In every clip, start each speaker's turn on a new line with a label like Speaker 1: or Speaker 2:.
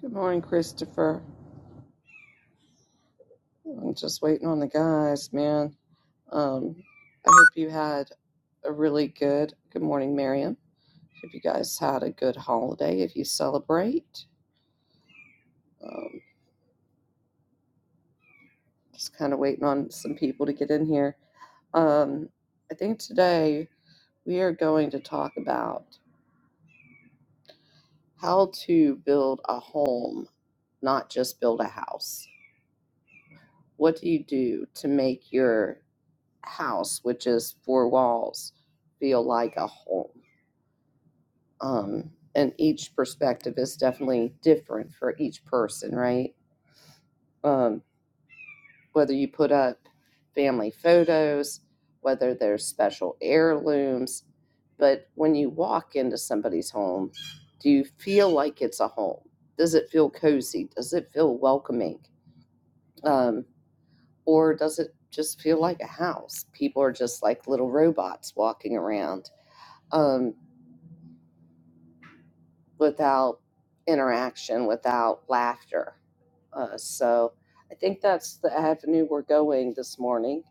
Speaker 1: Good morning, Christopher. I'm just waiting on the guys, man. Um, I hope you had a really good. Good morning, Miriam. Hope you guys had a good holiday if you celebrate. Um, just kind of waiting on some people to get in here. Um, I think today we are going to talk about how to build a home, not just build a house. What do you do to make your house, which is four walls, feel like a home? um, and each perspective is definitely different for each person, right? Um, whether you put up family photos, whether there's special heirlooms, but when you walk into somebody's home, do you feel like it's a home? Does it feel cozy? Does it feel welcoming? Um, or does it just feel like a house? People are just like little robots walking around. Um, without interaction, without laughter. Uh, so I think that's the avenue we're going this morning.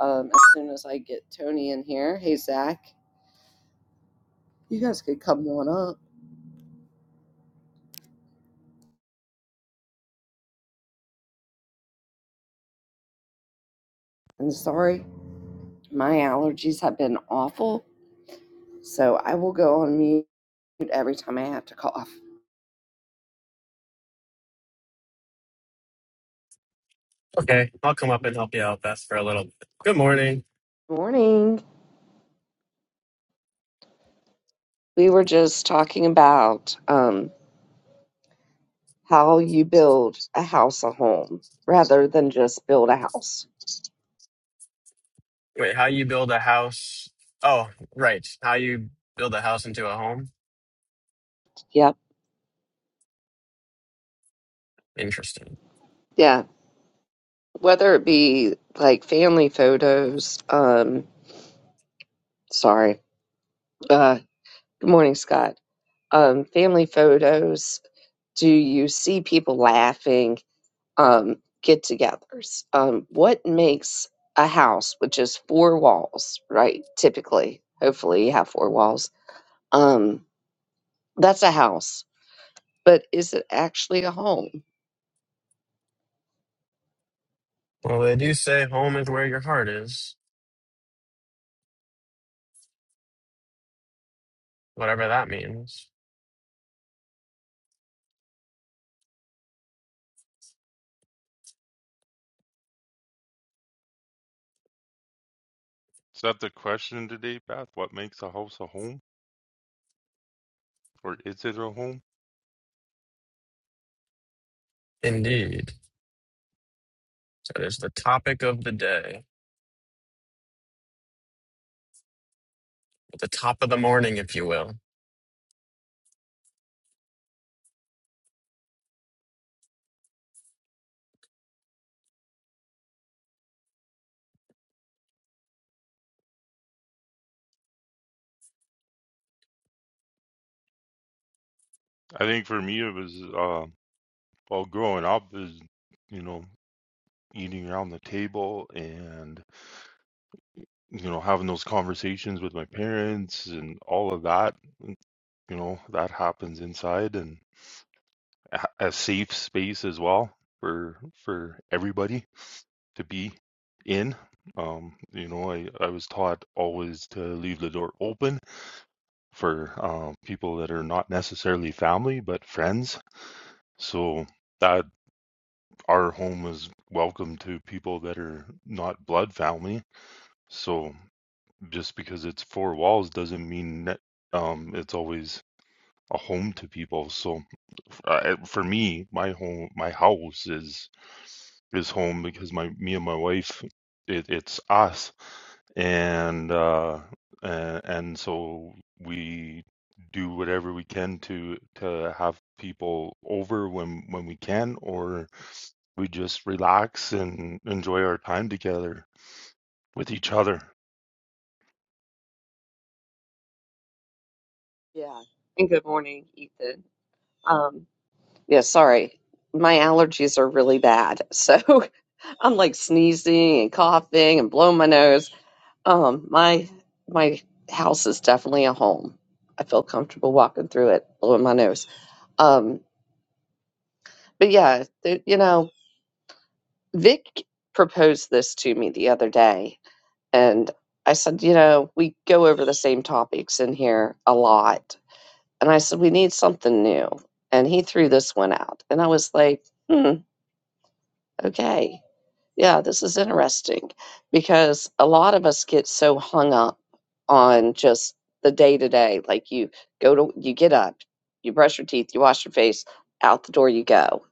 Speaker 1: Um, as soon as I get Tony in here, hey Zach, you guys could come on up. And sorry, my allergies have been awful, so I will go on mute every time I have to cough.
Speaker 2: Okay, I'll come up and help you out, Beth, for a little bit. Good morning.
Speaker 1: Morning. We were just talking about um, how you build a house, a home, rather than just build a house.
Speaker 2: Wait, how you build a house? Oh, right. How you build a house into a home?
Speaker 1: Yep.
Speaker 2: Interesting.
Speaker 1: Yeah. whether it be like family photos, um, sorry, uh, good morning, Scott. Um, family photos, do you see people laughing, um, get togethers? Um, what makes a house, which is four walls, right? Typically, hopefully, you have four walls. Um, that's a house, but is it actually a home?
Speaker 2: Well, they do say home is where your heart is, whatever that means.
Speaker 3: Is that the question today, Beth? What makes a house a home, or is it a home?
Speaker 2: Indeed. So there's the topic of the day, the top of the morning, if you will.
Speaker 3: I think for me, it was uh, well, growing up is you know eating around the table and you know having those conversations with my parents and all of that. You know that happens inside and a a safe space as well for for everybody to be in. Um, you know, I I was taught always to leave the door open for um, people that are not necessarily family but friends. So that our home is welcome to people that are not blood family. So just because it's four walls doesn't mean that um, it's always a home to people. So uh, for me, my home, my house is is home because my me and my wife, it, it's us, and uh, and, and so we do whatever we can to to have people over when when we can, or we just relax and enjoy our time together with each other.
Speaker 1: Yeah. And good morning, Ethan. Um, yeah, sorry. My allergies are really bad. So I'm like sneezing and coughing and blowing my nose. Um, my my house is definitely a home. I feel comfortable walking through it, blowing my nose. Um, but yeah, th- you know, Vic proposed this to me the other day, and I said, you know, we go over the same topics in here a lot, and I said we need something new, and he threw this one out, and I was like, hmm, okay Yeah, this is interesting because a lot of us get so hung up on just the day to day. Like you go to, you get up, you brush your teeth, you wash your face, out the door you go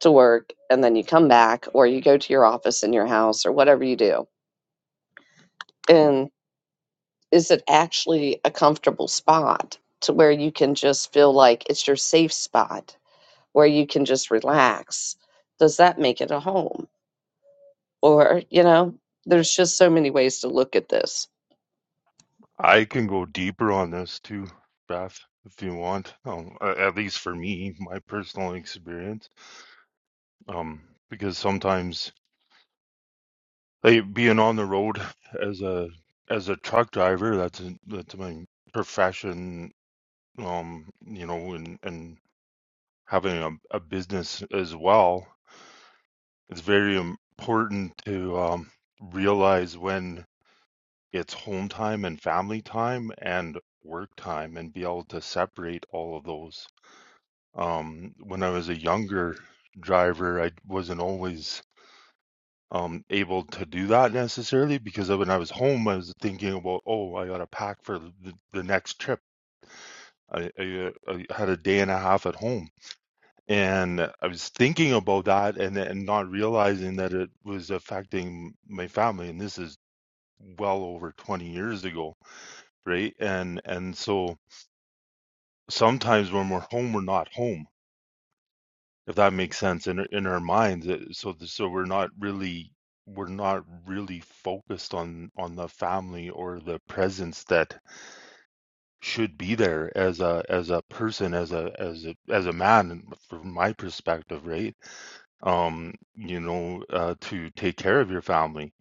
Speaker 1: to work, and then you come back or you go to your office in your house or whatever you do. And is it actually a comfortable spot to where you can just feel like it's your safe spot where you can just relax? Does that make it a home? Or, you know, there's just so many ways to look at this.
Speaker 3: I can go deeper on this too, Beth, if you want. Um, a- at least for me, my personal experience, um, because sometimes like, being on the road as a as a truck driver, that's that's my profession. Um, you know, and and having a, a business as well, it's very important to um, realize when it's home time and family time and work time, and be able to separate all of those Um, when I was a younger driver, I wasn't always um, able to do that necessarily because of when I was home, I was thinking about, oh, I got to pack for the, the next trip. I, I, uh, I had a day and a half at home, and I was thinking about that and and not realizing that it was affecting my family. And this is well over 20 years ago, right? And and so sometimes when we're home, we're not home if that makes sense in in our minds uh, so th- so we're not really we're not really focused on on the family or the presence that should be there as a as a person as a as a as a man from my perspective right um you know uh to take care of your family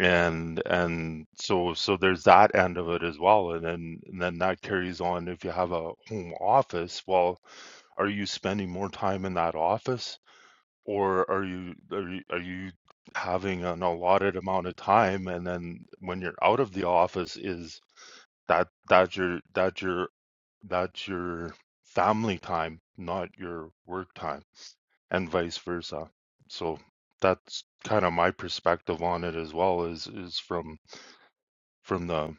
Speaker 3: and and so so there's that end of it as well and then and then that carries on if you have a home office well are you spending more time in that office or are you are you are you having an allotted amount of time and then when you're out of the office is that that's your that's your that's your family time, not your work time, and vice versa. So that's kind of my perspective on it as well is is from from the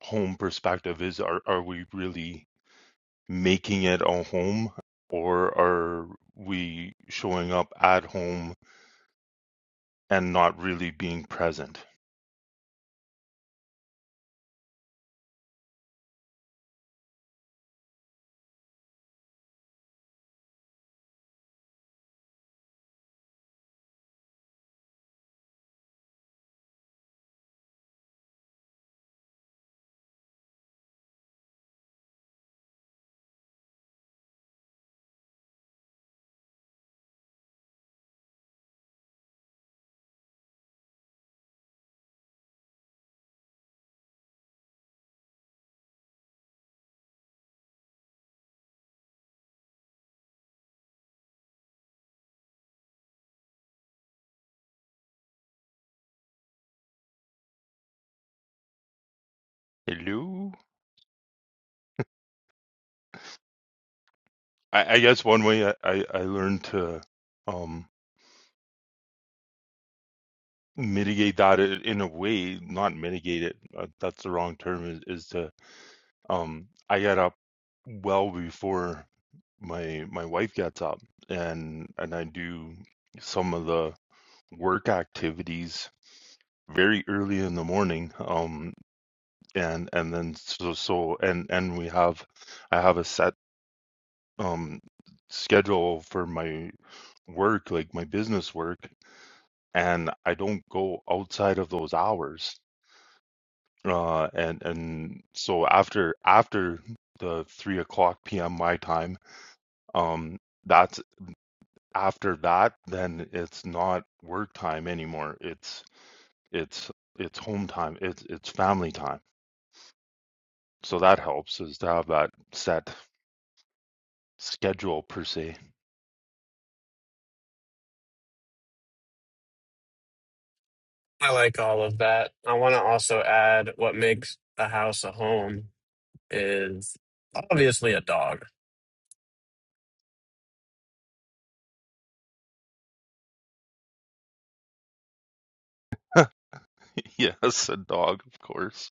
Speaker 3: home perspective is are are we really making it a home or are we showing up at home and not really being present. Hello? I, I guess one way I, I, I learned to um, mitigate that i- in a way, not mitigate it, uh, that's the wrong term, is, is to, um, I got up well before my my wife gets up and and I do some of the work activities very early in the morning um and and then so so and and we have I have a set um schedule for my work, like my business work, and I don't go outside of those hours. Uh, and and so after after the three o'clock p.m. my time, um, that's after that, then it's not work time anymore. It's it's it's home time. It's it's family time. So that helps is to have that set schedule per se.
Speaker 2: I like all of that. I want to also add what makes a house a home is obviously a dog.
Speaker 3: yes, a dog, of course.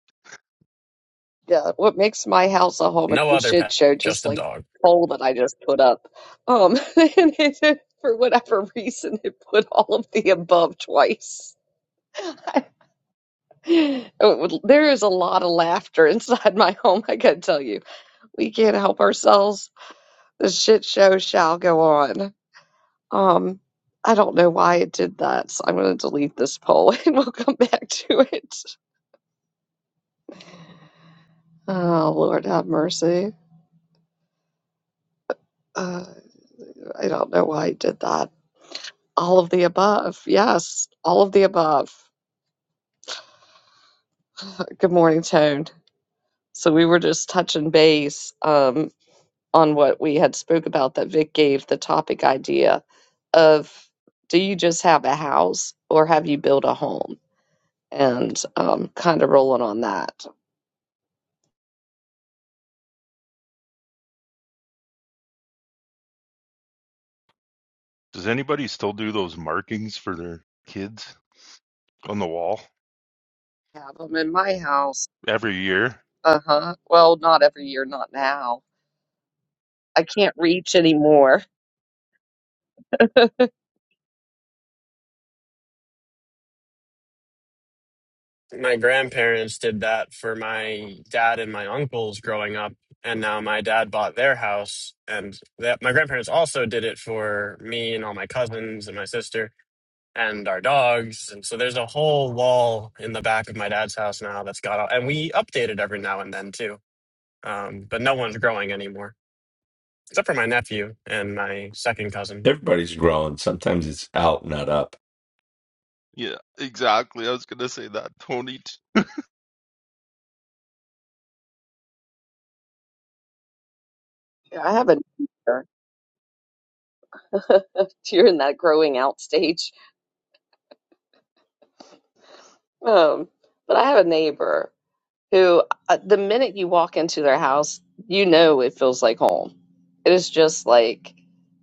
Speaker 1: Yeah, what makes my house a home is
Speaker 2: No
Speaker 1: a
Speaker 2: other
Speaker 1: shit
Speaker 2: pet,
Speaker 1: show, just
Speaker 2: just a
Speaker 1: like
Speaker 2: dog
Speaker 1: the poll that I just put up. Um, and it, for whatever reason, it put all of the above twice. It There is a lot of laughter inside my home, I gotta tell you. We can't help ourselves. The shit show shall go on. Um, I don't know why it did that, so I'm gonna delete this poll and we'll come back to it. Oh, Lord have mercy. Uh, I don't know why I did that. All of the above. Yes, all of the above. Good morning, Tone. So we were just touching base um, on what we had spoke about that Vic gave the topic idea of do you just have a house or have you built a home? And um, kind of rolling on that.
Speaker 3: Does anybody still do those markings for their kids on the wall?
Speaker 1: Have them in my house.
Speaker 3: every year.
Speaker 1: Uh huh. Well, not every year, not now. I can't reach anymore.
Speaker 2: my grandparents did that for my dad and my uncles growing up and now my dad bought their house and that my grandparents also did it for me and all my cousins and my sister and our dogs and so there's a whole wall in the back of my dad's house now that's got all, and we update it every now and then too um, but no one's growing anymore except for my nephew and my second cousin
Speaker 4: Everybody's growing. Sometimes it's out, not up.
Speaker 3: Yeah, exactly. I was gonna say that, Tony. T-
Speaker 1: Yeah, I have a neighbor during that growing out stage. Um, but I have a neighbor. who uh, the minute you walk into their house, you know it feels like home. It is just like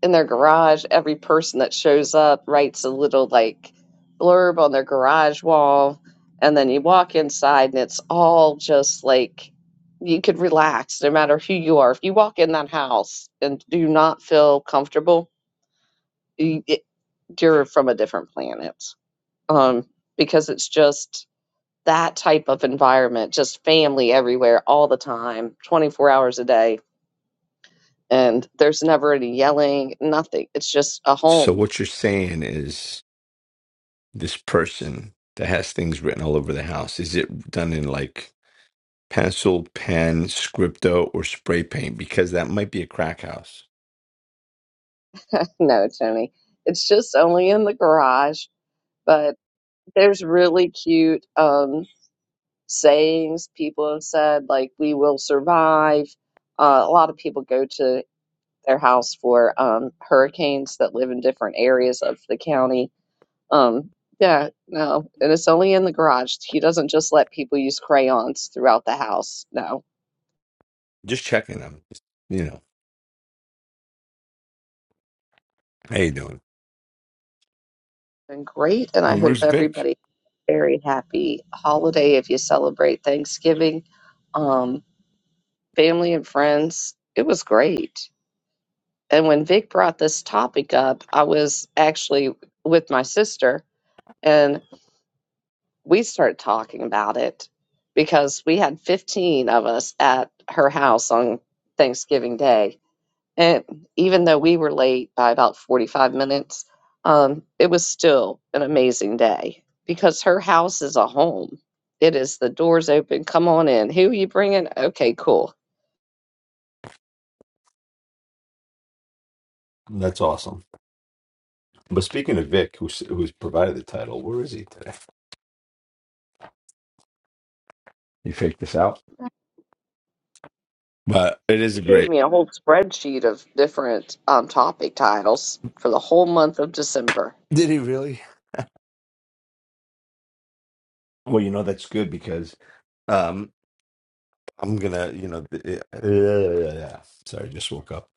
Speaker 1: in their garage, every person that shows up writes a little like blurb on their garage wall. And then you walk inside and it's all just like you could relax no matter who you are. If you walk in that house and do not feel comfortable, you, it, you're from a different planet. Um, because it's just that type of environment, just family everywhere all the time, 24 hours a day. And there's never any yelling, nothing. It's just a
Speaker 4: So
Speaker 1: home.
Speaker 4: what you're saying is this person that has things written all over the house, is it done in like pencil, pen, scripto, or spray paint? Because that might be a crack house.
Speaker 1: no, Tony, it's just only in the garage. But there's really cute um, sayings people have said, like, we will survive. Uh, a lot of people go to their house for um, hurricanes that live in different areas of the county Um, yeah, no, and it's only in the garage. He doesn't just let people use crayons throughout the house. No,
Speaker 4: Just checking them. You know, how you doing?
Speaker 1: been great, and I
Speaker 4: And
Speaker 1: hope
Speaker 4: where's Vic?
Speaker 1: everybody very happy holiday if you celebrate Thanksgiving, um, family and friends. It was great. And when Vic brought this topic up, I was actually with my sister and we started talking about it because we had 15 of us at her house on Thanksgiving Day And even though we were late by about 45 minutes, um, it was still an amazing day because her house is a home. It is the doors open. Come on in. Who are you bringing? Okay, cool.
Speaker 4: That's awesome. But speaking of Vic, who's who's provided the title, where is he today? You faked this out. But it is
Speaker 1: He gave
Speaker 4: great.
Speaker 1: me a whole spreadsheet of different um, topic titles for the whole month of December,
Speaker 4: Did he really? Well, you know that's good because Um, I'm gonna, you know, th- yeah, yeah, yeah. yeah. Sorry, just woke up.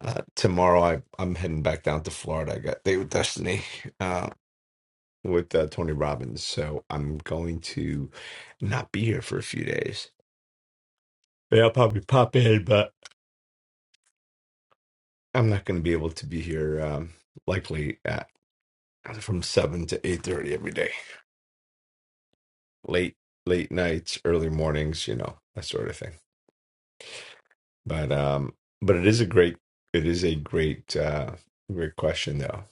Speaker 4: Uh, tomorrow, I I'm heading back down to Florida. I got Date with Destiny uh, with uh, Tony Robbins, so I'm going to not be here for a few days. Yeah, I'll probably pop in, but I'm not going to be able to be here. Um, likely at from seven to eight thirty every day, late late nights, early mornings, you know, that sort of thing. But um, but it is a great, it is a great, uh, great question though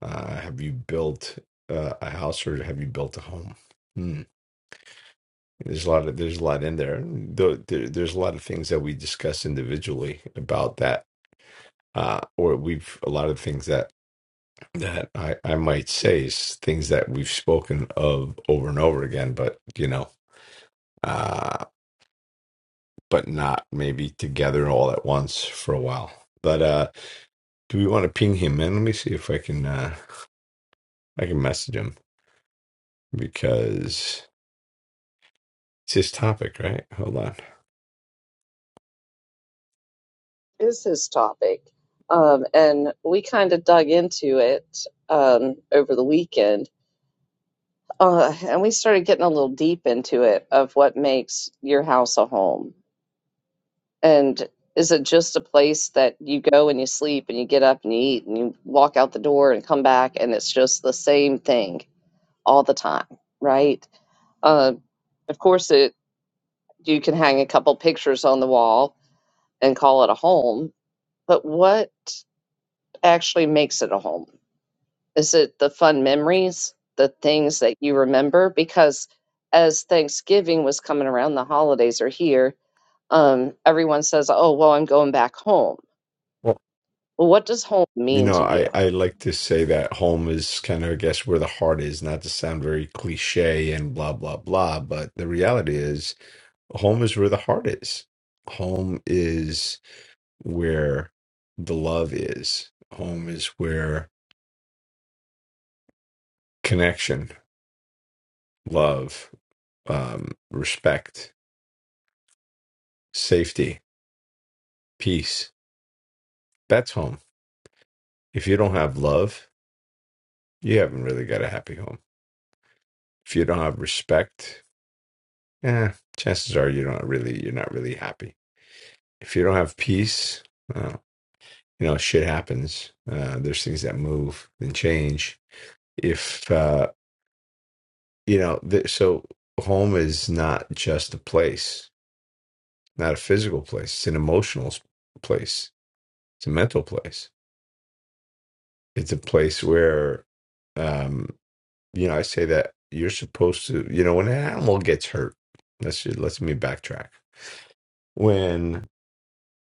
Speaker 4: Uh, have you built uh, a house or have you built a home? Hmm. There's a lot of there's a lot in there. Though there, there's a lot of things that we discuss individually about that, uh, or we've a lot of things that that I I might say is things that we've spoken of over and over again, but you know, uh, but not maybe together all at once for a while. But uh, do we want to ping him in? Let me see if I can uh, I can message him because it's his topic, right? Hold on.
Speaker 1: is his topic. Um, and we kind of dug into it um, over the weekend uh, and we started getting a little deep into it of what makes your house a home And is it just a place that you go and you sleep and you get up and you eat and you walk out the door and come back and it's just the same thing all the time, right? Uh, of course, it you can hang a couple pictures on the wall and call it a home, but what actually makes it a home? Is it the fun memories, the things that you remember? Because as Thanksgiving was coming around, the holidays are here. Um, everyone says, "Oh, well, I'm going back home."
Speaker 4: Well,
Speaker 1: What does home
Speaker 4: you
Speaker 1: mean
Speaker 4: know,
Speaker 1: to you?
Speaker 4: I, I like to say that home is kind of, I guess, where the heart is, not to sound very cliche and blah, blah, blah, but the reality is home is where the heart is. Home is where the love is. Home is where connection, love, um, respect, safety, peace. That's home. If you don't have love, you haven't really got a happy home. If you don't have respect, eh, chances are you don't really you're not really happy. If you don't have peace, well, you know shit happens. Uh, there's things that move and change. If uh, you know, th- so home is not just a place, not a physical place. It's an emotional place. It's a mental place. It's a place where, um, you know, I say that you're supposed to. You know, when an animal gets hurt, let's let's me backtrack when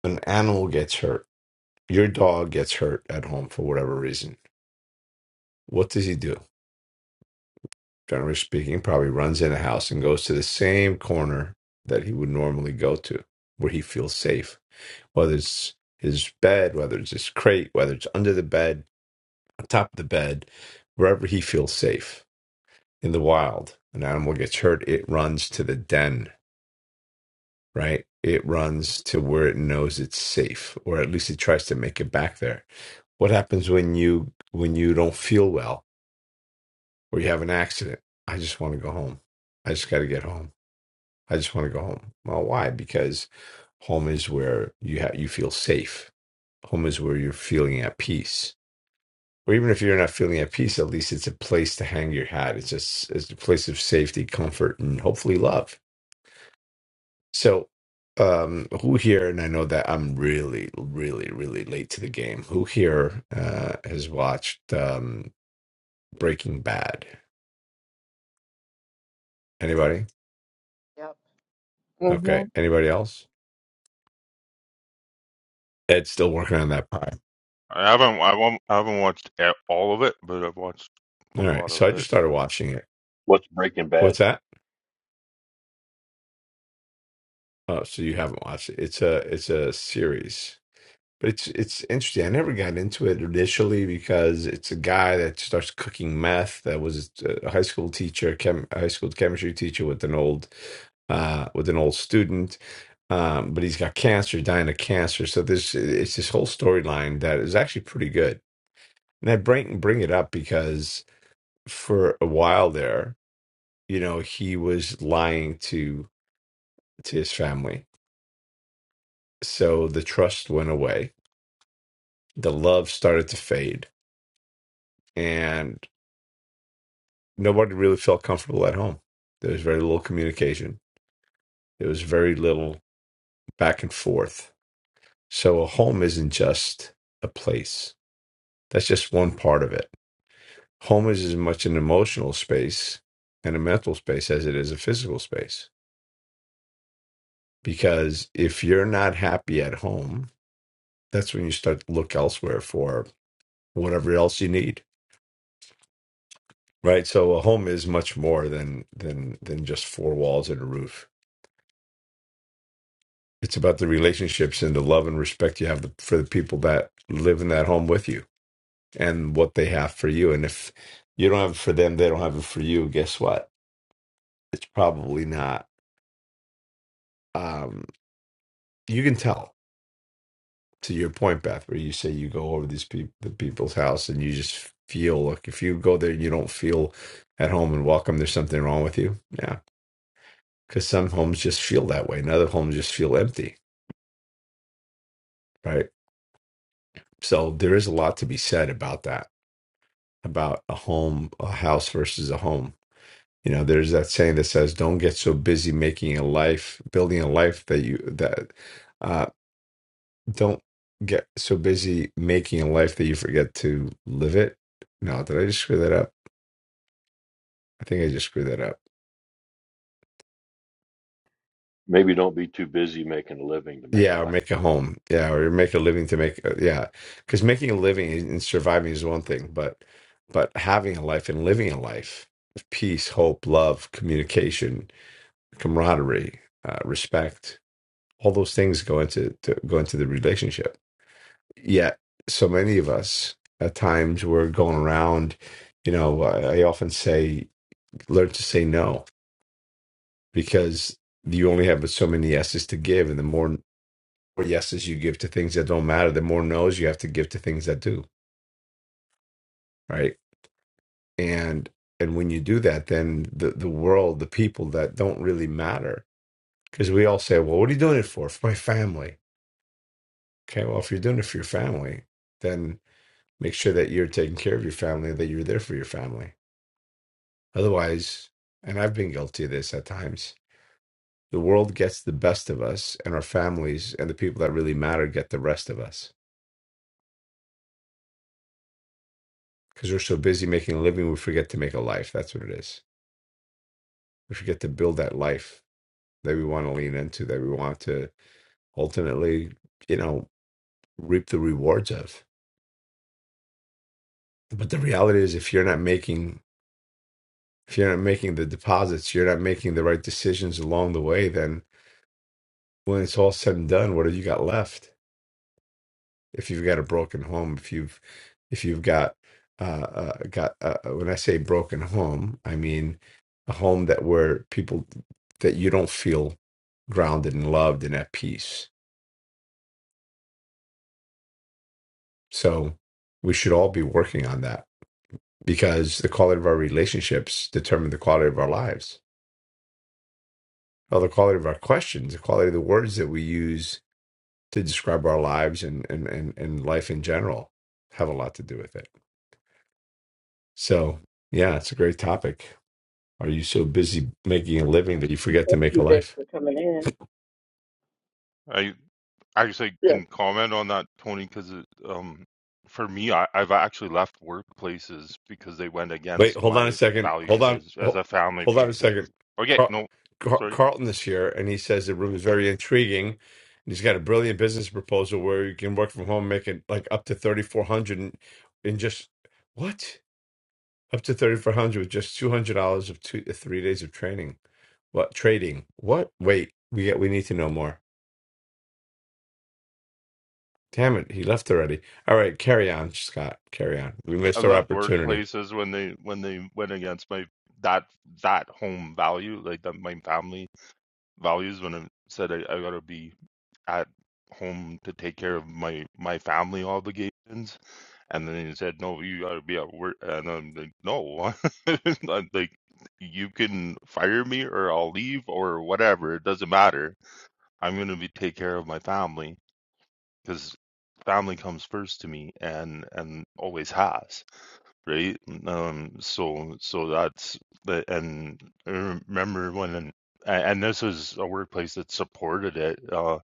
Speaker 4: an animal gets hurt, your dog gets hurt at home for whatever reason, what does he do? Generally speaking, probably runs in a house and goes to the same corner that he would normally go to, where he feels safe. Whether it's his bed, whether it's his crate, whether it's under the bed, on top of the bed, wherever he feels safe. In the wild, an animal gets hurt, it runs to the den, right? It runs to where it knows it's safe, or at least it tries to make it back there What happens when you when you don't feel well or you have an accident? I just want to go home. I just got to get home. I just want to go home. Well, why? Because home is where you ha- you feel safe. Home is where you're feeling at peace. Or even if you're not feeling at peace, at least it's a place to hang your hat. It's just it's a place of safety, comfort, and hopefully love. So um who here and i know that i'm really really really late to the game who here uh has watched um Breaking Bad. Anybody?
Speaker 1: Yep. hmm
Speaker 4: Okay. Anybody else? Ed's still working on that pie.
Speaker 3: I haven't I won't, I haven't watched a- all of it, but I've watched a
Speaker 4: All right.
Speaker 3: lot
Speaker 4: So I
Speaker 3: of it.
Speaker 4: just started watching it.
Speaker 5: What's Breaking Bad?
Speaker 4: What's that? Oh, so you haven't watched it. It's a it's a series. But it's it's interesting. I never got into it initially because it's a guy that starts cooking meth that was a high school teacher, chem, high school chemistry teacher with an old uh with an old student. Um, but he's got cancer, dying of cancer. So there's it's this whole storyline that is actually pretty good. And I bring bring it up because for a while there, you know, he was lying to to his family. So the trust went away. The love started to fade, and nobody really felt comfortable at home. There was very little communication. There was very little back and forth. So a home isn't just a place. That's just one part of it. Home is as much an emotional space and a mental space as it is a physical space. Because if you're not happy at home, that's when you start to look elsewhere for whatever else you need right so a home is much more than than than just four walls and a roof it's about the relationships and the love and respect you have for the people that live in that home with you and what they have for you and if you don't have it for them they don't have it for you guess what it's probably not um you can tell to your point, Beth, where you say you go over these people, the people's house, and you just feel like if you go there and you don't feel at home and welcome, there's something wrong with you. Yeah, because some homes just feel that way, and other homes just feel empty, right? So there is a lot to be said about that, about a home, a house versus a home. You know, there's that saying that says, "Don't get so busy making a life, building a life that you that uh, don't get so busy making a life that you forget to live it." No, did I just screw that up? I think I just screwed that up.
Speaker 5: Maybe don't be too busy making a living to make a
Speaker 4: Yeah, or
Speaker 5: life.
Speaker 4: make a home. Yeah, or make a living to make. uh, Yeah, because making a living and surviving is one thing, but but having a life and living a life of peace, hope, love, communication, camaraderie, uh, respect, all those things go into to, go into the relationship. Yet, so many of us at times we're going around. You know, I, I often say, learn to say no because you only have so many yeses to give, and the more more yeses you give to things that don't matter, the more no's you have to give to things that do, right? And and when you do that, then the the world, the people that don't really matter, because we all say, well, what are you doing it for? For my family. Okay, well, if you're doing it for your family, then make sure that you're taking care of your family, that you're there for your family. Otherwise, and I've been guilty of this at times. The world gets the best of us, and our families and the people that really matter get the rest of us because we're so busy making a living, we forget to make a life. That's what it is we forget to build that life that we want to lean into, that we want to ultimately, you know, reap the rewards of. But the reality is, if you're not making, if you're not making the deposits, you're not making the right decisions along the way, then when it's all said and done, what have you got left? If you've got a broken home, if you've, if you've got, uh, uh, got, uh, uh, when I say broken home, I mean a home that where people that you don't feel grounded and loved and at peace So we should all be working on that because the quality of our relationships determine the quality of our lives. Well, the quality of our questions, the quality of the words that we use to describe our lives and, and, and, and life in general have a lot to do with it. So, yeah, it's a great topic. Are you so busy making a living
Speaker 1: Um,
Speaker 4: that you forget to make a life?
Speaker 3: I actually can comment on that, Tony, because um, for me, I, I've actually left workplaces because they went
Speaker 4: Wait,
Speaker 3: against
Speaker 4: hold on a
Speaker 3: my
Speaker 4: second. Hold
Speaker 3: values
Speaker 4: on.
Speaker 3: as as
Speaker 4: Hold,
Speaker 3: a family
Speaker 4: hold on a
Speaker 3: person.
Speaker 4: second.
Speaker 3: Okay,
Speaker 4: Carl,
Speaker 3: no,
Speaker 4: Car-
Speaker 3: sorry,
Speaker 4: Carlton is here, and he says the room is very intriguing. And he's got a brilliant business proposal where you can work from home, making like up to thirty four hundred and in just what? Up to thirty four hundred with just $200 of two, three days of training. What? Trading. What? Wait, we get, we need to know more. Damn it, he left already. All right, carry on, Scott. Carry on. We
Speaker 3: I
Speaker 4: missed our
Speaker 3: left
Speaker 4: opportunity.
Speaker 3: workplaces when they when they went against my that that home value, like that my family values when I said I, I gotta be at home to take care of my my family obligations, and then he said, "No, you gotta be at work." And I'm like, "No, I'm like you can fire me or I'll leave or whatever. It doesn't matter. I'm gonna be take care of my family because family comes first to me and and always has." right? Um, so so that's the and I remember when and and this is a workplace that supported it. Uh,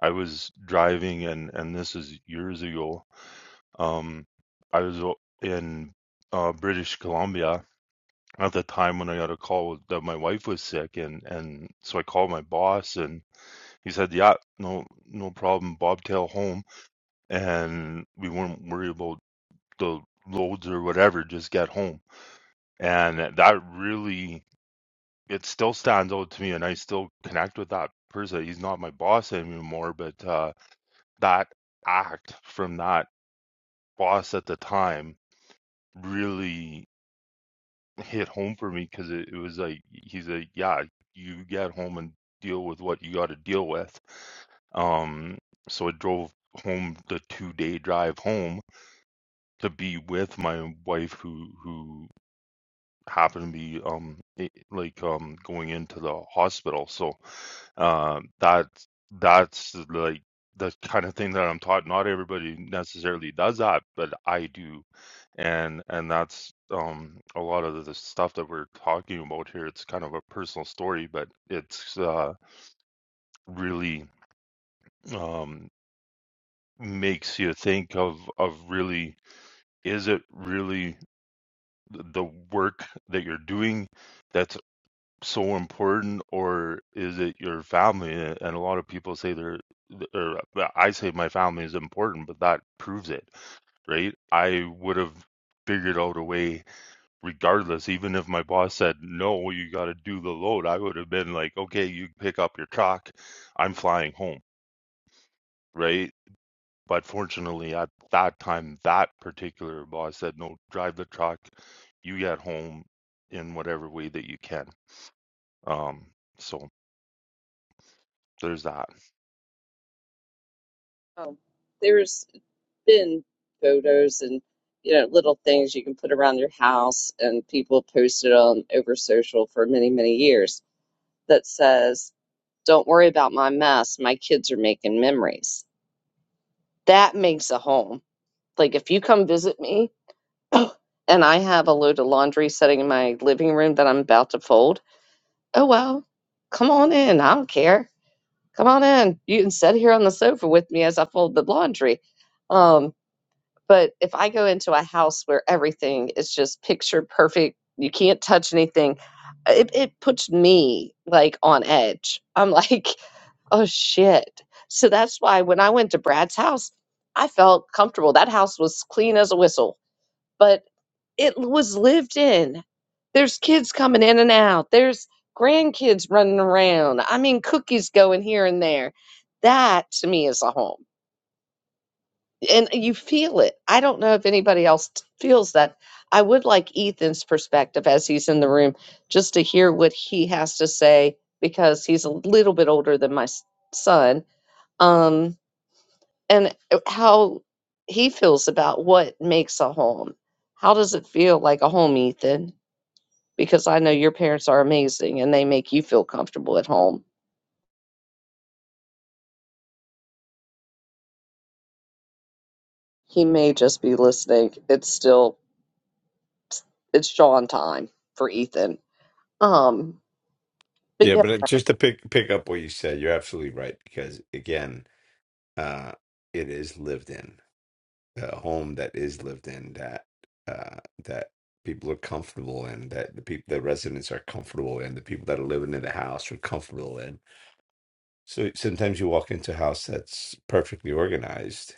Speaker 3: I was driving and and this is years ago. Um, I was o- in uh, British Columbia at the time when I got a call that my wife was sick and and so I called my boss and he said, yeah, no no problem, bobtail home and we won't worry about the loads or whatever, just get home And that really, it still stands out to me, and I still connect with that person. He's not my boss anymore, but uh, that act from that boss at the time really hit home for me because it, it was like, he's like, yeah, you get home and deal with what you got to deal with. Um, so I drove home the two day drive home to be with my wife who who happened to be um i- like um going into the hospital so uh that that's like the kind of thing that I'm taught not everybody necessarily does that but I do and and that's um a lot of the stuff that we're talking about here it's kind of a personal story but it's uh really um makes you think of of really is it really the work that you're doing that's. so important or is it your family? And a lot of people say they're, or uh, well, I say my family is important, but that proves it, right? I would have figured out a way regardless, even if my boss said, no, you got to do the load, I would have been like, okay, you pick up your truck, I'm flying home, right? But fortunately, at that time, that particular boss said, no, drive the truck, you get home in whatever way that you can. Um, so there's that.
Speaker 1: um, there's been photos and you know little things you can put around your house, and people posted on over social for many many years that says, "Don't worry about my mess. My kids are making memories." That makes a home. Like if you come visit me and I have a load of laundry sitting in my living room that I'm about to fold, oh well, come on in. I don't care. Come on in. You can sit here on the sofa with me as I fold the laundry. Um, but if I go into a house where everything is just picture perfect, you can't touch anything, it, it puts me like on edge. I'm like, oh shit. So that's why when I went to Brad's house, I felt comfortable. That house was clean as a whistle. But it was lived in. There's kids coming in and out. There's grandkids running around. I mean, cookies going here and there. That to me is a home. And you feel it. I don't know if anybody else t- feels that. I would like Ethan's perspective as he's in the room just to hear what he has to say because he's a little bit older than my s- son. Um, and uh, how he feels about what makes a home. How does it feel like a home, Ethan? because I know your parents are amazing and they make you feel comfortable at home. He may just be listening. It's still it's Sean time for Ethan. Um, but
Speaker 4: Yeah,
Speaker 1: yeah,
Speaker 4: but it- just to pick pick up what you said, you're absolutely right because again, uh, it is lived in a home that is lived in that uh, that people are comfortable in that the people the residents are comfortable in the people that are living in the house are comfortable in So sometimes you walk into a house that's perfectly organized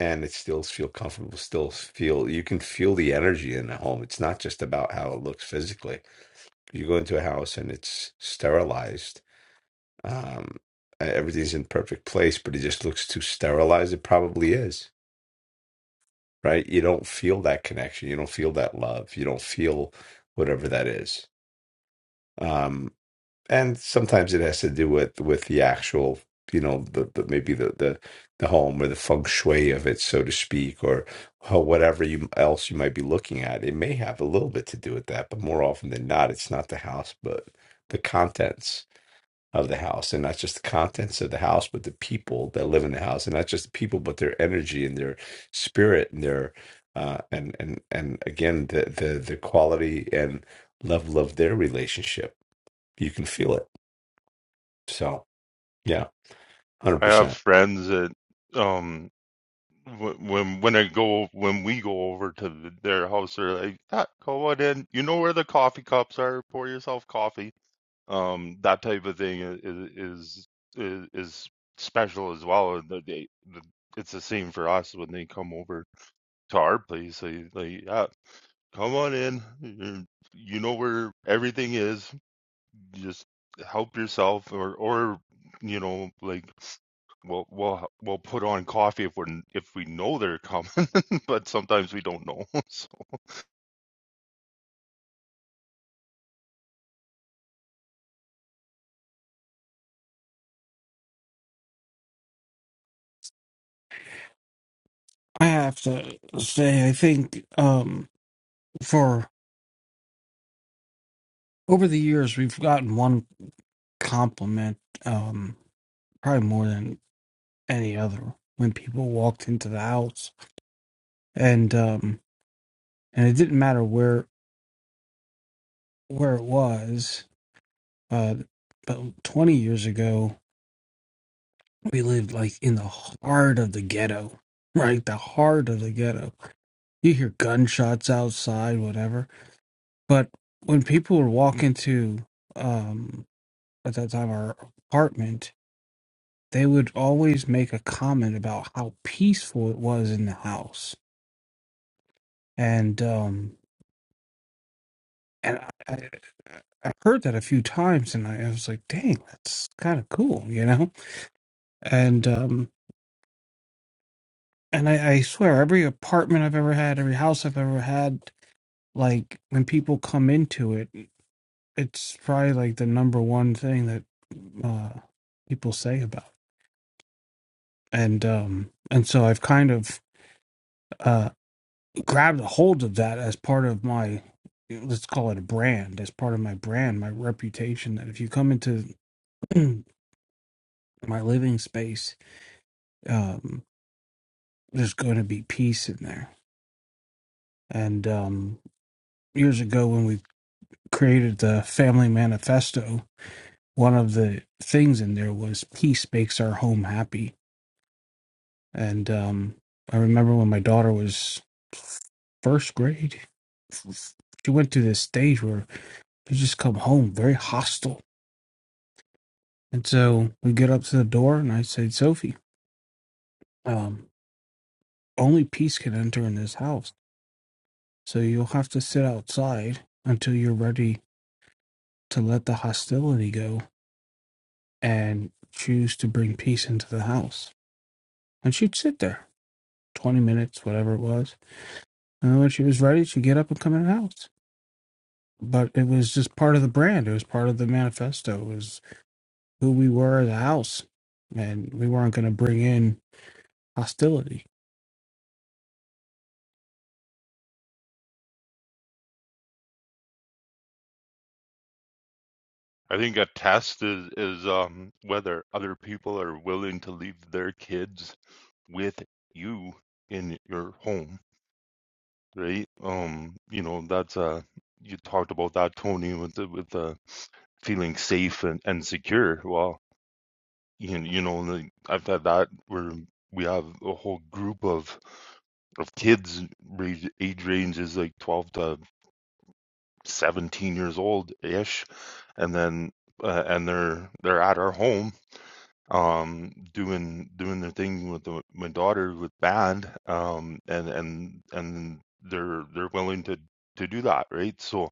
Speaker 4: and it still feel comfortable, still feel you can feel the energy in the home. It's not just about how it looks physically. You go into a house and it's sterilized. Um, e-, everything's in perfect place, but it just looks too sterilized. It probably is, right? You don't feel that connection. You don't feel that love. You don't feel whatever that is. Um, and sometimes it has to do with with the actual you know the, the maybe the, the the home or the feng shui of it so to speak or, or whatever you else you might be looking at it may have a little bit to do with that but more often than not it's not the house but the contents of the house and not just the contents of the house but the people that live in the house and not just the people but their energy and their spirit and their uh, and and and again the the the quality and level of their relationship you can feel it so yeah, hundred
Speaker 3: I have
Speaker 4: percent.
Speaker 3: friends that um wh- when when I go when we go over to th- their house, they're like, "Ah, go on in. You know where the coffee cups are. Pour yourself coffee." Um, that type of thing i- is is is special as well. and that They, the- it's the same for us when they come over to our place. They like, "Ah, come on in. You you know where everything is just help yourself or or you know like we'll we'll we'll put on coffee if we're if we know they're coming, but sometimes we don't know. So
Speaker 6: I have to say, I think um, for over the years, we've gotten one compliment, um, probably more than any other, when people walked into the house, and um, and it didn't matter where where it was. Uh, but twenty years ago, we lived like in the heart of the ghetto, right? The heart of the ghetto. You hear gunshots outside, whatever. But when people would walk into um, at that time our apartment, they would always make a comment about how peaceful it was in the house, and um, and I, I, I heard that a few times, and I, I was like, "Dang, that's kind of cool," you know. And um, and I, I swear, every apartment I've ever had, every house I've ever had, like when people come into it, it's probably like the number one thing that uh, people say about. it. And um, and so I've kind of uh, grabbed a hold of that as part of my let's call it a brand as part of my brand my reputation that if you come into my living space um there's going to be peace in there and um years ago when we created the family manifesto one of the things in there was peace makes our home happy and um i remember when my daughter was first grade she went through this stage where she just come home very hostile And so we get up to the door, and I say, Sophie, um, only peace can enter in this house. So you'll have to sit outside until you're ready to let the hostility go and choose to bring peace into the house. And she'd sit there 20 minutes, whatever it was. And then when she was ready, she'd get up and come in the house. But it was just part of the brand, it was part of the manifesto, it was who we were as a house. And we weren't going to bring in hostility.
Speaker 3: I think a test is is um whether other people are willing to leave their kids with you in your home, right? Um, you know that's uh you talked about that Tony with the with the feeling safe and and secure. Well, You, you know, and like, I've had that where we have a whole group of of kids range, age range is like 12 to 17 years old ish and then uh, and they're they're at our home um doing doing their thing with the, my daughter with band um and and and they're they're willing to to do that right so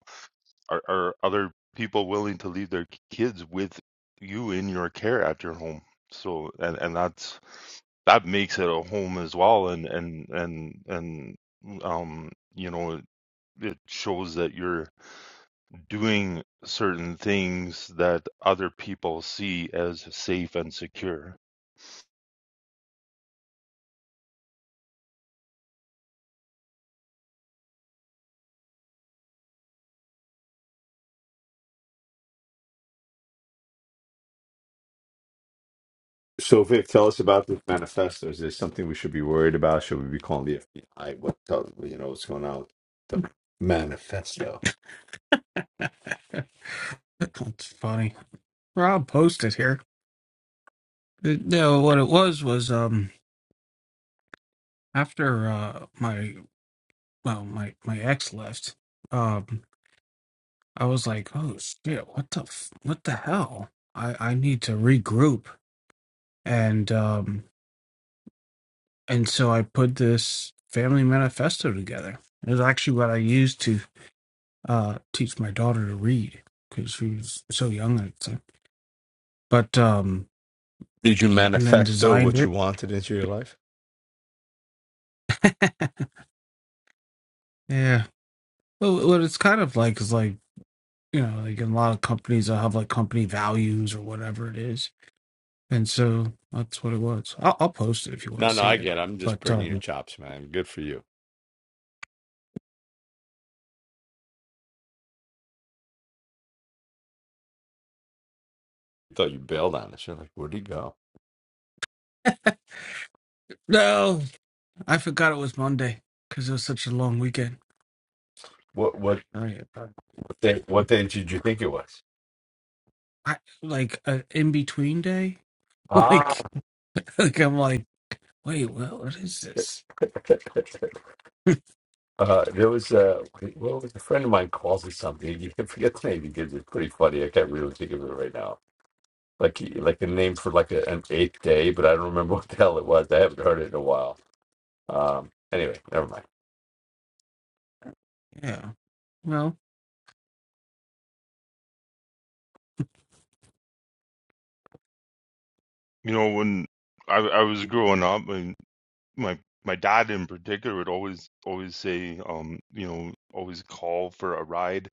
Speaker 3: are are other people willing to leave their kids with you in your care at your home? So and and that's that makes it a home as well, and and and and um you know it shows that you're doing certain things that other people see as safe and secure.
Speaker 4: So Vic, tell us about this manifesto. Is there something we should be worried about? Should we be calling the FBI? What tell you know what's going on with the manifesto?
Speaker 6: That's funny. Rob posted here. No, what it was was um after uh my well my my ex left, um I was like, oh shit, what the f- what the hell? I I need to regroup and um and so I put this family manifesto together. It was actually what I used to uh teach my daughter to read because she was so young at the time. But um
Speaker 4: Did you
Speaker 6: and then
Speaker 4: manifesto
Speaker 6: designed
Speaker 4: what you
Speaker 6: it.
Speaker 4: wanted into your life?
Speaker 6: Yeah. Well, what it's kind of like is like you know, like in a lot of companies, they'll have like company values or whatever it is. And so that's what it was. I'll, I'll post it if you want
Speaker 4: No,
Speaker 6: to
Speaker 4: no,
Speaker 6: see
Speaker 4: I
Speaker 6: it.
Speaker 4: get. it. I'm just
Speaker 6: But
Speaker 4: bringing your
Speaker 6: um,
Speaker 4: chops, man. Good for you. I thought you bailed on us. You're like, where'd he go?
Speaker 6: no, I forgot it was Monday because it was such a long weekend.
Speaker 4: What what
Speaker 6: I,
Speaker 4: what day, what day did you think it was?
Speaker 6: I like an in between day.
Speaker 4: Ah,
Speaker 6: like, like I'm like, wait, well, what is this?
Speaker 4: Uh, there was a well, it was a friend of mine calls it something. You can forget the name he gives. It's pretty funny. I can't really think of it right now. Like he, like a name for like a, an eighth day, but I don't remember what the hell it was. I haven't heard it in a while. Um, anyway, never mind.
Speaker 6: Yeah. Well,
Speaker 3: You know when I I was growing up and my my dad in particular would always always say um you know always call for a ride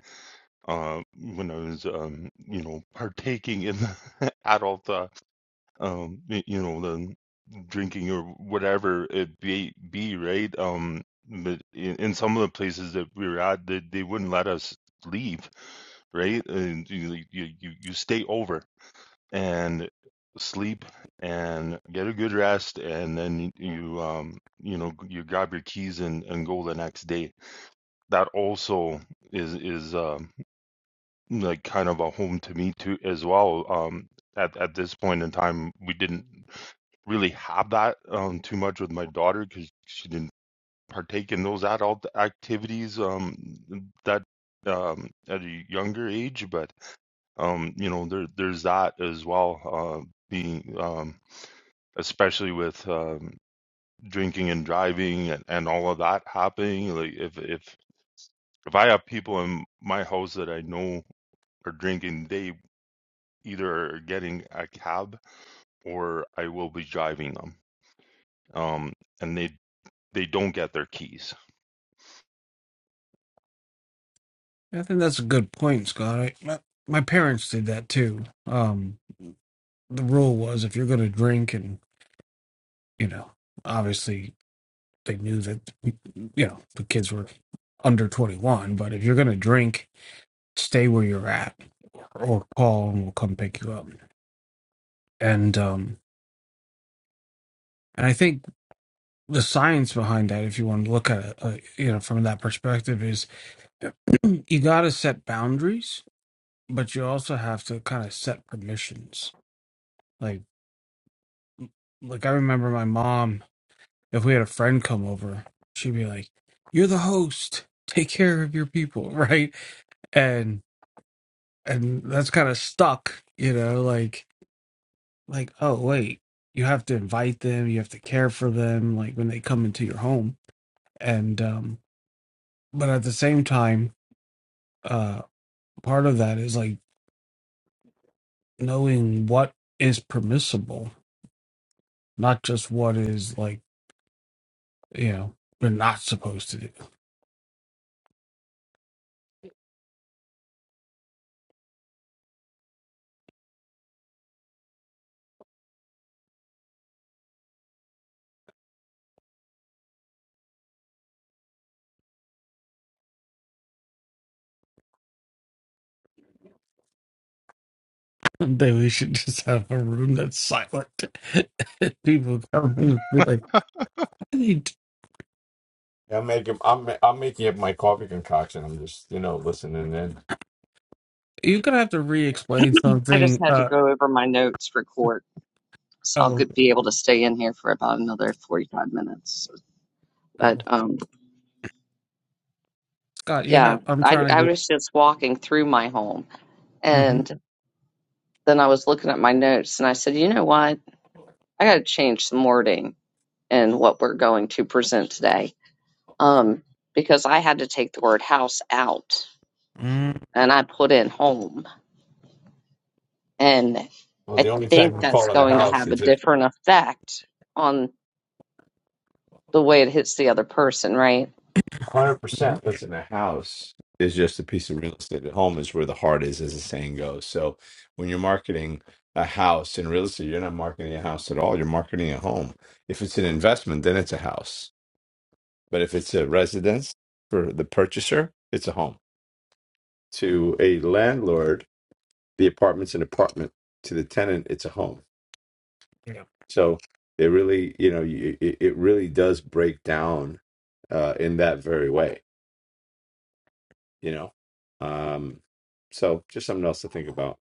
Speaker 3: uh, when I was, um, you know, partaking in the adult, uh, um, y- you know, the drinking or whatever it be, be right? Um, but in, in some of the places that we were at, they, they wouldn't let us leave, right? And you, like, you, you, you stay over and sleep and get a good rest, and then you, um, you know, you grab your keys and, and go the next day. That also is is um like kind of a home to me too as well. Um, at at this point in time, we didn't really have that um, too much with my daughter because she didn't partake in those adult activities um, that um, at a younger age. But um, you know, there there's that as well. Uh, being um, especially with um, drinking and driving and, and all of that happening. Like if if if I have people in my house that I know are drinking, they either getting a cab or I will be driving them. Um, and they they don't get their keys.
Speaker 6: I think that's a good point, Scott. I, my, my parents did that too. Um, the rule was if you're going to drink and you know, obviously they knew that you know the kids were under 21 but if you're going to drink stay where you're at or call and we'll come pick you up and um and i think the science behind that if you want to look at it uh, you know from that perspective is you got to set boundaries but you also have to kind of set permissions like like i remember my mom if we had a friend come over she'd be like you're the host take care of your people right and and that's kind of stuck you know like like oh wait you have to invite them you have to care for them like when they come into your home and um but at the same time uh part of that is like knowing what is permissible not just what is like you know we're not supposed to do Someday we should just have a room that's silent. People come in and be like, I need,
Speaker 4: I'm making I'm ma- I'm making up my coffee concoction. I'm just you know listening in.
Speaker 6: you're gonna have to re-explain
Speaker 1: I just
Speaker 6: something.
Speaker 1: had to
Speaker 6: Uh,
Speaker 1: go over my notes for court, so
Speaker 6: oh,
Speaker 1: I'll good-
Speaker 6: okay,
Speaker 1: be able to stay in here for about another forty five minutes. But
Speaker 6: cool.
Speaker 1: um,
Speaker 6: Scott, you
Speaker 1: yeah,
Speaker 6: have, I'm
Speaker 1: I
Speaker 6: trying
Speaker 1: I
Speaker 6: to get,
Speaker 1: was just walking through my home
Speaker 6: mm-hmm,
Speaker 1: and then I was looking at my notes and I said, you know what, I got to change some wording in what we're going to present today um, because I had to take the word house out and I put in home. And
Speaker 4: Well, the
Speaker 1: I
Speaker 4: only time
Speaker 1: think
Speaker 4: you
Speaker 1: that's
Speaker 4: call in the
Speaker 1: going to
Speaker 4: house
Speaker 1: have a
Speaker 4: is if
Speaker 1: different effect on the way it hits the other person, right?
Speaker 4: hundred
Speaker 6: mm-hmm,
Speaker 4: percent. That's in the house is just a piece of real estate. At home is where the heart is, as the saying goes. So when you're marketing a house in real estate, you're not marketing a house at all. You're marketing a home. If it's an investment, then it's a house. But if it's a residence for the purchaser, it's a home. To a landlord, the apartment's an apartment. To the tenant, it's a home.
Speaker 6: yeah,
Speaker 4: So it really, you know, you- it, it really does break down uh, in that very way you know um so just something else to think about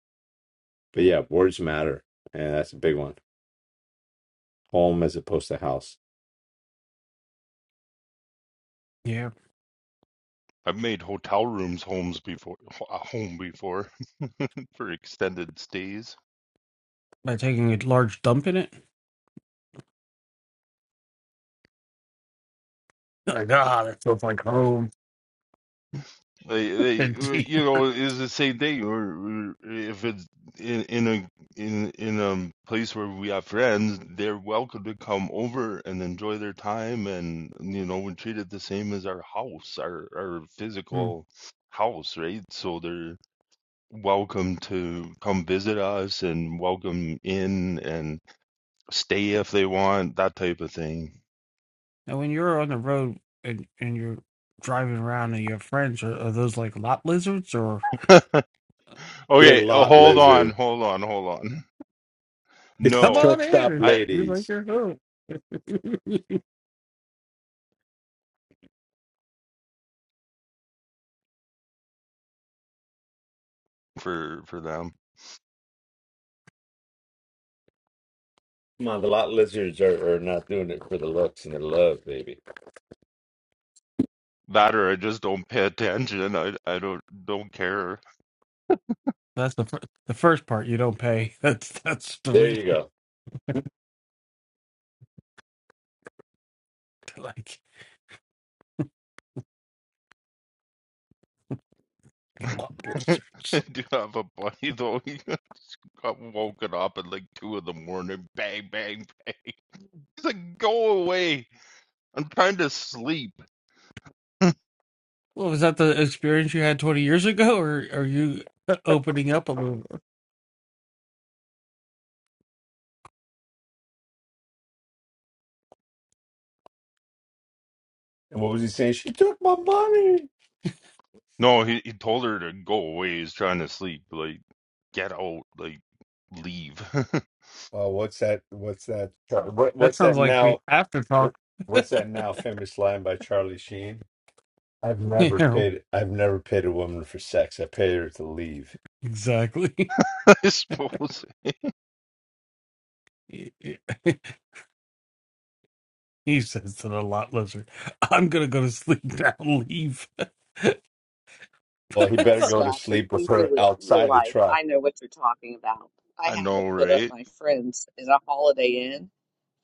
Speaker 4: but yeah words matter and that's a big one home as opposed to house
Speaker 6: yeah,
Speaker 3: I've made hotel rooms homes before, a home before for extended stays.
Speaker 6: by taking a large dump in it. Like, ah, that feels like home.
Speaker 3: They, they,
Speaker 6: And,
Speaker 3: uh, you know, is the same thing. or if it's in, in a in in a place where we have friends, they're welcome to come over and enjoy their time, and you know, we treat it the same as our house, our our
Speaker 6: Hmm.
Speaker 3: physical house, right? So they're welcome to come visit us and welcome in and stay if they want, that type of thing.
Speaker 6: when you're on the road and, and you're driving around and your friends, are, are those like lot lizards or
Speaker 4: they're
Speaker 3: Okay, oh,
Speaker 4: lot
Speaker 3: hold on,
Speaker 4: lizard
Speaker 3: hold on, hold on.
Speaker 4: it's the
Speaker 6: come
Speaker 3: No,
Speaker 6: on
Speaker 4: truck stop
Speaker 6: in?
Speaker 3: I
Speaker 6: You're like,
Speaker 4: ladies
Speaker 6: you're home.
Speaker 3: for for them.
Speaker 4: come on the lot lizards are, are not doing it for the looks and the love baby
Speaker 3: That or I just don't pay attention. I I don't don't care.
Speaker 6: That's the fir- the first part you don't pay. That's that's the
Speaker 4: there you
Speaker 6: reason.
Speaker 4: go
Speaker 6: to Like Pablo
Speaker 3: I
Speaker 6: search.
Speaker 3: do have a buddy though. He just got woken up at like two in the morning. Bang, bang, bang. He's like, go away. I'm trying to sleep.
Speaker 6: Well, was that the experience you had twenty years ago, or are you uh, opening up a little? more?
Speaker 4: and what was he saying she took my money
Speaker 3: No, he, he told her to go away. He's trying to sleep. Like, get out. Like, leave.
Speaker 4: Oh, what's that? What's that? Char- What,
Speaker 6: That
Speaker 4: what's that
Speaker 6: sounds like the
Speaker 4: now?
Speaker 6: after
Speaker 4: What
Speaker 6: talk.
Speaker 4: What's that now famous line by Charlie Sheen? I've
Speaker 6: you
Speaker 4: never
Speaker 6: know
Speaker 4: paid. I've never paid a woman for sex. I paid her to leave.
Speaker 6: exactly.
Speaker 3: I suppose.
Speaker 6: he says to the lot lizard, "I'm gonna go to sleep now. Leave."
Speaker 4: Well,
Speaker 6: But
Speaker 4: he
Speaker 6: I
Speaker 1: No,
Speaker 4: better go
Speaker 6: thought.
Speaker 4: to
Speaker 1: Scott,
Speaker 4: sleep with
Speaker 1: in real,
Speaker 4: her
Speaker 1: real
Speaker 4: outside the
Speaker 1: life,
Speaker 4: truck.
Speaker 1: I know what you're talking about. I
Speaker 3: I
Speaker 1: had to
Speaker 3: know,
Speaker 1: put up
Speaker 3: right?
Speaker 1: my friends in a holiday inn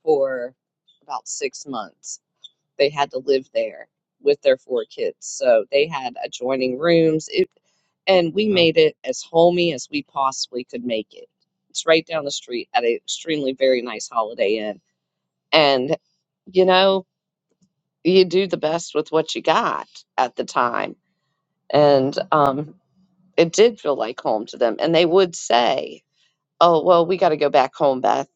Speaker 1: for about six months they had to live there with their four kids. So they had adjoining rooms. It, and we made it as homey as we possibly could make it. It's right down the street at an extremely very nice Holiday Inn. And, you know, you do the best with what you got at the time. And um, it did feel like home to them. And they would say, oh, well, we got to go back home, Beth.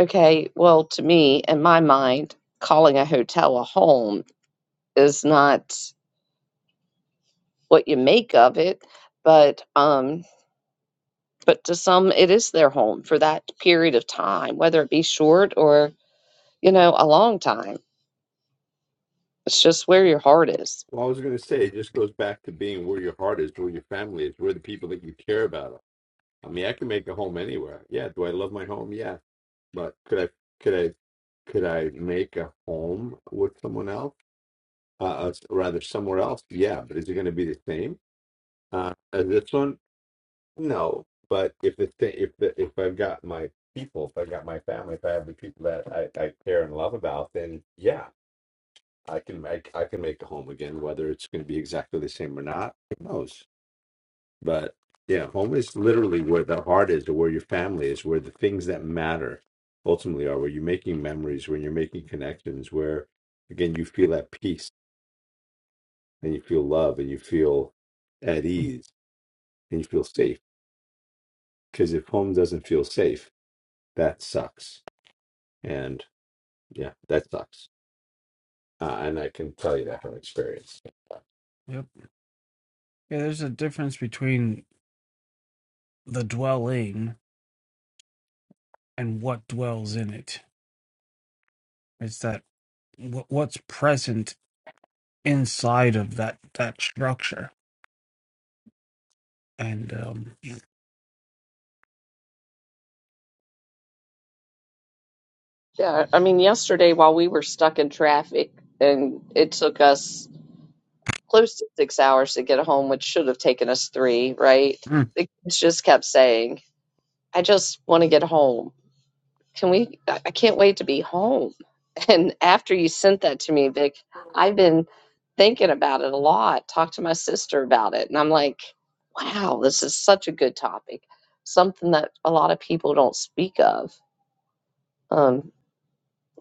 Speaker 1: Okay, well, to me, in my mind, calling a hotel a home is not. what you make of it but um but to some it is their home for that period of time whether it be short or you know a long time it's just where your heart is
Speaker 4: Well, I was going to say,
Speaker 6: Yeah.
Speaker 4: it just goes back to being where your heart is, where your family is, where the people that you care about are. I mean, I can make a home anywhere. Yeah. Do I love my home? Yeah. but could I could I could I make a home with someone else? Uh, uh, s- rather somewhere else? Yeah, but is it going to be the same uh, as this one? No, but if the thing, if the if I've got my people, if I've got my family, if I have the people that I, I care and love about, then yeah, I can make I can make a home again. Whether it's going to be exactly the same or not, who knows? But yeah, home is literally where the heart is, or where your family is, where the things that matter ultimately are, where you're making memories, when you're making connections, where again you feel at peace and you feel love and you feel at ease and you feel safe. Because if home doesn't feel safe, that sucks. And yeah, that sucks. Uh, and I can tell you that from experience.
Speaker 6: Yep. Yeah, there's a difference between the dwelling and what dwells in it. It's that wh- what's present inside of that that structure. And um, yeah.
Speaker 1: yeah i mean yesterday while we were stuck in traffic and it took us close to six hours to get home which should have taken us three right
Speaker 6: mm,
Speaker 1: the kids just kept saying i just want to get home Can we? I can't wait to be home. And after you sent that to me, Vic, I've been thinking about it a lot. Talked to my sister about it, and I'm like, wow, this is such a good topic. Something that a lot of people don't speak of, um,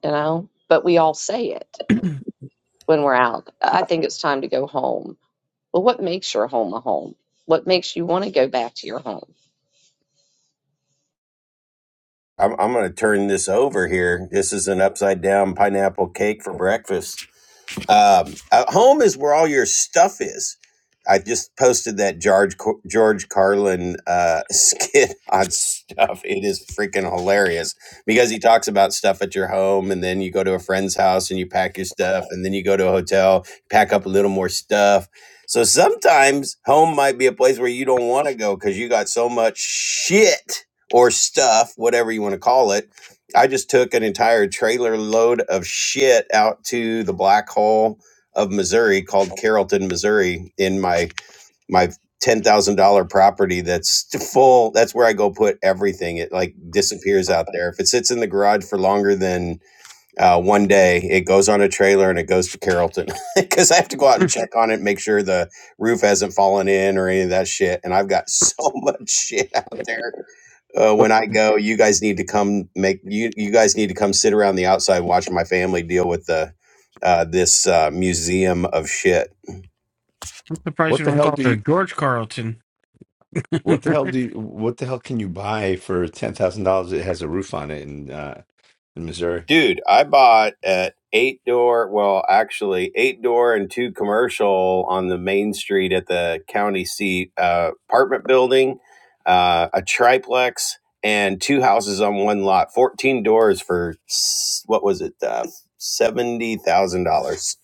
Speaker 1: you know, but we all say it when we're out. I think it's time to go home. Well, what makes your home a home? What makes you want to go back to your home?
Speaker 7: I'm, I'm going to turn this over here. This is an upside down pineapple cake for breakfast. Um, at home is where all your stuff is. I just posted that George George Carlin uh, skit on stuff. It is freaking hilarious because he talks about stuff at your home, and then you go to a friend's house and you pack your stuff, and then you go to a hotel, pack up a little more stuff. So sometimes home might be a place where you don't want to go because you got so much shit or stuff, whatever you want to call it I just took an entire trailer load of shit out to the black hole of Missouri called Carrollton, Missouri, in my my ten thousand dollar property that's full. That's where I go put everything. It like disappears out there. If it sits in the garage for longer than uh, one day, it goes on a trailer and it goes to Carrollton because I have to go out and
Speaker 6: mm,
Speaker 7: check on it, make sure the roof hasn't fallen in or any of that shit. And I've got so much shit out there uh, when I go, you guys need to come make you you guys need to come sit around the outside watching my family deal with the uh, this uh, museum of shit,
Speaker 6: I'm surprised
Speaker 4: What
Speaker 6: you
Speaker 4: the
Speaker 6: don't
Speaker 4: hell
Speaker 6: call
Speaker 4: do
Speaker 6: it a
Speaker 4: you?
Speaker 6: George Carlton.
Speaker 4: What the
Speaker 6: he
Speaker 4: hell do you? What the hell can you buy for ten thousand dollars? It has a roof on it in uh, in Missouri.
Speaker 7: dude. I bought at eight door, well, actually eight door and two commercial on the main street at the county seat uh, apartment building, uh, a triplex. And two houses on one lot, fourteen doors for s- what was it, uh, seventy thousand dollars?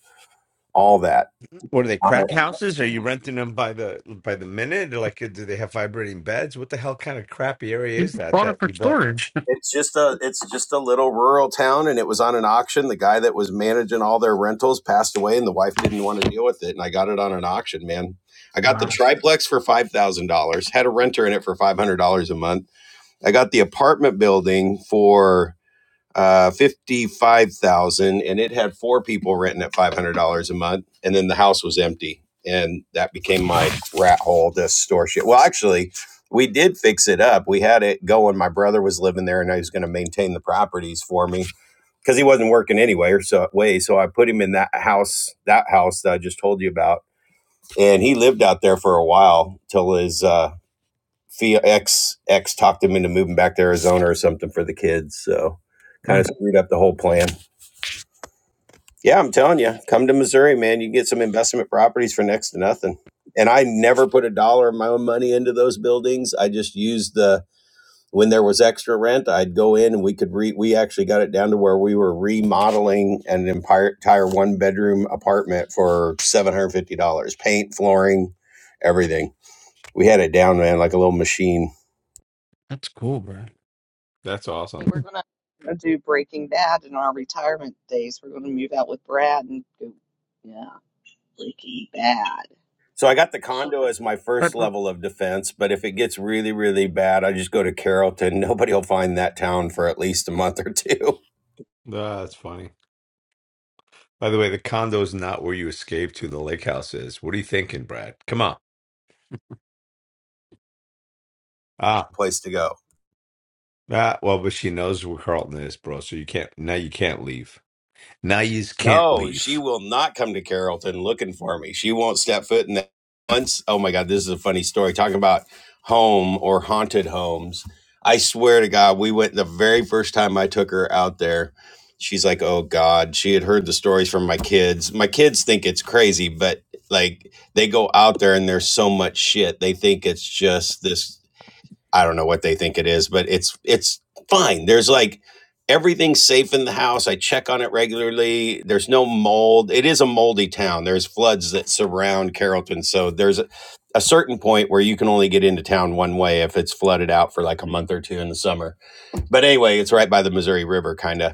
Speaker 7: All that
Speaker 4: What are they
Speaker 7: on a
Speaker 4: crack houses? Are you renting them by the by the minute? Like, do they have vibrating beds? What the hell kind of crappy area is that
Speaker 6: bought it
Speaker 4: that
Speaker 6: for
Speaker 4: you bought?
Speaker 6: storage.
Speaker 7: It's just a it's just a little rural town, and it was on an auction. The guy that was managing all their rentals passed away, and the wife didn't want to deal with it. And I got it on an auction, man. I got the
Speaker 6: Wow,
Speaker 7: triplex for five thousand dollars. Had a renter in it for five hundred dollars a month. I got the apartment building for uh, fifty-five thousand, dollars, and it had four people renting at five hundred dollars a month, and then the house was empty, and that became my rat hole. This store shit. Well, actually, we did fix it up. We had it going. My brother was living there, and I was going to maintain the properties for me because he wasn't working anyway, or so way. So I put him in that house, that house that I just told you about, and he lived out there for a while till his. Uh, Fia X X talked him into moving back to Arizona or something for the kids. So kind of
Speaker 6: mm,
Speaker 7: screwed up the whole plan. Yeah, I'm telling you, come to Missouri, man. You can get some investment properties for next to nothing. And I never put a dollar of my own money into those buildings. I just used the when there was extra rent, I'd go in and we could re we actually got it down to where we were remodeling an entire entire one bedroom apartment for seven hundred fifty dollars, paint, flooring, everything. We had it down, man, like a little machine
Speaker 6: that's cool, bro.
Speaker 4: That's
Speaker 1: Hey,
Speaker 4: awesome.
Speaker 1: We're going to do Breaking Bad in our retirement days. We're going to move out with Brad and go, yeah, Breaking Bad.
Speaker 7: So I got the condo as my
Speaker 6: But
Speaker 7: first
Speaker 6: uh,
Speaker 7: level of defense, but if it gets really, really bad, I just go to Carrollton. Nobody will find that town for at least a month or two.
Speaker 4: Ah, that's funny. By the way, the condo's not where you escaped to. The lake house is. What are you thinking, Brad? Come on. Ah,
Speaker 7: Place to go.
Speaker 4: ah. Well, but she knows where Carlton is, bro. So you can't now. You can't leave. Now you just can't
Speaker 7: No, she
Speaker 4: leave.
Speaker 7: will not come to Carrollton looking for me. She won't step foot in that once. Oh my God, this is a funny story. Talking about home or haunted homes. I swear to God, we went the very first time I took her out there. She's like, oh God. She had heard the stories from my kids. My kids think it's crazy, but like they go out there and there's so much shit. They think it's just this. I don't know what they think it is, but it's it's fine. There's like everything's safe in the house. I check on it regularly. There's no mold. It is a moldy town. There's floods that surround Carrollton, so there's a, a certain point where you can only get into town one way if it's flooded out for like a month or two in the summer. But anyway, it's right by the Missouri River, kind of.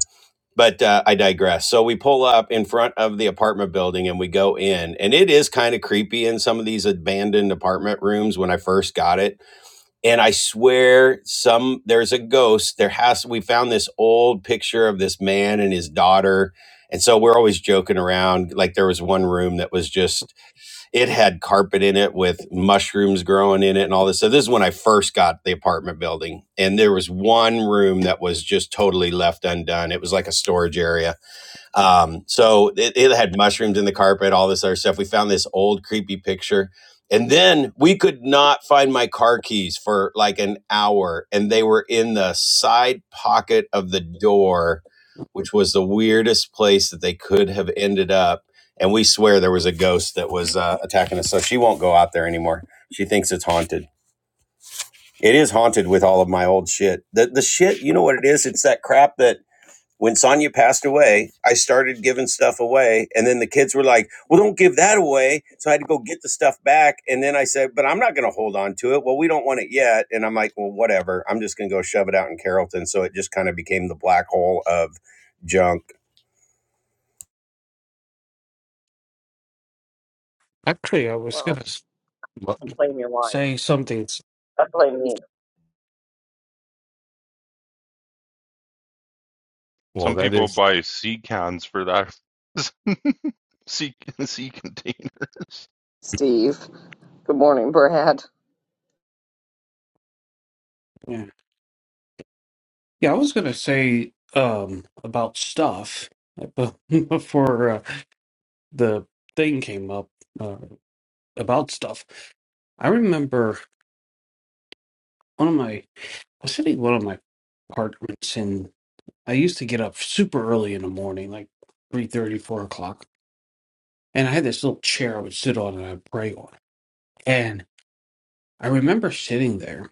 Speaker 7: But uh, I digress. So we pull up in front of the apartment building and we go in, and it is kind of creepy in some of these abandoned apartment rooms when I first got it and I swear some there's a ghost. There has we found this old picture of this man and his daughter. And so we're always joking around. Like there was one room that was just it had carpet in it with mushrooms growing in it and all this. So this is when I first got the apartment building. And there was one room that was just totally left undone. It was like a storage area um, so it, it had mushrooms in the carpet, all this other stuff. We found this old creepy picture. And then we could not find my car keys for like an hour, and they were in the side pocket of the door, which was the weirdest place that they could have ended up. And we swear there was a ghost that was uh, attacking us. So she won't go out there anymore. She thinks it's haunted. It is haunted with all of my old shit. The, the shit, you know what it is? It's that crap that when Sonia passed away, I started giving stuff away. And then the kids were like, well, don't give that away. So I had to go get the stuff back. And then I said, but I'm not going to hold on to it. Well, we don't want it yet. And I'm like, well, whatever. I'm just going to go shove it out in Carrollton. So it just kind of became the black hole of junk
Speaker 6: actually, I was
Speaker 1: Well,
Speaker 6: gonna s-
Speaker 4: Well,
Speaker 1: you blame your wife.
Speaker 6: say something. s-
Speaker 1: I blame me.
Speaker 4: well,
Speaker 3: Some
Speaker 4: that
Speaker 3: people
Speaker 4: is.
Speaker 3: buy sea cans for that. sea, sea containers.
Speaker 1: Steve. Good morning, Brad.
Speaker 6: Yeah, yeah, I was gonna say um about stuff, but before. uh, the thing came up uh, about stuff, I remember one of my, I was sitting in one of my apartments, and I used to get up super early in the morning, like three thirty, four o'clock. And I had this little chair I would sit on and I'd pray on. And I remember sitting there,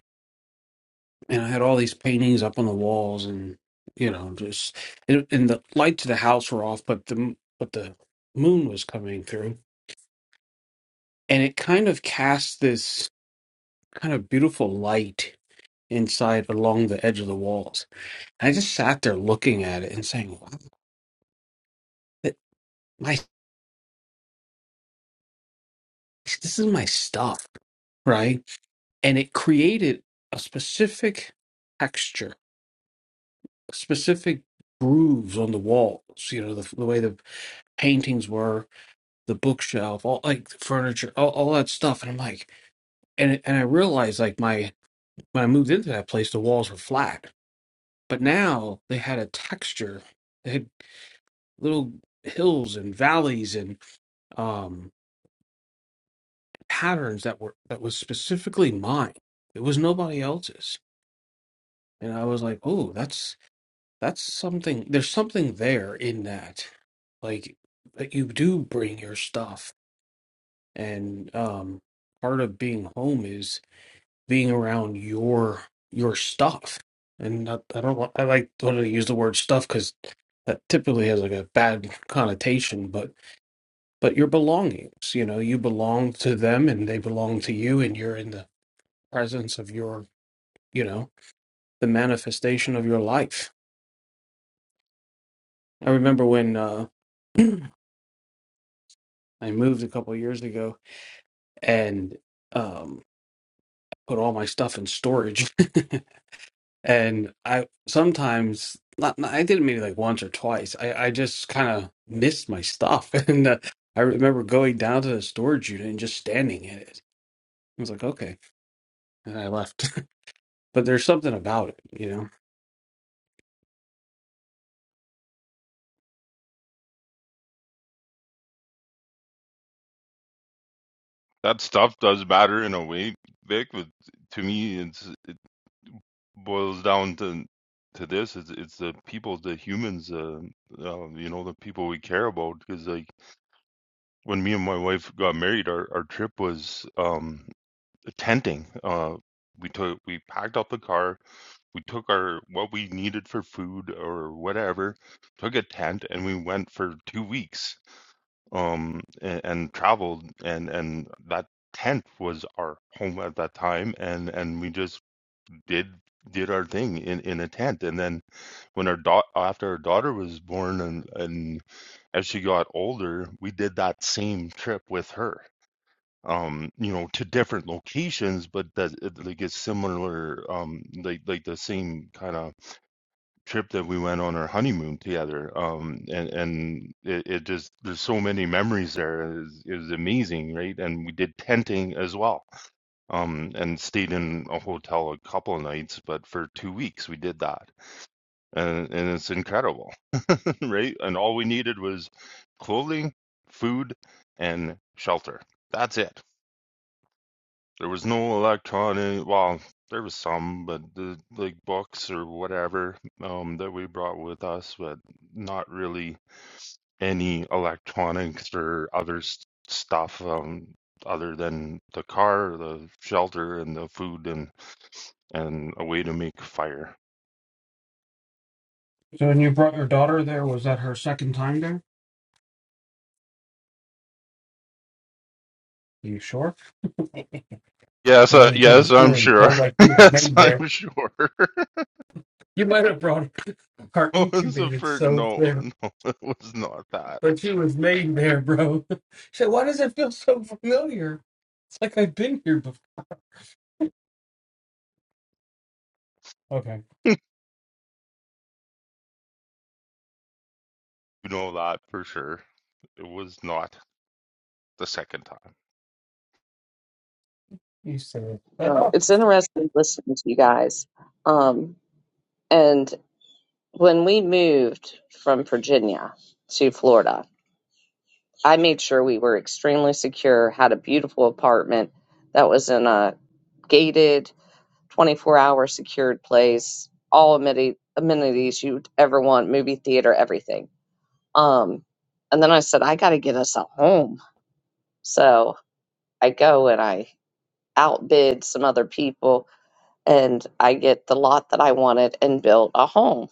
Speaker 6: and I had all these paintings up on the walls, and you know, just and and the lights of the house were off, but the but the moon was coming through, and it kind of cast this kind of beautiful light inside along the edge of the walls. And I just sat there looking at it and saying, wow, that- my, this is my stuff, right? And it created a specific texture, specific grooves on the walls, you know, the, the way the paintings were, the bookshelf, all like the furniture, all, all that stuff. And I'm like, and, it- and I realized like my, when I moved into that place, the walls were flat, but now they had a texture. They had little hills and valleys um, patterns that were that was specifically mine. It was nobody else's, and I was like, "Oh, that's that's something. There's something there in that, like that you do bring your stuff, and um, part of being home is being around your your stuff." And I, I don't want, I like don't want to use the word stuff because that typically has like a bad connotation, but but your belongings, you know, you belong to them and they belong to you, and you're in the presence of your, you know, the manifestation of your life. I remember when uh, I moved a couple of years ago and um, I put all my stuff in storage. and I sometimes, not, not- I did it maybe like once or twice. I, I just kind of missed my stuff. And uh, I remember going down to the storage unit and just standing in it. I was like, okay. And I left. but there's something about it, you know?
Speaker 3: That stuff does matter in a way, Vic. But to me, it's it boils down to to this. It's it's the people, the humans, uh, uh, you know, the people we care about. Because like when me and my wife got married, our our trip was um tenting. Uh, we took we packed up the car. We took our what we needed for food or whatever, took a tent, and we went for two weeks. Um, and, and traveled, and and that tent was our home at that time, and and we just did did our thing in in a tent. And then when our daughter after our daughter was born, and and as she got older, we did that same trip with her um you know to different locations but that it- like it's similar um like like the same kind of trip that we went on our honeymoon together um and and it, it just there's so many memories there is is amazing right and we did tenting as well um and stayed in a hotel a couple of nights but for two weeks we did that and and it's incredible right and all we needed was clothing food and shelter that's it There was no electronic, well, there was some, but the like books or whatever um that we brought with us, but not really any electronics or other s- stuff um other than the car, the shelter, and the food, and and a way to make a fire.
Speaker 6: So when you brought your daughter there, was that her second time there? you sure?
Speaker 3: Yes,
Speaker 6: The
Speaker 3: uh,
Speaker 6: way you told the
Speaker 3: yes, I'm
Speaker 6: story, it
Speaker 3: sure.
Speaker 6: sounds like she was
Speaker 3: yes,
Speaker 6: made there.
Speaker 3: I'm sure.
Speaker 6: You might have brought her
Speaker 3: What was the
Speaker 6: incubated
Speaker 3: first?
Speaker 6: so
Speaker 3: No,
Speaker 6: there,
Speaker 3: no, it was not that.
Speaker 6: but she was made there, bro. She said, Why does it feel so familiar? It's like I've been here before. Okay,
Speaker 3: You know that for sure. It was not the second time.
Speaker 6: you said it. And,
Speaker 1: Oh,
Speaker 6: oh,
Speaker 1: it's interesting listening to you guys. Um, and. when we moved from Virginia to Florida, I made sure we were extremely secure, had a beautiful apartment that was in a gated 24 hour secured place, all ameni- amenities you'd ever want, movie theater, everything. Um, and then I said, I got to get us a home. So I go and I outbid some other people and I get the lot that I wanted and built a home.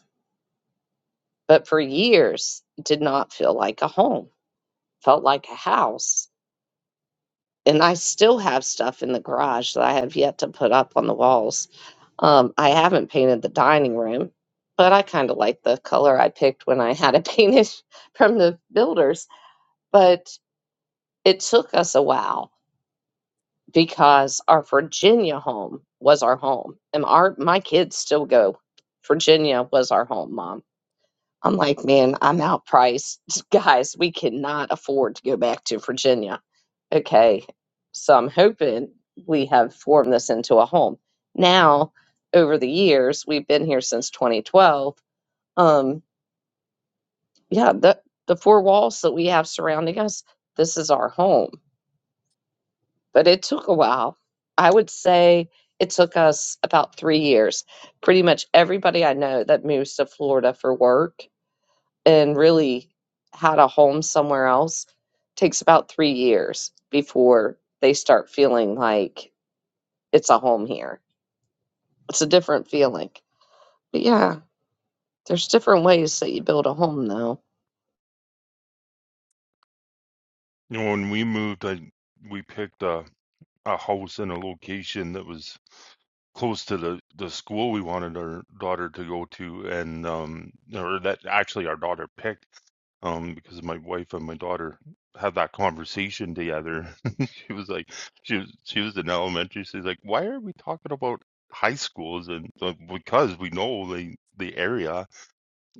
Speaker 1: But for years, it did not feel like a home felt like a house. And I still have stuff in the garage that I have yet to put up on the walls. Um, I haven't painted the dining room, but I kind of like the color I picked when I had it painted from the builders. But it took us a while because our Virginia home was our home, and our my kids still go. Virginia was our home, mom. I'm like, man, I'm outpriced, guys. We cannot afford to go back to Virginia okay, so I'm hoping we have formed this into a home. Now, over the years, we've been here since 2012. Um, yeah, the the four walls that we have surrounding us, this is our home. But it took a while. I would say it took us about three years. Pretty much everybody I know that moves to Florida for work and really had a home somewhere else takes about three years before they start feeling like it's a home here. It's a different feeling. But yeah, there's different ways that you build a home though.
Speaker 3: You know, when we moved, I we picked a a house in a location that was close to the the school we wanted our daughter to go to, and um, or that actually our daughter picked, um, because my wife and my daughter had that conversation together. She was like, she was she was in elementary. She's like, why are we talking about high schools? And uh, because we know the the area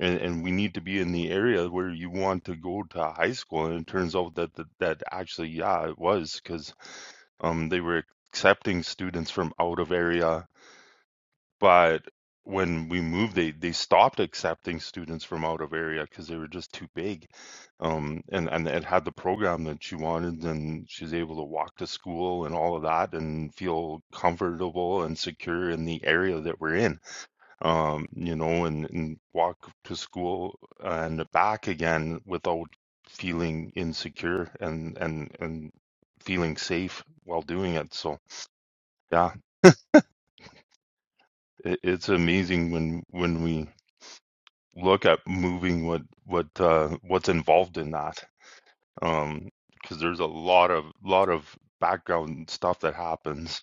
Speaker 3: and and we need to be in the area where you want to go to high school and it turns out that that, that actually yeah it was because um they were accepting students from out of area but when we moved they they stopped accepting students from out of area because they were just too big um and and it had the program that she wanted and she was able to walk to school and all of that and feel comfortable and secure in the area that we're in um, you know, and, and walk to school and back again without feeling insecure and and and feeling safe while doing it. So yeah, it, it's amazing when when we look at moving what what uh, what's involved in that, um, because there's a lot of lot of background stuff that happens.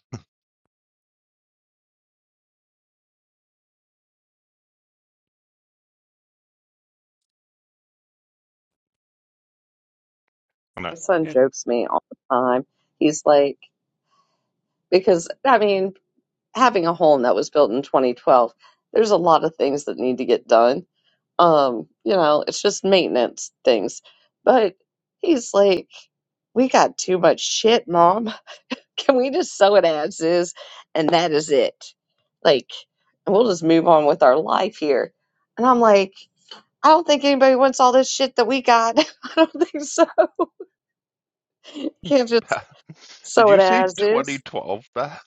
Speaker 3: And I,
Speaker 1: My son
Speaker 6: Yeah,
Speaker 1: jokes me all the time. He's like, because I mean, having a home that was built in 2012, there's a lot of things that need to get done. Um, you know, it's just maintenance things. But he's like, we got too much shit, mom. Can we just sew it as is? And that is it. Like, and we'll just move on with our life here. And I'm like, I don't think anybody wants all this shit that we got. I don't think so. You can't just
Speaker 3: did
Speaker 1: sew
Speaker 3: you
Speaker 1: it
Speaker 3: say
Speaker 1: as is.
Speaker 3: 2012, Beth?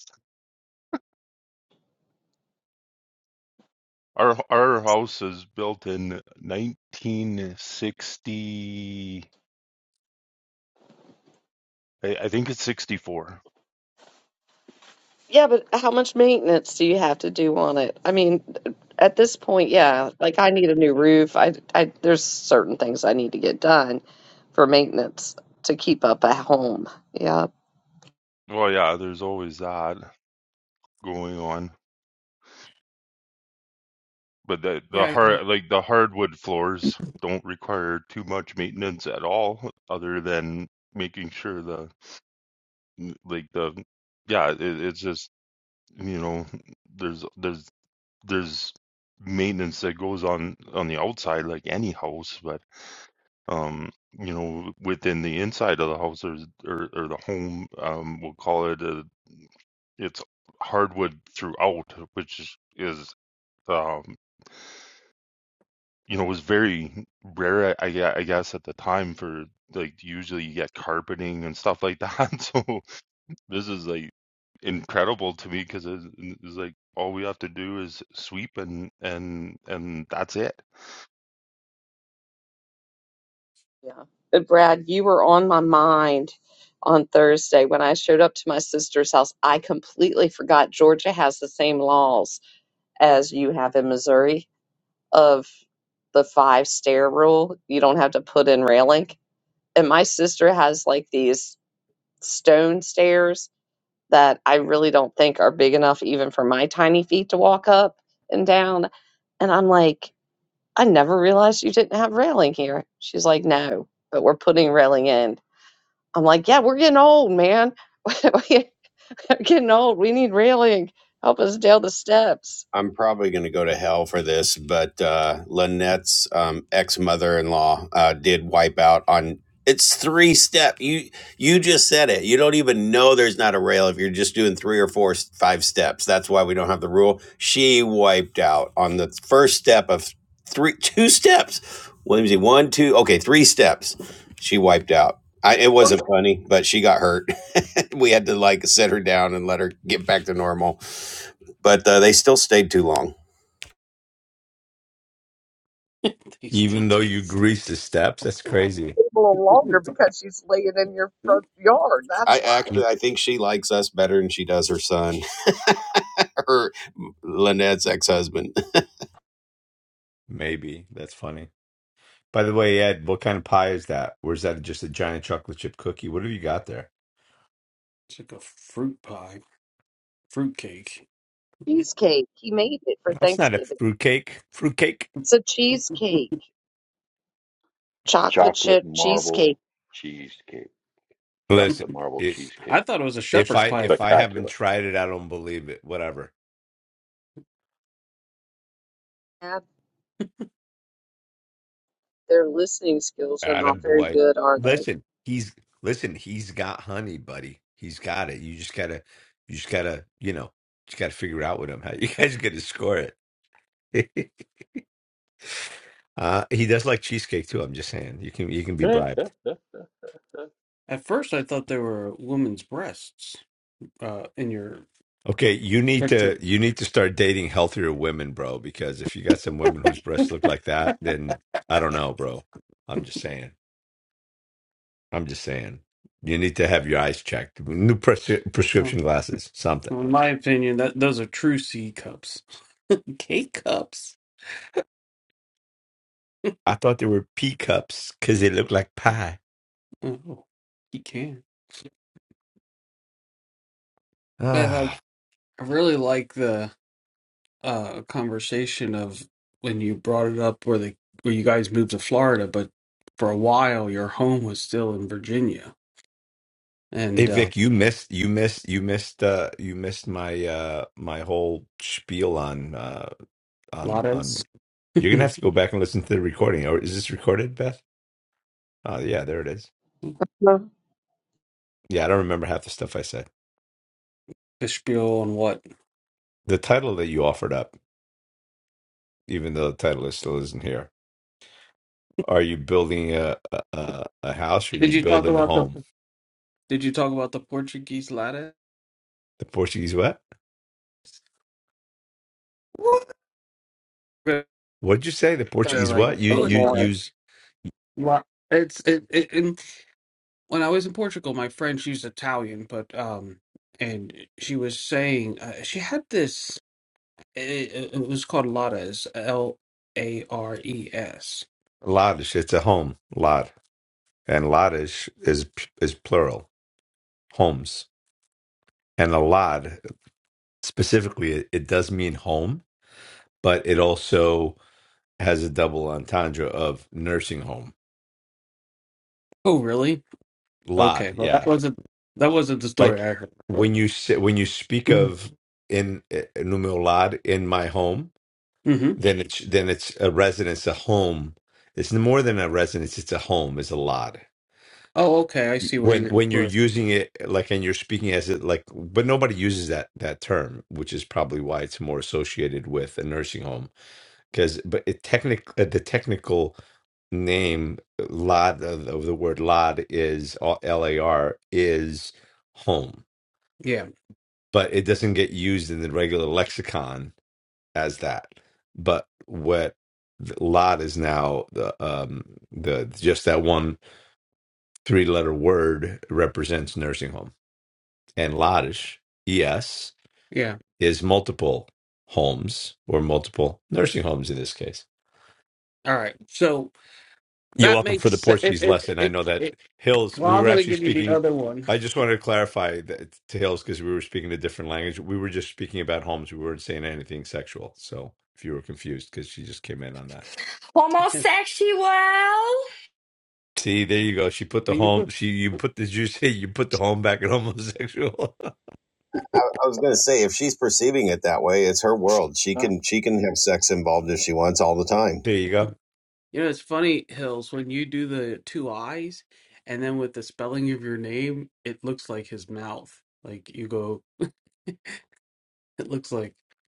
Speaker 3: Our our house is built in 1960. I, I think it's 64.
Speaker 1: Yeah, but how much maintenance do you have to do on it? I mean, at this point, yeah, like I need a new roof. I, I there's certain things I need to get done for maintenance to keep up a home. Yeah.
Speaker 3: Well, yeah, there's always that going on, but the the
Speaker 6: yeah. I mean,
Speaker 3: hard like the hardwood floors don't require too much maintenance at all, other than making sure the like the yeah, it, it's just you know there's there's there's maintenance that goes on on the outside like any house, but. um, you know, within the inside of the house or or, or the home, um, we'll call it. A, it's hardwood throughout, which is, is um, you know, was very rare. I, I gue- I guess at the time for like usually you get carpeting and stuff like that. So this is like incredible to me because it's, it's like all we have to do is sweep and and and that's it.
Speaker 1: Yeah. But Brad, you were on my mind on Thursday when I showed up to my sister's house. I completely forgot Georgia has the same laws as you have in Missouri of the five stair rule. You don't have to put in railing. And my sister has like these stone stairs that I really don't think are big enough even for my tiny feet to walk up and down. And I'm like, I never realized you didn't have railing here. She's like, no, but we're putting railing in. I'm like, yeah, we're getting old, man. we're getting old. We need railing. Help us down the steps.
Speaker 7: I'm probably going to go to hell for this, but uh, Lynette's um, ex mother in law uh, did wipe out on. It's three step. You you just said it. You don't even know there's not a rail if you're just doing three or four, s- five steps. That's why we don't have the rule. She wiped out on the first step of three, two steps. Williamsy, one, two, okay, three steps. She wiped out. I, it wasn't funny, but she got hurt. we had to like set her down and let her get back to normal but uh, they still stayed too long.
Speaker 6: they still
Speaker 4: Even though you
Speaker 6: taste they
Speaker 4: grease the
Speaker 6: do.
Speaker 4: steps, that's crazy.
Speaker 1: a little longer because she's laying in your front
Speaker 6: It's
Speaker 1: yard. That's
Speaker 7: I
Speaker 1: why.
Speaker 7: actually, I think she likes us better than she does her son, her Lynette's ex-husband.
Speaker 4: Maybe that's funny. By the way, Ed, what kind of pie is that? Or is that just a giant chocolate chip cookie? What have you got there?
Speaker 6: like a fruit pie, fruit cake.
Speaker 1: cheesecake. He made it for
Speaker 4: That's not a
Speaker 1: Thanksgiving.
Speaker 4: fruitcake. Fruitcake.
Speaker 1: It's a cheesecake, chocolate
Speaker 5: Chocolate
Speaker 1: chip
Speaker 5: marble
Speaker 1: cheesecake.
Speaker 5: cheesecake.
Speaker 4: Listen,
Speaker 5: Chocolate marble
Speaker 4: it,
Speaker 5: cheesecake.
Speaker 6: I thought it was a
Speaker 4: if
Speaker 6: shepherd's
Speaker 4: I
Speaker 6: pie at
Speaker 4: if
Speaker 6: first.
Speaker 4: I haven't
Speaker 5: Spectacular.
Speaker 4: tried it, I don't believe it. Whatever.
Speaker 1: Yeah, their listening skills are not
Speaker 4: Attaboy.
Speaker 1: very
Speaker 4: boy.
Speaker 1: good, are they?
Speaker 4: Listen, he's listen, he's got honey, buddy. He's got it. You just gotta you just gotta, you know, just gotta figure out with him how you guys are gonna score it. uh he does like cheesecake too, I'm just saying. You can you can be bribed.
Speaker 6: At first, I thought they were women's breasts. Uh, in your
Speaker 4: Okay, you need
Speaker 6: picture.
Speaker 4: to you need to start dating healthier women, bro, because if you got some women whose breasts look like that, then I don't know, bro. I'm just saying. I'm just saying. You need to have your eyes checked. New pres- prescription glasses, something.
Speaker 6: Well, in my opinion, that those are true C cups. K cups.
Speaker 4: I thought they were pea cups cuz they look like pie.
Speaker 6: Oh, you can. Beth, I,
Speaker 4: Ah.
Speaker 6: I really like the uh conversation of when you brought it up where the where you guys moved to Florida, but for a while your home was still in Virginia.
Speaker 4: Hey
Speaker 6: And uh
Speaker 4: Vic, you missed you missed you missed uh you missed my uh my whole spiel on uh on on
Speaker 6: Lattes.
Speaker 4: you're going to
Speaker 6: the
Speaker 4: have to go back and listen to the recording. Or is this recorded, Beth? Oh, yeah, there it is.
Speaker 1: No.
Speaker 4: Yeah, I don't remember half the stuff I said.
Speaker 6: spiel and what.
Speaker 4: The title that you offered up, even though the title is still isn't here, are you building a a, a house or are you
Speaker 6: Did you talk
Speaker 4: building a
Speaker 6: about the
Speaker 4: home?
Speaker 6: did you talk about the Portuguese latte?
Speaker 4: The Portuguese what?
Speaker 6: What? They're
Speaker 4: What'd you say? The
Speaker 1: Doesn't
Speaker 4: Portuguese
Speaker 6: like,
Speaker 4: what? You
Speaker 6: oh it's
Speaker 4: you
Speaker 6: not
Speaker 1: anymore.
Speaker 4: use
Speaker 6: la- it's it, it, and when I was in Portugal, my friend, she's Italian, but um, and she was saying uh, she had this. It, it was called Lattes, L A R E S.
Speaker 4: ladas. It's a home lad, and ladas is is plural homes. And a lad specifically, it, it does mean home, but it also has a double entendre of nursing home.
Speaker 6: Oh, really?
Speaker 4: Lad,
Speaker 6: Okay. Well,
Speaker 4: yeah,
Speaker 6: that wasn't that wasn't the story
Speaker 4: Like
Speaker 6: I heard, but
Speaker 4: when you say, when you speak of in uh, numerolad in my home,
Speaker 6: hmm
Speaker 4: then it's then it's a residence, a home. It's more than a residence; it's a home. It's a lot.
Speaker 6: Oh, okay. I see where
Speaker 4: When
Speaker 6: you're.
Speaker 4: when you're
Speaker 6: Where,
Speaker 4: using it like and you're speaking as it like, but nobody uses that that term, which is probably why it's more associated with a nursing home. Because but it technic uh, the technical name eh, lad of, of the word lad is uh, L A R is home
Speaker 6: yeah,
Speaker 4: but it doesn't get used in the regular lexicon as that. But what the lot is now the um the just that one three letter word represents nursing home, and "lodish" es
Speaker 6: yeah.
Speaker 4: is multiple homes or multiple nursing homes in this case.
Speaker 6: All right. So
Speaker 4: You're
Speaker 6: that
Speaker 4: welcome for
Speaker 6: makes
Speaker 4: the
Speaker 6: se- it.
Speaker 4: Portuguese
Speaker 6: It.
Speaker 4: lesson. I
Speaker 6: It.
Speaker 4: know that
Speaker 6: it
Speaker 4: Hills,
Speaker 6: well,
Speaker 4: we
Speaker 6: I'm
Speaker 4: were
Speaker 6: going to
Speaker 4: actually
Speaker 6: give you the
Speaker 4: speaking.
Speaker 6: other one.
Speaker 4: I just wanted to clarify that to Hills because we were speaking a different language. We were just speaking about homes. We weren't saying anything sexual. So if you were confused, because she just came in on that.
Speaker 8: Homosexual?
Speaker 4: See, there you go. She put the
Speaker 6: When you
Speaker 4: home. She you put the you say you put the home back in homosexual.
Speaker 7: I, I was gonna say, if she's perceiving it that way, it's her world. She
Speaker 4: there
Speaker 7: can she can have sex involved if she wants all the time.
Speaker 4: you go.
Speaker 6: You know, it's funny, Hills, when you do the two eyes and then with the spelling of your name, it looks like his mouth. Like you go, it looks like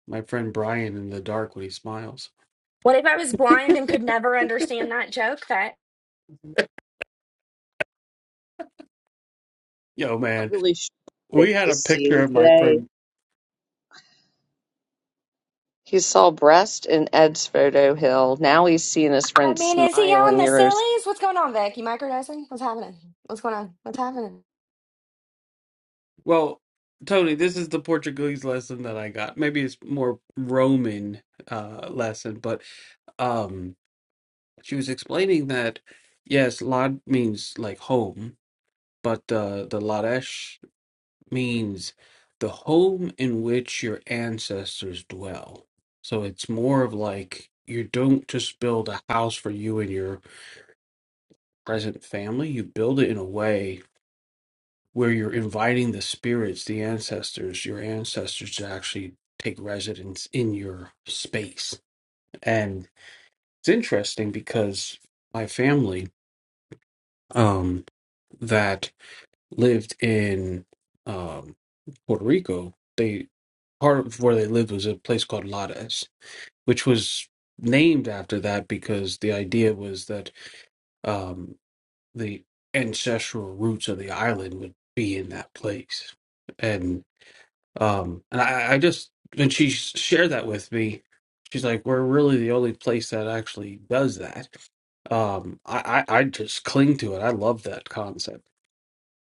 Speaker 6: my friend Brian in the dark when he smiles.
Speaker 8: What if I was blind and could never understand that joke? That
Speaker 6: Yo,
Speaker 1: Not
Speaker 6: man,
Speaker 1: really sure what Dick
Speaker 6: we had a
Speaker 1: is
Speaker 6: picture
Speaker 1: seeing
Speaker 6: of my
Speaker 1: today.
Speaker 6: friend.
Speaker 1: He saw breast in Ed's photo hill. Now he's seeing his
Speaker 8: I
Speaker 1: friend
Speaker 8: mean, is he
Speaker 1: smile
Speaker 8: on
Speaker 1: in
Speaker 8: the
Speaker 1: yours.
Speaker 8: sillies? What's going on, Vic? You microdosing? What's happening? What's going on? What's happening?
Speaker 6: Well, Tony, this is the Portuguese lesson that I got. Maybe it's more Roman uh lesson, but um she was explaining that yes, lad means like home, but uh, the Ladesh means the home in which your ancestors dwell. So it's more of like you don't just build a house for you and your present family, you build it in a way where you're inviting the spirits, the ancestors, your ancestors to actually take residence in your space. And it's interesting because my family um that lived in um, Puerto Rico, they part of where they lived was a place called Lares, which was named after that because the idea was that um, the ancestral roots of the island would be in that place. And um, and I, I just when she shared that with me, she's like, "We're really the only place that actually does that." Um, I, I I just cling to it. I love that concept,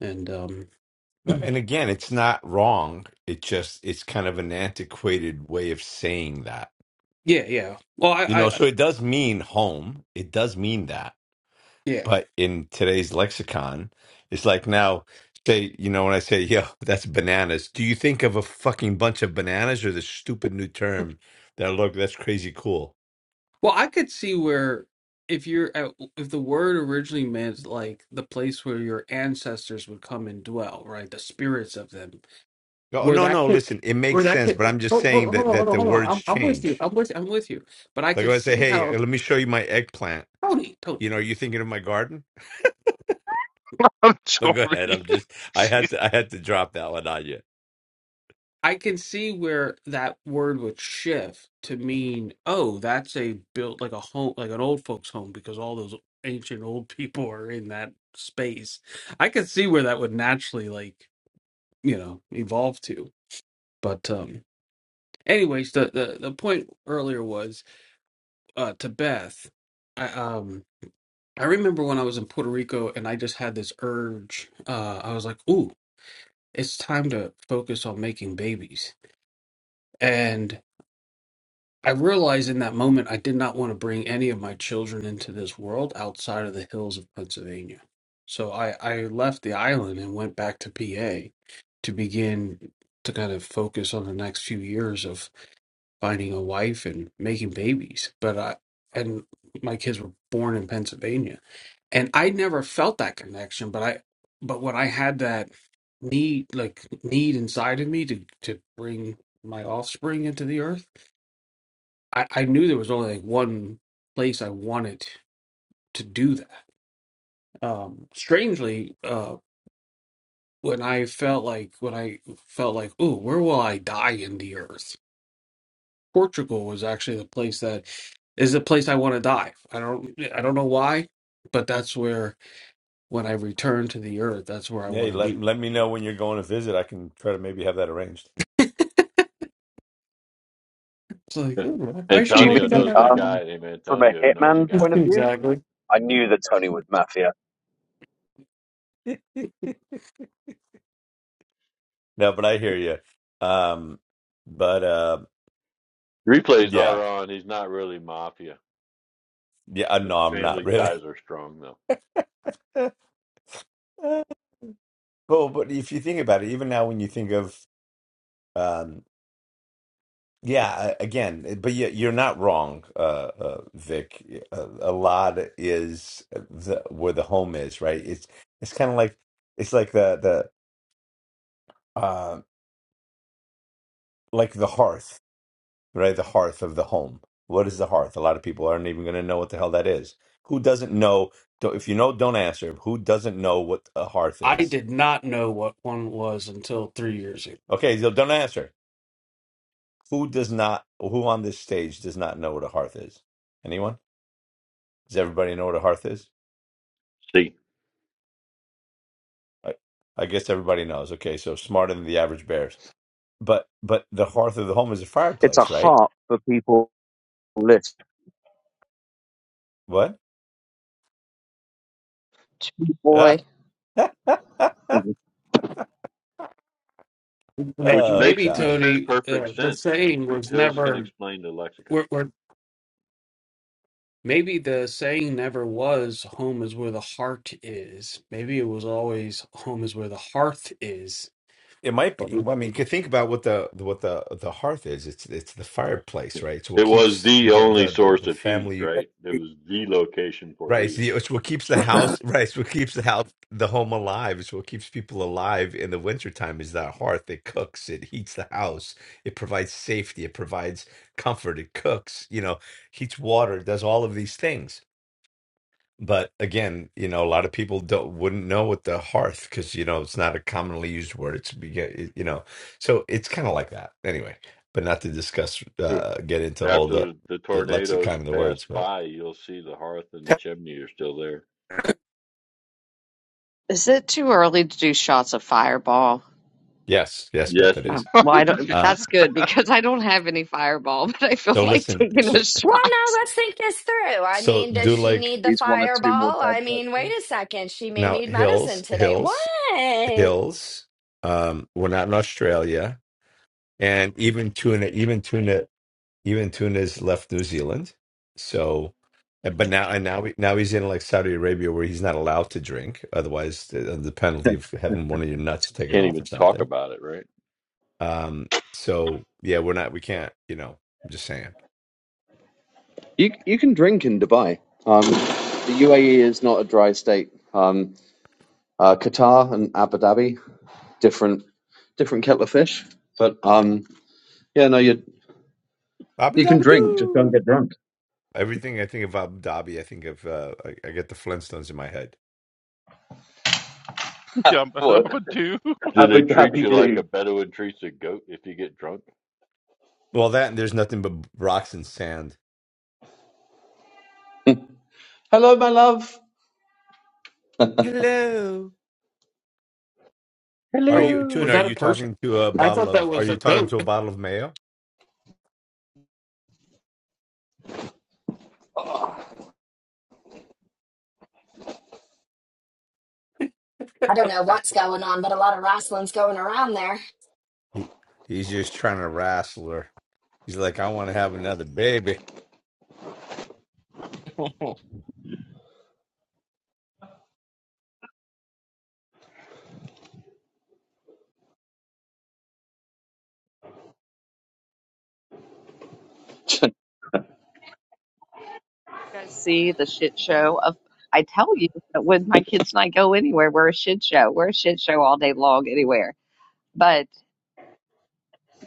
Speaker 6: and um,
Speaker 4: No, And again, it's not wrong. It just it's kind of an antiquated way of saying that.
Speaker 6: Yeah, yeah. Well, I,
Speaker 4: You know,
Speaker 6: I,
Speaker 4: so it does mean home. It does mean that
Speaker 6: yeah.
Speaker 4: But in today's lexicon, it's like now, say, you know, when I say, yo, that's bananas, do you think of a fucking bunch of bananas or the stupid new term that, look, that's crazy cool?
Speaker 6: Well, I could see where if you're at, if the word originally meant like the place where your ancestors would come and dwell, right? The spirits of them,
Speaker 4: Oh,
Speaker 6: where
Speaker 4: no,
Speaker 6: that
Speaker 4: no,
Speaker 6: could,
Speaker 4: listen, it
Speaker 6: where
Speaker 4: makes
Speaker 6: that
Speaker 4: sense,
Speaker 6: could.
Speaker 4: but I'm just
Speaker 6: Hold, hold,
Speaker 4: saying
Speaker 6: hold on,
Speaker 4: that that
Speaker 6: hold on,
Speaker 4: the
Speaker 6: hold on.
Speaker 4: words
Speaker 6: I'm, I'm with you.
Speaker 4: change.
Speaker 6: I'm with, I'm with you. But I
Speaker 4: Like if
Speaker 6: could
Speaker 4: I say,
Speaker 6: see
Speaker 4: hey,
Speaker 6: how
Speaker 4: let me show you my eggplant.
Speaker 6: Tony, Tony, Tony.
Speaker 4: You know, are you thinking of my garden?
Speaker 3: I'm
Speaker 4: But go ahead. I'm
Speaker 3: sorry.
Speaker 4: just, I had
Speaker 3: She's
Speaker 4: to, I had to drop that one on you.
Speaker 6: I can see where that word would shift to mean, oh, that's a built like a home, like an old folks' home, because all those ancient old people are in that space. I could see where that would naturally, like, you know, evolve to. But, um, anyways, the the, the point earlier was uh, to Beth. I um I remember when I was in Puerto Rico and I just had this urge. Uh, I was like, ooh, it's time to focus on making babies, and. I realized in that moment I did not want to bring any of my children into this world outside of the hills of Pennsylvania. So I, I left the island and went back to PA to begin to kind of focus on the next few years of finding a wife and making babies. But I and my kids were born in Pennsylvania. And I never felt that connection, but I but when I had that need like need inside of me to to bring my offspring into the earth I, I knew there was only like one place I wanted to do that. Um, strangely, uh, when I felt like when I felt like, oh, where will I die in the earth? Portugal was actually the place that is the place I want to die. I don't I don't know why, but that's where when I return to the earth, that's where I
Speaker 4: Hey,
Speaker 6: want to
Speaker 4: let
Speaker 6: be.
Speaker 4: let me know when you're going to visit. I can try to maybe have that arranged.
Speaker 6: It's like, oh, why is she
Speaker 9: Do you
Speaker 5: Antonio
Speaker 6: walking
Speaker 9: mean
Speaker 6: down
Speaker 5: knows
Speaker 6: that
Speaker 5: the
Speaker 6: alley?
Speaker 9: um,
Speaker 5: guy named
Speaker 9: from a
Speaker 5: Antonio who knows a
Speaker 9: hitman
Speaker 5: guy.
Speaker 9: point of view?
Speaker 6: Exactly.
Speaker 9: I knew that Tony was Mafia.
Speaker 4: No, but I hear you. Um, but uh,
Speaker 5: Replays
Speaker 4: yeah,
Speaker 5: are on. He's not really mafia.
Speaker 4: yeah. uh,
Speaker 5: The
Speaker 4: No, I'm not
Speaker 5: family
Speaker 4: really.
Speaker 5: ties are strong though.
Speaker 4: Well, but if you think about it, even now when you think of um, Yeah, a- again, but you- you're not wrong, uh, uh, Vic. A, a lot is the, where the home is, right? It's it's kind of like it's like the the uh, like the hearth, right? The hearth of the home. What is the hearth? A lot of people aren't even going to know what the hell that is. Who doesn't know? don't- If you know, don't answer. Who doesn't know what a hearth
Speaker 6: I
Speaker 4: is?
Speaker 6: did not know what one was until three years ago.
Speaker 4: Okay, so don't answer. Who does not? Who on this stage does not know what a hearth is? Anyone? Does everybody know what a hearth is?
Speaker 5: See,
Speaker 4: I, I guess everybody knows. Okay, so smarter than the average bears. But but the hearth of the home is a
Speaker 9: It's a
Speaker 4: fireplace, right?
Speaker 9: heart for people on the list
Speaker 4: What?
Speaker 1: Too,
Speaker 4: Ah,
Speaker 1: Boy,
Speaker 9: and just
Speaker 6: Ma-
Speaker 5: which
Speaker 4: oh
Speaker 5: makes
Speaker 6: Maybe
Speaker 5: which
Speaker 4: God,
Speaker 5: makes
Speaker 6: Tony, uh,
Speaker 5: perfect
Speaker 6: the
Speaker 5: sense.
Speaker 6: saying was
Speaker 5: Hills can
Speaker 6: never,
Speaker 5: explain the lexicon.
Speaker 6: or, or maybe the saying never was "home is where the heart is." Maybe it was always "home is where the hearth is."
Speaker 4: it might
Speaker 6: But
Speaker 4: be. Well, I mean, you could think about what the what the the hearth is. It's it's the fireplace, right? It's what
Speaker 5: It was
Speaker 4: keeps
Speaker 5: the
Speaker 4: the
Speaker 5: only
Speaker 4: the the,
Speaker 5: source
Speaker 4: the
Speaker 5: of heat,
Speaker 4: family
Speaker 5: right? It
Speaker 10: Tell
Speaker 5: was the location for
Speaker 4: Right. It's,
Speaker 5: heat.
Speaker 4: the, it's what keeps the house, right. It's what keeps the house, the home alive. It's what keeps people alive in the wintertime is that hearth. It cooks, it heats the house, it provides safety, it provides comfort, it cooks, you know, heats water, it does all of these things. But again, you know, a lot of people don't wouldn't know what the hearth because you know it's not a commonly used word. It's be- it- you know, so it's kind of like that anyway. But not to discuss,
Speaker 5: True.
Speaker 4: uh, get into all the
Speaker 5: After the
Speaker 4: the
Speaker 5: tornadoes
Speaker 4: lexicon of the
Speaker 5: pass
Speaker 4: words. But
Speaker 5: by, you'll see the hearth and the chimney are still there.
Speaker 10: me
Speaker 1: is it too early to do shots of Fireball?
Speaker 4: yes, yes, Beth,
Speaker 5: Yes,
Speaker 4: it
Speaker 5: you
Speaker 1: Oh,
Speaker 4: is.
Speaker 1: well, I don't,
Speaker 4: Uh,
Speaker 3: just
Speaker 1: that's good
Speaker 3: bad.
Speaker 1: because I don't have any Fireball, but I feel
Speaker 4: So
Speaker 1: like
Speaker 4: listen,
Speaker 1: taking
Speaker 4: so
Speaker 1: a
Speaker 8: Well,
Speaker 1: shot.
Speaker 8: no, let's think this through. I
Speaker 4: so
Speaker 8: mean,
Speaker 9: wait
Speaker 8: does
Speaker 4: do
Speaker 9: until
Speaker 8: she
Speaker 4: like
Speaker 8: need the
Speaker 9: he's one or two more
Speaker 8: fireball?
Speaker 9: dad
Speaker 8: I
Speaker 9: jokes
Speaker 8: mean, wait
Speaker 9: in.
Speaker 8: a second. She may
Speaker 4: now
Speaker 8: need
Speaker 4: hills,
Speaker 8: medicine today. What?
Speaker 4: hills, hills. Um, we're not in Australia, and even tuna, even tuna, even tuna's left New Zealand. So, and- but now and now we, now he's in like Saudi Arabia where he's not allowed to drink, otherwise the, uh, the penalty of having one of your nuts taken
Speaker 5: can't
Speaker 4: off or
Speaker 5: even talk
Speaker 4: something.
Speaker 5: about it, right?
Speaker 4: Um, so yeah, we're not, we can't, you know. I'm just saying.
Speaker 9: You you can drink in Dubai. Um, the UAE is not a dry state. Um, uh, Qatar and Abu Dhabi, different different kettle of fish. But um, yeah, no, you
Speaker 4: Abu
Speaker 9: you can
Speaker 4: Dhabi
Speaker 9: drink, just don't
Speaker 4: Doo.
Speaker 9: get drunk.
Speaker 4: Everything I think of Abu Dhabi, I think of uh, I, I get the Flintstones in my head.
Speaker 3: Yeah, but I'm
Speaker 9: What
Speaker 3: a do.
Speaker 5: Do they
Speaker 9: Abu
Speaker 5: treat
Speaker 9: Dhabi
Speaker 5: you like a
Speaker 9: do?
Speaker 5: Bedouin treats a goat if you get drunk?
Speaker 4: Well, that and there's nothing but rocks and sand.
Speaker 9: Hello, my love.
Speaker 4: Hello. Are
Speaker 6: oh,
Speaker 4: you, Tune?
Speaker 6: was
Speaker 5: Hello.
Speaker 4: Are
Speaker 6: that a
Speaker 4: you
Speaker 6: person?
Speaker 4: talking to a
Speaker 6: I
Speaker 4: bottle
Speaker 6: thought that
Speaker 4: of? Are
Speaker 6: was
Speaker 4: you
Speaker 6: a
Speaker 4: talking
Speaker 6: goat.
Speaker 4: to a bottle of mayo?
Speaker 8: I don't know what's going on, but a lot of rustling's going around there.
Speaker 4: He, he's just trying to wrestle her. He's like, I want to have another baby.
Speaker 1: guys see the shit show of I tell you that when my kids and I go anywhere, we're a shit show. We're a shit show all day long anywhere. But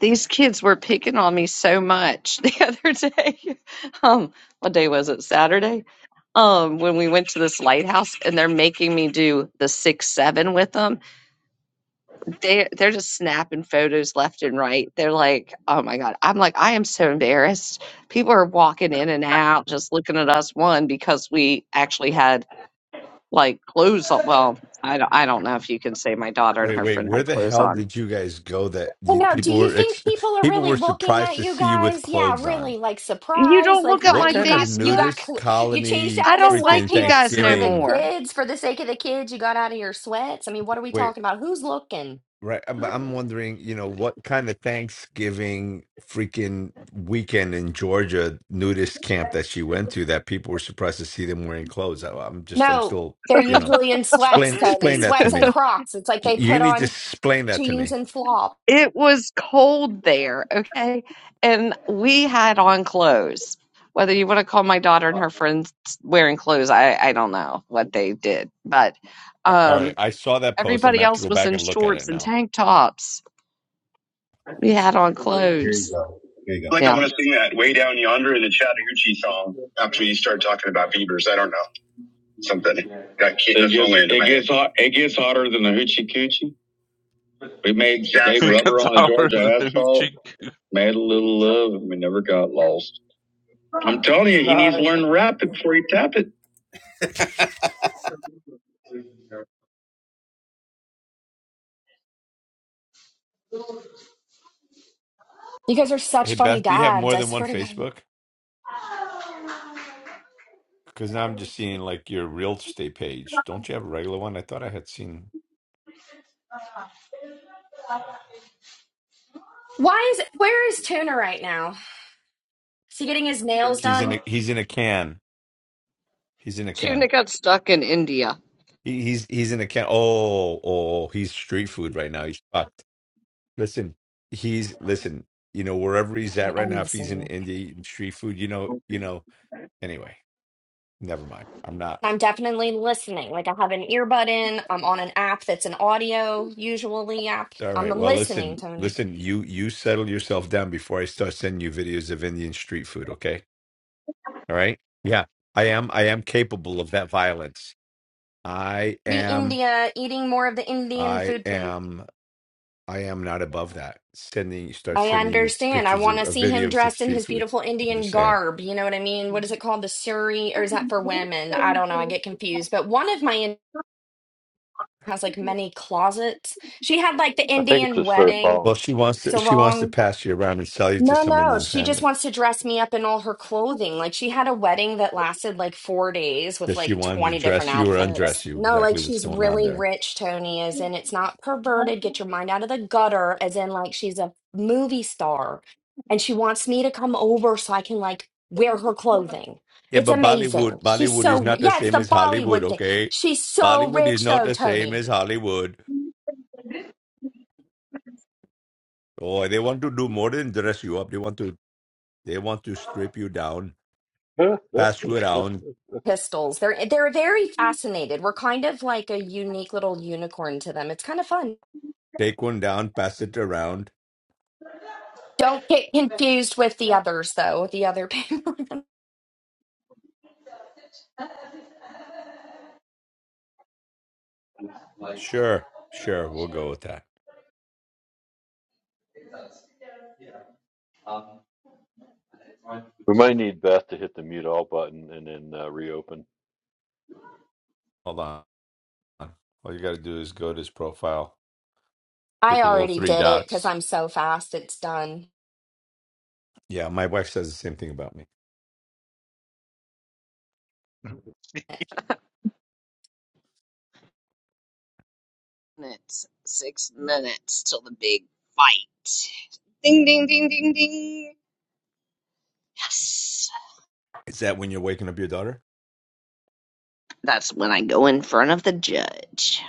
Speaker 1: these kids were picking on me so much the other day. Um, what day was it? Saturday. Um, when we went to this lighthouse and they're making me do the six seven with them. They they're just snapping photos left and right. They're like, oh my god. I'm like, I am so embarrassed people are walking in and out just looking at us one because we actually had like clothes on. Well, I don't, I don't know if you can say my daughter and
Speaker 4: Wait,
Speaker 1: her
Speaker 4: wait.
Speaker 1: friend
Speaker 4: Where
Speaker 1: had
Speaker 4: the
Speaker 1: clothes
Speaker 4: hell
Speaker 1: on.
Speaker 4: did you guys go? That
Speaker 8: I
Speaker 4: you,
Speaker 8: know. Do
Speaker 4: people
Speaker 8: you
Speaker 4: were
Speaker 8: think
Speaker 4: ex-
Speaker 8: people are
Speaker 4: people
Speaker 8: really
Speaker 4: were
Speaker 8: looking
Speaker 4: surprised
Speaker 8: at
Speaker 4: to
Speaker 8: you
Speaker 4: see you with
Speaker 8: guys? Yeah,
Speaker 4: clothes on.
Speaker 8: really, like
Speaker 1: You
Speaker 8: surprised.
Speaker 1: don't
Speaker 8: Like
Speaker 1: look at
Speaker 4: What
Speaker 8: what?
Speaker 1: my
Speaker 8: You
Speaker 4: kind of
Speaker 8: got you got
Speaker 1: Facebook.
Speaker 4: nudist
Speaker 8: cl- you changed
Speaker 4: colony
Speaker 8: out
Speaker 1: I
Speaker 8: of the
Speaker 1: don't
Speaker 4: freaking
Speaker 1: like you
Speaker 8: sweatpants
Speaker 1: guys no
Speaker 8: for the
Speaker 4: Thanksgiving?
Speaker 1: more.
Speaker 8: kids for the sake of the kids. You got out of your sweats. I mean, what are we
Speaker 4: Wait,
Speaker 8: talking about? Who's looking?
Speaker 4: Right. I'm- But I'm wondering, you know, what kind of Thanksgiving freaking weekend in Georgia nudist camp that she went to that people were surprised to see them wearing clothes. I, I'm just, I'm
Speaker 8: No,
Speaker 4: still,
Speaker 8: they're
Speaker 4: you know,
Speaker 8: usually in
Speaker 4: explain,
Speaker 8: sweats, Tony.
Speaker 4: explain that to
Speaker 8: Sweats and
Speaker 4: me.
Speaker 8: Crocs. It's like
Speaker 4: Y-
Speaker 8: they
Speaker 4: You
Speaker 8: put
Speaker 4: need to
Speaker 8: on
Speaker 4: explain that to
Speaker 8: jeans
Speaker 4: me.
Speaker 8: and flop.
Speaker 1: It was cold there, okay? And we had on clothes. Whether you want to call my daughter and her friends wearing clothes, I, I don't know what they did, but
Speaker 4: A- All right.
Speaker 1: um,
Speaker 4: I saw that post. I'm gonna
Speaker 1: everybody
Speaker 4: have to
Speaker 1: else
Speaker 4: go
Speaker 1: was
Speaker 4: back
Speaker 1: in
Speaker 4: and look at
Speaker 1: shorts
Speaker 4: it
Speaker 1: and
Speaker 4: now.
Speaker 1: tank tops. We had on
Speaker 7: Here you
Speaker 1: clothes.
Speaker 7: go. Here you go. I feel Like I
Speaker 1: Yeah.
Speaker 7: want to sing that way down yonder in the Chattahoochee song after you start talking about beavers. I don't know something. Got kid it gets, it gets hot. It gets hotter than the hoochie coochie. We made, exactly. made Exactly. rubber
Speaker 3: That's
Speaker 7: on the
Speaker 3: our the
Speaker 7: Georgia asphalt.
Speaker 3: Hoochie Coo.
Speaker 7: Made a little love, and we never got lost. I'm telling you, he needs to
Speaker 6: No,
Speaker 7: learn to rap it before he tap it.
Speaker 8: You guys are
Speaker 4: Hey,
Speaker 8: such funny
Speaker 4: Beth, do you have
Speaker 8: dads.
Speaker 4: more
Speaker 8: I
Speaker 4: than one
Speaker 8: swear to God.
Speaker 4: Facebook? Because now I'm just seeing like your real estate page. Don't you have a regular one? I thought I had seen.
Speaker 8: Why is where is Tuna right now? Is he getting his nails
Speaker 4: He's in
Speaker 8: done?
Speaker 4: a, he's in a can. He's in a can.
Speaker 1: Tuna got stuck in India
Speaker 4: He- He's he's in a can. Oh, oh, he's street food right now. He's fucked. Listen, he's listen. You know, wherever he's
Speaker 8: I
Speaker 4: at right
Speaker 8: am
Speaker 4: now, if he's in
Speaker 8: listening.
Speaker 4: India eating street food, you know, you know. Anyway, never mind. I'm not.
Speaker 8: I'm definitely listening. Like I have an earbud in. I'm on an app that's an audio usually app.
Speaker 4: All
Speaker 8: I'm
Speaker 4: right. Well,
Speaker 8: listening,
Speaker 4: listen,
Speaker 8: Tony.
Speaker 4: listen. You you settle yourself down before I start sending you videos of Indian street food. Okay. All right. Yeah, I am. I am capable of that violence. I
Speaker 8: Be
Speaker 4: am.
Speaker 8: India, eating more of the Indian
Speaker 4: I
Speaker 8: food, please.
Speaker 4: am. I am not above that. Sending start
Speaker 8: I
Speaker 4: sending you
Speaker 8: understand. I
Speaker 4: pictures
Speaker 8: want
Speaker 4: of,
Speaker 8: to
Speaker 4: of
Speaker 8: see him
Speaker 4: videos of
Speaker 8: dressed in
Speaker 4: street
Speaker 8: his
Speaker 4: food.
Speaker 8: beautiful
Speaker 4: I'm
Speaker 8: Indian
Speaker 4: just saying.
Speaker 8: garb. You know what I mean? What is it called? The sari, or is that for women? I don't know. I get confused. But one of my in- has like many closets. She had like the
Speaker 5: I think it's
Speaker 8: Indian
Speaker 5: just their
Speaker 8: wedding
Speaker 4: Well,
Speaker 5: thong.
Speaker 4: she wants to she wants to
Speaker 8: sarong
Speaker 4: pass you around and sell you to
Speaker 8: No,
Speaker 4: some
Speaker 8: no,
Speaker 4: Indian
Speaker 8: she just
Speaker 4: family.
Speaker 8: wants to dress me up in all her clothing. Like she had a wedding that lasted like four days with
Speaker 4: Does she
Speaker 8: like
Speaker 4: want to
Speaker 8: 20 different
Speaker 4: dress you or undress
Speaker 8: outfits.
Speaker 4: you?
Speaker 8: No, like
Speaker 4: Exactly what's
Speaker 8: she's
Speaker 4: going on
Speaker 8: really
Speaker 4: there.
Speaker 8: rich, Tony, as in it's not perverted. Get your mind out of the gutter, as in like she's a movie star and she wants me to come over so I can like wear her clothing.
Speaker 4: Yeah,
Speaker 8: It's
Speaker 4: but Bollywood
Speaker 8: amazing. She's
Speaker 4: Bollywood is
Speaker 8: so,
Speaker 4: not the
Speaker 8: yeah, it's
Speaker 4: same
Speaker 8: the
Speaker 4: as Hollywood,
Speaker 8: Bollywood thing.
Speaker 4: okay?
Speaker 8: She's so
Speaker 4: Bollywood is
Speaker 8: rich
Speaker 4: not
Speaker 8: though,
Speaker 4: the same
Speaker 8: Tony.
Speaker 4: as Hollywood. Oh, they want to do more than dress you up. They want to they want to strip you down,
Speaker 5: we
Speaker 4: pass you around,
Speaker 8: Pistols. They're they're very fascinated. We're kind of like a unique little unicorn to them. It's kind of fun.
Speaker 4: take one down, pass it around.
Speaker 8: Don't get confused with the others, though. The other payment.
Speaker 4: Sure, sure, we'll go with that.
Speaker 9: Um,
Speaker 5: might need Beth to hit the mute all button and then uh, reopen.
Speaker 4: Hold on. All you got to do is go to his profile, hit
Speaker 8: I
Speaker 4: the little
Speaker 8: already
Speaker 4: three
Speaker 8: did it because
Speaker 4: dots.
Speaker 8: I'm so fast. It's done.
Speaker 4: Yeah, my wife says the same thing about me.
Speaker 1: minutes, six minutes till the big fight. Ding, ding, ding, ding, ding. Yes.
Speaker 4: Is that when you're waking up your daughter?
Speaker 1: That's when I go in front of the judge.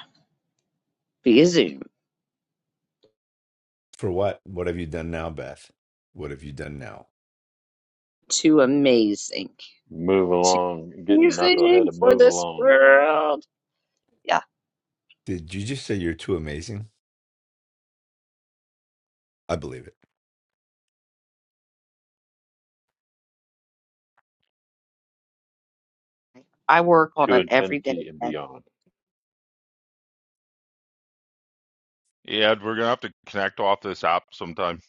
Speaker 1: Via Zoom.
Speaker 4: For what? What have you done now, Beth? What have you done now?
Speaker 1: Too amazing.
Speaker 5: Move
Speaker 1: Too
Speaker 5: along, getting knucklehead
Speaker 1: amazing
Speaker 5: to
Speaker 1: for
Speaker 5: move
Speaker 1: this
Speaker 5: along
Speaker 1: world. Yeah,
Speaker 4: Did you just say you're too amazing? I believe it.
Speaker 1: I work on
Speaker 5: to
Speaker 1: it every day.
Speaker 5: infinity and beyond.
Speaker 3: Yeah, we're gonna have to connect off this app sometime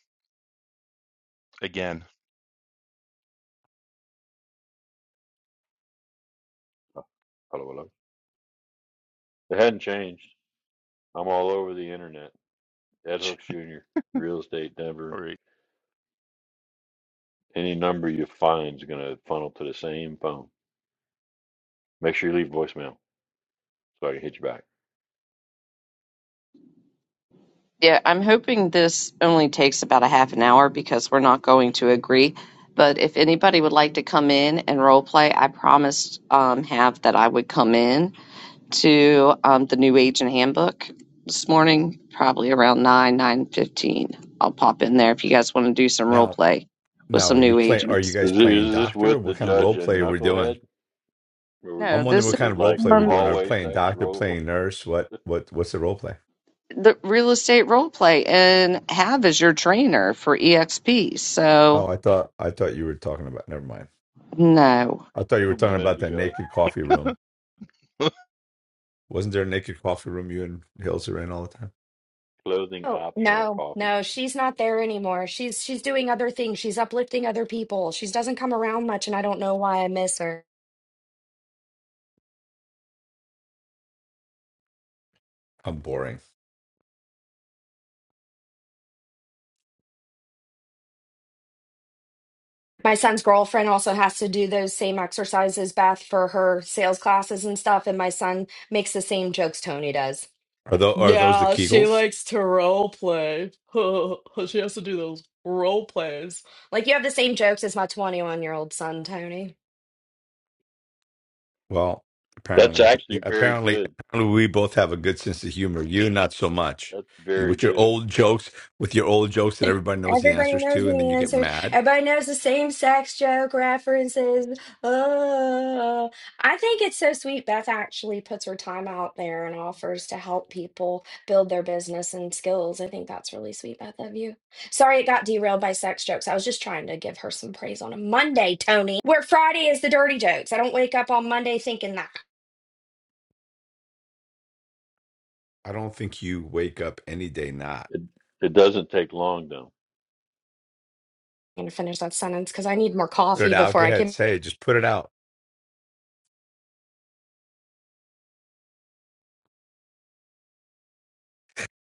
Speaker 3: again.
Speaker 5: Oh, hello, hello. It hadn't changed. I'm all over the internet. Ed Hooks Jr., Real Estate
Speaker 3: All
Speaker 5: Denver.
Speaker 3: right.
Speaker 5: Any number you find is going to funnel to the same phone. Make sure you leave voicemail so I can hit you back.
Speaker 1: Yeah, I'm hoping this only takes about a half an hour because we're not going to agree. But if anybody would like to come in and role play, I promised um, Half that I would come in to um, the New Age and Handbook this morning, probably around nine nine fifteen. I'll pop in there if you guys want to do some role
Speaker 4: Now,
Speaker 1: play with
Speaker 4: now, are
Speaker 1: some
Speaker 4: you
Speaker 1: new
Speaker 4: play? Are you
Speaker 1: agents.
Speaker 4: guys
Speaker 5: Is, it,
Speaker 4: playing
Speaker 5: is this
Speaker 4: doctor?
Speaker 5: with the
Speaker 4: What kind of
Speaker 5: judge
Speaker 4: role play
Speaker 5: and
Speaker 4: are we
Speaker 5: Knucklehead?
Speaker 4: doing?
Speaker 5: Or we
Speaker 4: I'm
Speaker 1: No,
Speaker 5: could-
Speaker 4: wondering
Speaker 1: this
Speaker 4: what
Speaker 1: is
Speaker 5: is
Speaker 4: kind
Speaker 5: it
Speaker 4: of role
Speaker 5: like
Speaker 4: play we're
Speaker 1: um,
Speaker 4: doing. Are we
Speaker 5: hallway
Speaker 4: playing
Speaker 5: sex
Speaker 4: doctor,
Speaker 5: role?
Speaker 4: playing nurse? What, what, what's the role play?
Speaker 1: the real estate role play, and Hav is your trainer for EXP.
Speaker 4: Oh,
Speaker 1: So
Speaker 4: I thought, I thought you were talking about. Never mind.
Speaker 1: no,
Speaker 4: I thought you were
Speaker 5: A
Speaker 4: talking
Speaker 5: minute
Speaker 4: about that
Speaker 5: ago,
Speaker 4: naked coffee room.
Speaker 3: oh
Speaker 4: Wasn't there a naked coffee room you and Hills are in all the time?
Speaker 5: clothing
Speaker 8: Oh
Speaker 5: optional
Speaker 8: no,
Speaker 5: coffee.
Speaker 8: no, she's not there anymore. She's she's doing other things. She's uplifting other people. She doesn't come around much, and I don't know why I miss her.
Speaker 4: How boring.
Speaker 8: My son's girlfriend also has to do those same exercises, Beth, for her sales classes and stuff. And my son makes the same jokes Tony does.
Speaker 4: Are those are those the
Speaker 8: Yeah, she
Speaker 4: Kegels?
Speaker 8: likes to role play. She has to do those role plays. Like you have the same jokes as my 21 year old son, Tony.
Speaker 4: Well,
Speaker 5: That's
Speaker 4: apparently,
Speaker 5: actually very
Speaker 4: apparently,
Speaker 5: good.
Speaker 4: apparently, we both have a good sense of humor. You not so much.
Speaker 5: That's
Speaker 4: You
Speaker 5: very
Speaker 4: with your
Speaker 5: good.
Speaker 4: old jokes, with your old jokes that everybody knows the
Speaker 8: Everybody
Speaker 4: answers
Speaker 8: knows
Speaker 4: to, and then
Speaker 8: the
Speaker 4: you get
Speaker 8: answers.
Speaker 4: mad.
Speaker 8: Everybody knows the same sex joke references. Oh, I think it's so sweet. Beth actually puts her time out there and offers to help people build their business and skills. I think that's really sweet, Beth, of you. Sorry it got derailed by sex jokes. I was just trying to give her some praise on a Monday, Tony, where Friday is the dirty jokes. I don't wake up on Monday thinking that.
Speaker 4: I don't think you wake up any day not.
Speaker 5: It, it doesn't take long though.
Speaker 8: I'm going to finish that sentence because I need more
Speaker 4: Put it
Speaker 8: coffee
Speaker 4: out.
Speaker 8: before
Speaker 4: Go
Speaker 8: I
Speaker 4: ahead.
Speaker 8: can.
Speaker 4: Say, it. just put it out.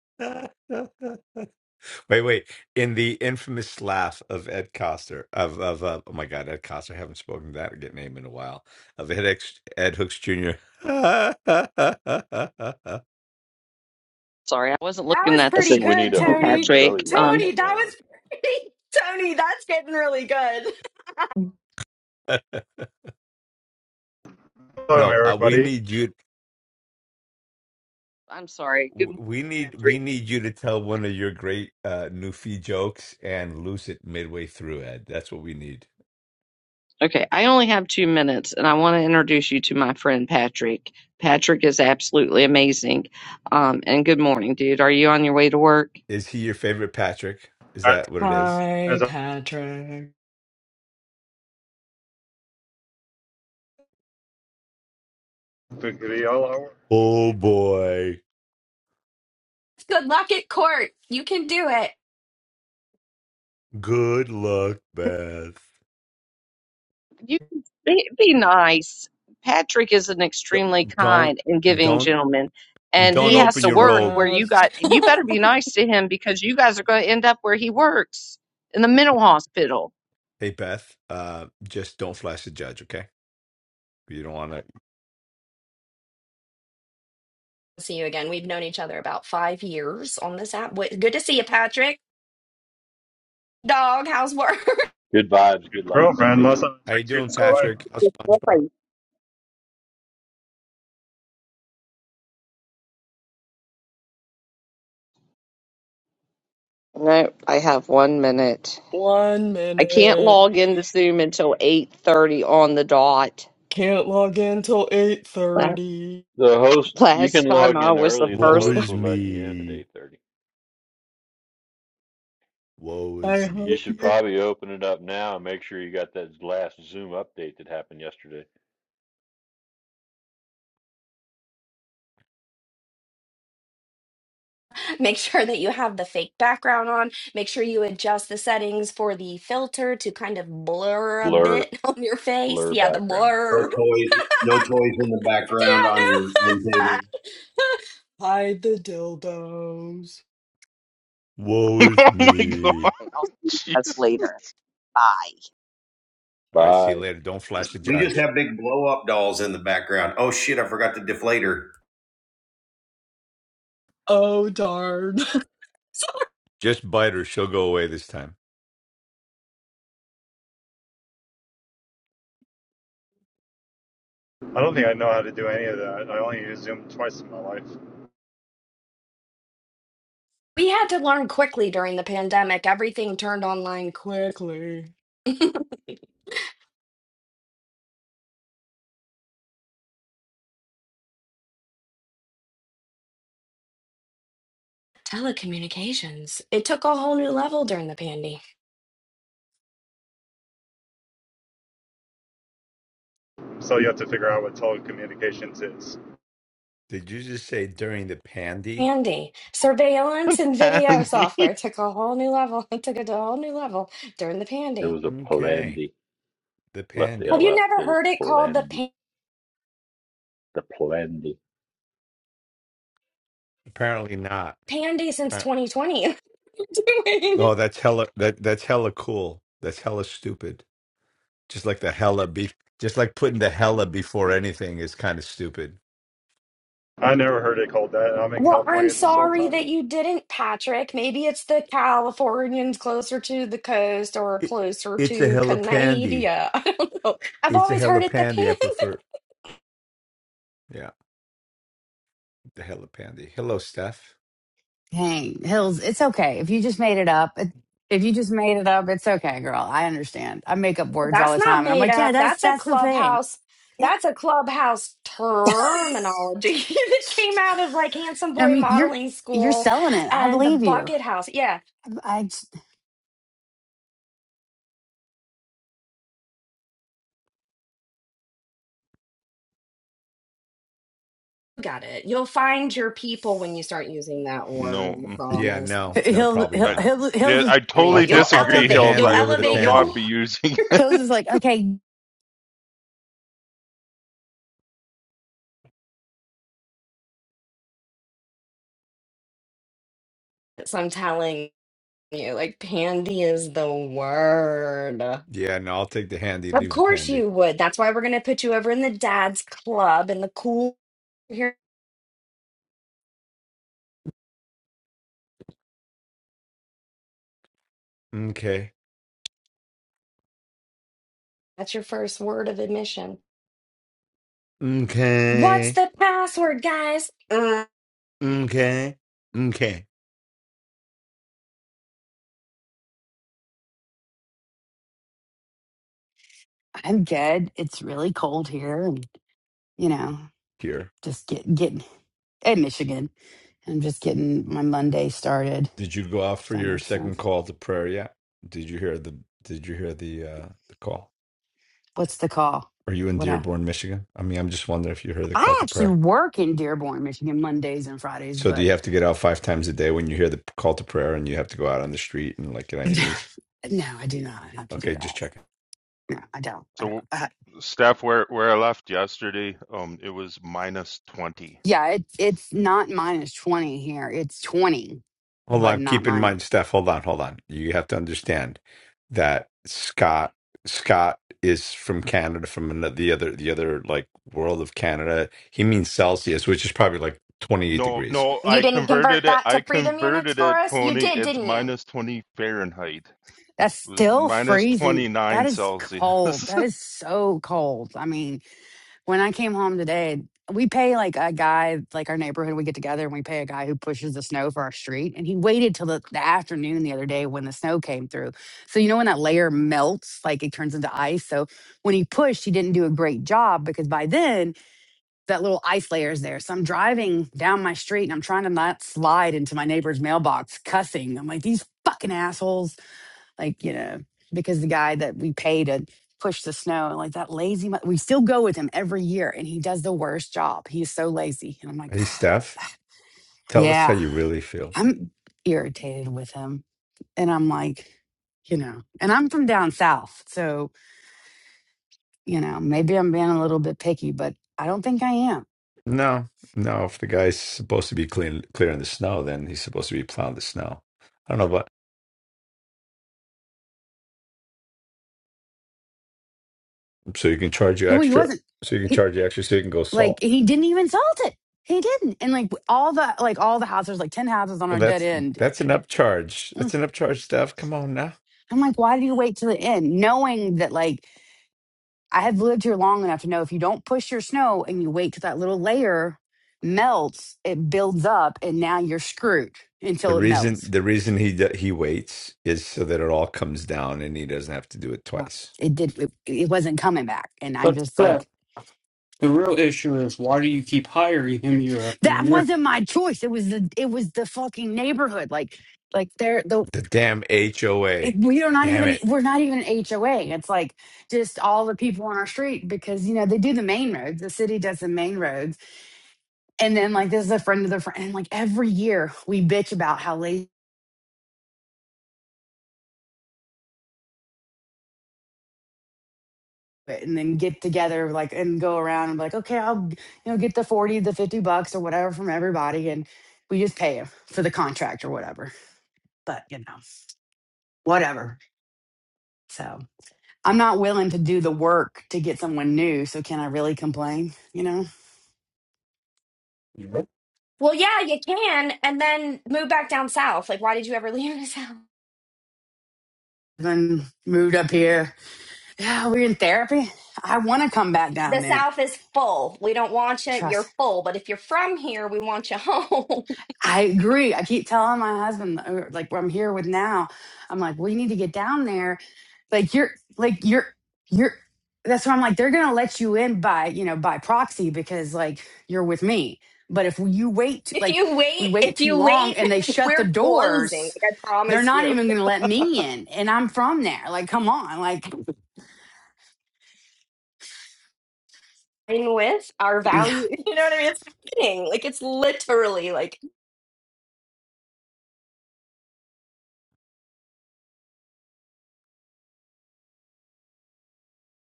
Speaker 4: wait, wait. In the infamous laugh of Ed Coster, of of uh, oh my God, Ed Coster. I haven't spoken to that get name in a while. Of Ed X, Ed Hooks Jr. no,
Speaker 1: sorry, I wasn't
Speaker 8: That
Speaker 1: looking
Speaker 8: was
Speaker 1: at
Speaker 5: I
Speaker 8: pretty
Speaker 1: this,
Speaker 5: think we need
Speaker 8: good,
Speaker 5: a
Speaker 8: Tony.
Speaker 5: Haroon belly
Speaker 1: Patrick.
Speaker 5: laugh
Speaker 1: Um,
Speaker 5: on
Speaker 8: Tony, that
Speaker 5: that one.
Speaker 8: was pretty. Tony, that's getting really good.
Speaker 11: Hello,
Speaker 4: uh, we
Speaker 11: everybody.
Speaker 4: need you.
Speaker 1: I'm sorry. Good morning,
Speaker 4: We need
Speaker 1: Patrick.
Speaker 4: we need you to tell one of your great uh, Newfie jokes and lose it midway through, Ed. That's what we need.
Speaker 1: Okay, I only have two minutes, and I want to introduce you to my friend Patrick. Patrick is absolutely amazing. Um, and good morning, dude. Are you on your way to work?
Speaker 4: Is he your favorite Patrick? Is that what it is?
Speaker 8: Hi,
Speaker 11: as I
Speaker 8: Patrick.
Speaker 11: to be all our
Speaker 4: Oh boy.
Speaker 8: Good luck at court. You can do it.
Speaker 4: Good luck, Beth.
Speaker 1: You be, be nice. Patrick is an
Speaker 4: D-
Speaker 1: extremely
Speaker 4: Don't
Speaker 1: kind and giving
Speaker 4: don't
Speaker 1: gentleman,
Speaker 4: and
Speaker 1: and
Speaker 4: don't
Speaker 1: he has
Speaker 4: open
Speaker 1: to
Speaker 4: your
Speaker 1: work where
Speaker 4: robe.
Speaker 1: you got. You better be nice to him because you guys are going to end up where he works in the mental hospital.
Speaker 4: Hey Beth, uh, just don't flash the judge, okay? You don't want to.
Speaker 8: See you again. We've known each other about five years on this app. Wait, Good to see you, Patrick. Dog, how's work?
Speaker 5: Good vibes. Good luck, Beth
Speaker 11: girlfriend, last
Speaker 5: Ann.
Speaker 11: time
Speaker 4: How
Speaker 11: I
Speaker 4: you
Speaker 11: checked you,
Speaker 4: doing,
Speaker 1: Girl,
Speaker 11: my,
Speaker 4: Patrick? How's SpongeBob?
Speaker 1: no, I have one minute.
Speaker 8: One
Speaker 1: I can't
Speaker 8: minute.
Speaker 1: log into Zoom until eight thirty on the dot.
Speaker 8: Can't log in till
Speaker 1: La-
Speaker 8: 8:30.
Speaker 5: The host, you can
Speaker 1: Last time
Speaker 5: log
Speaker 1: I
Speaker 5: in
Speaker 1: was the
Speaker 5: early. The
Speaker 4: Woe
Speaker 1: first one.
Speaker 5: host
Speaker 4: is
Speaker 5: will let you in at
Speaker 4: me.
Speaker 5: 8:30.
Speaker 4: Woe
Speaker 8: I
Speaker 4: is
Speaker 5: You
Speaker 8: hope
Speaker 5: should
Speaker 4: me.
Speaker 8: you
Speaker 5: probably open it up now and make sure you got that last Zoom update that happened yesterday.
Speaker 8: Make sure that you have the fake background on. Make sure you adjust the settings for the filter to kind of blur a
Speaker 5: Blur,
Speaker 8: bit on your face.
Speaker 5: blur
Speaker 8: Yeah, the
Speaker 5: background.
Speaker 7: No
Speaker 8: blur.
Speaker 7: toys, no toys in the background.
Speaker 8: Yeah, no. Hide the dildos.
Speaker 4: Woe is
Speaker 3: my
Speaker 4: me.
Speaker 3: god,
Speaker 1: I'll see you guys
Speaker 3: jeez,
Speaker 1: later. Bye.
Speaker 4: All right, see you
Speaker 5: Bye.
Speaker 4: later. Don't flash the judge.
Speaker 7: Blow up dolls in the background. Oh shit! I forgot the deflator.
Speaker 8: Oh, darn. So
Speaker 4: Just bite her. She'll go away this time.
Speaker 11: I don't think I know how to do any of that. I only use Zoom twice in my life.
Speaker 8: we had to learn quickly during the pandemic. Everything turned online quickly. Telecommunications. It took a whole new level during the pandy.
Speaker 11: So you have to figure out what telecommunications is.
Speaker 4: Did you just say during the pandy?
Speaker 8: Andy, surveillance and video
Speaker 3: Andy.
Speaker 8: software took a whole new level. It took it to a whole new level during the
Speaker 5: It
Speaker 8: pandy.
Speaker 5: was a
Speaker 4: Okay,
Speaker 5: Palandy.
Speaker 4: the
Speaker 5: Left the
Speaker 8: Have
Speaker 5: L
Speaker 4: pandy.
Speaker 8: you
Speaker 5: out. It
Speaker 8: never
Speaker 5: was
Speaker 8: heard it called the
Speaker 5: Palandy.
Speaker 8: pan-
Speaker 5: The Palandy.
Speaker 4: Apparently not.
Speaker 8: pandy since
Speaker 4: Appar-
Speaker 8: 2020?
Speaker 4: Oh, that's hella. That that's hella cool. That's hella stupid. Just like the hella be just like putting the hella before anything is kind of stupid.
Speaker 11: I never heard it called that, and I'm in
Speaker 8: well, I'm
Speaker 11: California this whole
Speaker 8: sorry
Speaker 11: time.
Speaker 8: that you didn't, Patrick. Maybe it's the Californians closer to the coast or
Speaker 4: It,
Speaker 8: closer
Speaker 4: it's a
Speaker 8: to
Speaker 4: hella pandy.
Speaker 8: Canada. I don't know. I've
Speaker 4: It's a
Speaker 8: always
Speaker 4: hella
Speaker 8: heard it
Speaker 4: pandy. I
Speaker 8: the
Speaker 4: prefer yeah, the hella pandy. Hello, Steph.
Speaker 12: Dang, Hills, it's okay. If you just made it up, it- if you just made it up, it's okay, girl. I understand. I make up
Speaker 8: Well,
Speaker 12: words all
Speaker 8: That's
Speaker 12: the
Speaker 8: not
Speaker 12: time and I'm
Speaker 8: made
Speaker 12: like, yeah,
Speaker 8: up.
Speaker 12: that's
Speaker 8: That's a
Speaker 12: that's the thing.
Speaker 8: clubhouse.
Speaker 12: Yeah.
Speaker 8: That's a clubhouse terminology that came out of like handsome
Speaker 12: I
Speaker 8: boy
Speaker 12: mean, you're
Speaker 8: modeling
Speaker 12: you're
Speaker 8: school
Speaker 12: selling it. I
Speaker 8: and the
Speaker 12: believe you.
Speaker 8: bucket house. Yeah,
Speaker 12: I just-
Speaker 8: you got it. You'll find your people when you start using that
Speaker 3: No,
Speaker 8: word. I
Speaker 3: mm,
Speaker 4: Yeah,
Speaker 8: promise.
Speaker 4: no, no,
Speaker 12: Hills
Speaker 4: probably
Speaker 12: Hills
Speaker 3: I
Speaker 4: not.
Speaker 12: Hills
Speaker 3: di-
Speaker 12: is
Speaker 3: I
Speaker 4: I'll
Speaker 8: Honey.
Speaker 3: totally
Speaker 4: take
Speaker 8: You'll
Speaker 4: I'll
Speaker 3: disagree,
Speaker 4: take the
Speaker 8: elevate.
Speaker 3: Hills.
Speaker 8: You'll
Speaker 4: handy
Speaker 3: I
Speaker 4: over the
Speaker 8: elevate.
Speaker 3: will not
Speaker 8: You'll.
Speaker 4: pandy.
Speaker 3: be using
Speaker 12: Hills is
Speaker 3: it.
Speaker 12: like, okay,
Speaker 8: So I'm telling you, like pandy is the word.
Speaker 4: Yeah, no, I'll take the handy,
Speaker 8: Of
Speaker 4: leave the
Speaker 8: course
Speaker 4: pandy.
Speaker 8: you would. That's why we're gonna put you over in the dad's club in the cool.
Speaker 4: Okay.
Speaker 8: That's your first word of admission. What's
Speaker 4: Okay.
Speaker 8: the password, guys? Mm,
Speaker 4: Okay. Okay.
Speaker 12: I'm good. It's really cold here and you know,
Speaker 4: Here.
Speaker 12: just get getting in Michigan. I'm just getting my Monday started. If
Speaker 4: Did you go out for
Speaker 12: that
Speaker 4: your
Speaker 12: makes
Speaker 4: second
Speaker 12: sense.
Speaker 4: call to prayer yet? Did you hear the did you hear the uh the call?
Speaker 12: What's the call?
Speaker 4: Are you in
Speaker 12: What I
Speaker 4: Dearborn, Michigan? I mean, I'm just wondering if you heard the call
Speaker 12: I
Speaker 4: to
Speaker 12: actually
Speaker 4: prayer.
Speaker 12: work in Dearborn, Michigan, Mondays and Fridays,
Speaker 4: So do
Speaker 12: but
Speaker 4: you have to get out five times a day when you hear the call to prayer and you have to go out on the street and like get on your knees?
Speaker 12: no, I do not have to do
Speaker 4: Okay,
Speaker 12: that.
Speaker 4: just checking.
Speaker 12: No, I don't. I don't.
Speaker 3: So,
Speaker 12: Uh,
Speaker 3: Steph, where where I left yesterday, um, it was minus twenty.
Speaker 12: yeah, it's it's not minus twenty here. It's twenty,
Speaker 4: Hold
Speaker 12: but
Speaker 4: on.
Speaker 12: not
Speaker 4: Keep in mind,
Speaker 12: minus.
Speaker 4: Steph, hold on, hold on. You have to understand that Scott Scott is from Canada, from ano- the other the other like world of Canada. He means Celsius, which is probably like 28
Speaker 3: No,
Speaker 4: degrees.
Speaker 3: no,
Speaker 8: you
Speaker 3: I
Speaker 8: didn't
Speaker 3: converted
Speaker 8: convert
Speaker 3: it.
Speaker 8: that to
Speaker 3: I
Speaker 8: freedom units
Speaker 3: converted
Speaker 8: for
Speaker 3: it,
Speaker 8: us? You
Speaker 3: Tony.
Speaker 8: did,
Speaker 3: It's
Speaker 8: didn't you?
Speaker 3: minus twenty Fahrenheit.
Speaker 12: That's
Speaker 3: It was
Speaker 12: still
Speaker 3: minus
Speaker 12: freezing. That
Speaker 3: 29
Speaker 12: is cold.
Speaker 3: Celsius.
Speaker 12: That is so cold. I mean, when I came home today, we pay like a guy, like our neighborhood, we get together and we pay a guy who pushes the snow for our street. And he waited till the, the afternoon the other day when the snow came through. So, you know, when that layer melts, like it turns into ice. So, when he pushed, he didn't do a great job because by then that little ice layer is there. So I'm driving down my street and I'm trying to not slide into my neighbor's mailbox cussing. I'm like, these fucking assholes. Like, you know, because the guy that we pay to push the snow, like that lazy, mu- we still go with him every year and he does the worst job. He is so lazy. And I'm like,
Speaker 4: Hey, Steph, tell us how
Speaker 12: yeah,
Speaker 4: you really feel.
Speaker 12: I'm irritated with him. And I'm like, you know, and I'm from down south. So, you know, maybe I'm being a little bit picky, but I don't think I am.
Speaker 4: No, no. If the guy's supposed to be clean, clearing the snow, then he's supposed to be plowing the snow. I don't know, but so you can charge you
Speaker 12: Well, he
Speaker 4: extra,
Speaker 12: wasn't.
Speaker 4: so you can
Speaker 12: He.
Speaker 4: charge you extra, so you can go
Speaker 12: Like
Speaker 4: salt.
Speaker 12: he didn't even salt it. He didn't. And like all the like all the houses, like ten houses on
Speaker 4: Well,
Speaker 12: our dead
Speaker 4: that's
Speaker 12: end.
Speaker 4: that's an upcharge.
Speaker 12: Mm.
Speaker 4: That's an upcharge, stuff. Come on now.
Speaker 12: I'm like, why do you wait till the end, knowing that like I have lived here long enough to know if you don't push your snow and you wait till that little layer melts, it builds up, and now you're screwed
Speaker 4: The
Speaker 12: until it
Speaker 4: reason
Speaker 12: melts.
Speaker 4: the reason he d- he waits is so that it all comes down and he doesn't have to do it
Speaker 12: Wow.
Speaker 4: twice.
Speaker 12: It did. It, it wasn't coming back, and I'm
Speaker 6: but
Speaker 12: just
Speaker 6: uh,
Speaker 12: like,
Speaker 6: the real issue is why do you keep hiring him year after
Speaker 12: that
Speaker 6: year?
Speaker 12: wasn't my choice. It was the it was the fucking neighborhood. Like like there, the
Speaker 4: The damn
Speaker 12: it,
Speaker 4: HOA,
Speaker 12: we are not
Speaker 4: damn
Speaker 12: even
Speaker 4: it!
Speaker 12: we're not even HOA. It's like just all the people on our street because you know they do the main roads. The city does the main roads, and then like this is a friend of the friend. And like every year we bitch about how lazy it, and then get together like and go around and be like, okay, I'll you know get the forty, the fifty bucks or whatever from everybody, and we just pay 'em for the contract or whatever. But you know whatever. So I'm not willing to do the work to get someone new. So can I really complain? You know,
Speaker 6: Yep.
Speaker 8: Well, yeah, you can, and then move back down south. Like, why did you ever leave the south?
Speaker 12: then moved up here Yeah, we're in therapy. I want to come back
Speaker 8: The
Speaker 12: down there.
Speaker 8: south is full. We don't want you.
Speaker 12: Trust.
Speaker 8: You're full. But if you're from here, we want you home.
Speaker 12: I agree. I keep telling my husband, or, like where I'm here with now, I'm like, well, you need to get down there. Like you're, like you're, you're. That's why I'm like, they're gonna let you in by, you know, by proxy because like you're with me. But if you wait,
Speaker 8: if
Speaker 12: like
Speaker 8: you
Speaker 12: we
Speaker 8: wait,
Speaker 12: wait
Speaker 8: if
Speaker 12: too
Speaker 8: you
Speaker 12: long,
Speaker 8: wait,
Speaker 12: and they shut the
Speaker 8: we're closing.
Speaker 12: doors,
Speaker 8: Like, I
Speaker 12: they're
Speaker 8: promise
Speaker 12: not
Speaker 8: you.
Speaker 12: even gonna let me in. And I'm from there. Like, come on, like,
Speaker 8: In with our
Speaker 12: yeah.
Speaker 8: value. You know what I mean? It's happening. Like, it's literally like,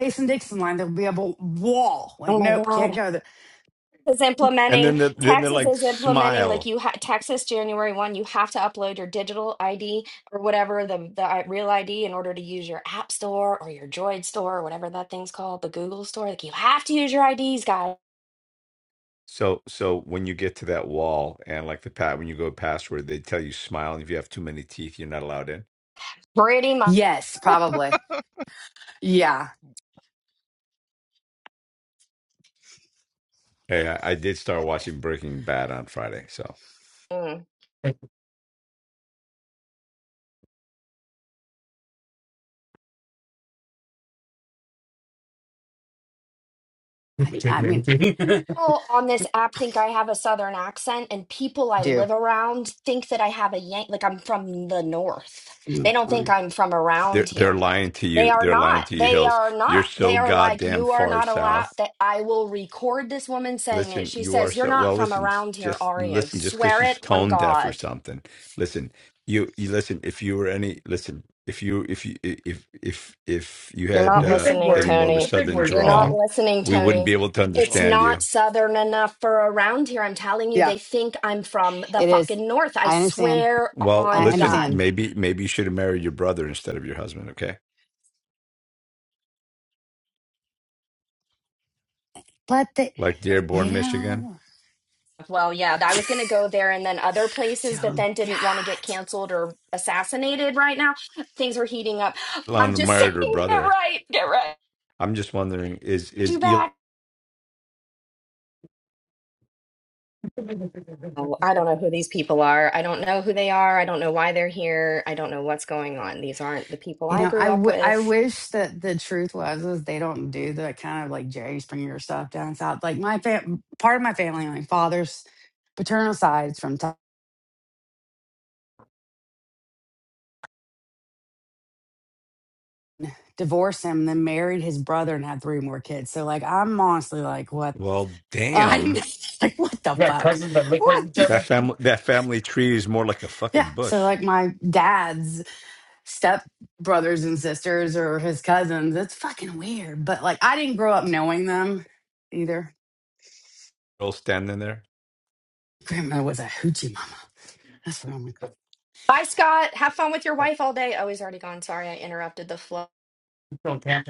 Speaker 12: Jason Dixon line, there'll be a bu- wall. Like,
Speaker 8: oh my
Speaker 12: nope, can't
Speaker 8: God.
Speaker 12: go there
Speaker 8: is
Speaker 4: And
Speaker 8: implementing
Speaker 4: then the, then they're
Speaker 8: taxes
Speaker 4: like
Speaker 8: is implementing
Speaker 4: smile.
Speaker 8: like you ha- Texas January 1 you have to upload your digital ID or whatever the the i- real ID in order to use your app store or your droid store or whatever that thing's called the Google store like you have to use your IDs guys
Speaker 4: So, so when you get to that wall and like the pat, when you go past where they tell you smile, and if you have too many teeth, you're not allowed in.
Speaker 8: pretty much
Speaker 12: Yes, probably. Yeah.
Speaker 4: Hey, I, I did start watching Breaking Bad on Friday, so
Speaker 12: I,
Speaker 6: It's
Speaker 12: I mean,
Speaker 8: people on this app think I have a southern accent, and people
Speaker 12: I
Speaker 8: I
Speaker 12: do.
Speaker 8: live around think that I have a yank, like I'm from the north.
Speaker 12: Mm,
Speaker 8: They don't think
Speaker 12: fine.
Speaker 8: I'm from
Speaker 4: they're
Speaker 8: around
Speaker 4: they're
Speaker 8: here.
Speaker 4: lying to
Speaker 8: They
Speaker 4: you.
Speaker 8: are
Speaker 4: They're lying
Speaker 8: not.
Speaker 4: to you,
Speaker 8: They
Speaker 4: Hills.
Speaker 8: are
Speaker 4: You're
Speaker 8: not.
Speaker 4: so
Speaker 8: They are like,
Speaker 4: goddamn
Speaker 8: you are
Speaker 4: far
Speaker 8: not allowed.
Speaker 4: south.
Speaker 8: That I will record this woman saying it.
Speaker 4: Listen,
Speaker 8: She
Speaker 4: you are
Speaker 8: says, You're
Speaker 4: so
Speaker 8: not
Speaker 4: well.
Speaker 8: from
Speaker 4: Listen,
Speaker 8: around here,
Speaker 4: just
Speaker 8: are you?
Speaker 4: listen, just because
Speaker 8: Swear
Speaker 4: she's
Speaker 8: it on
Speaker 4: tone deaf or
Speaker 8: God.
Speaker 4: something. Listen, you you listen. If you were any listen, if you if you if if if you
Speaker 8: You're
Speaker 4: had
Speaker 8: not
Speaker 6: a
Speaker 4: uh,
Speaker 6: Big
Speaker 8: listening,
Speaker 4: any
Speaker 6: words,
Speaker 4: more of a
Speaker 8: Tony.
Speaker 6: big
Speaker 4: southern
Speaker 6: words,
Speaker 8: You're
Speaker 4: draw,
Speaker 8: not
Speaker 6: Tony.
Speaker 8: listening,
Speaker 4: we wouldn't
Speaker 8: Tony.
Speaker 4: be able to
Speaker 8: It's
Speaker 3: no,
Speaker 4: understand you
Speaker 8: not southern enough for around here. I'm telling you,
Speaker 12: Yeah,
Speaker 8: they think I'm from the
Speaker 12: it is.
Speaker 8: fucking north. I
Speaker 12: I understand.
Speaker 8: swear
Speaker 4: Well,
Speaker 12: I
Speaker 8: on
Speaker 4: listen,
Speaker 8: God.
Speaker 12: understand.
Speaker 4: maybe maybe you should have married your brother instead of your husband, okay?
Speaker 12: But the,
Speaker 4: Like
Speaker 12: you
Speaker 4: Dearborn, Michigan.
Speaker 12: know,
Speaker 8: Well, yeah, I was going to go there and then other
Speaker 12: so
Speaker 8: places, but
Speaker 12: God,
Speaker 8: then didn't want to get canceled or assassinated right now. Things are heating up. I'm
Speaker 4: Elon
Speaker 8: just saying,
Speaker 4: married her
Speaker 8: get
Speaker 4: brother.
Speaker 8: right, get right.
Speaker 4: I'm just wondering, is is
Speaker 8: You
Speaker 4: Elon
Speaker 8: back. Oh, I don't know who these people are. I don't know who they are. I don't know why they're here. I don't know what's going on. These aren't the people
Speaker 12: you
Speaker 8: I
Speaker 12: know,
Speaker 8: grew
Speaker 12: I,
Speaker 8: up
Speaker 12: w- I
Speaker 8: with.
Speaker 12: wish that the truth was is they don't do the kind of like Jerry Springer stuff down south. Like my fam, part of my family, my father's paternal side's from t- divorced him, then married his brother and had three more kids. So like, I'm honestly like, what?
Speaker 4: well
Speaker 12: I'm
Speaker 4: damn.
Speaker 12: like, what the
Speaker 6: You got
Speaker 12: fuck?
Speaker 6: cousins that look like
Speaker 12: What?
Speaker 6: each
Speaker 4: That
Speaker 6: other.
Speaker 4: family that family tree is more like a
Speaker 12: Yeah.
Speaker 4: fucking
Speaker 12: So
Speaker 4: bush.
Speaker 12: like my dad's step brothers and sisters or his cousins, it's fucking weird. But like I didn't grow up knowing them either.
Speaker 4: All standing there.
Speaker 12: Grandma was a hoochie mama. That's what I'm like.
Speaker 8: Bye, Scott. Have fun with your wife all day. Oh, he's already gone. Sorry, I interrupted the flow.
Speaker 6: Don't count.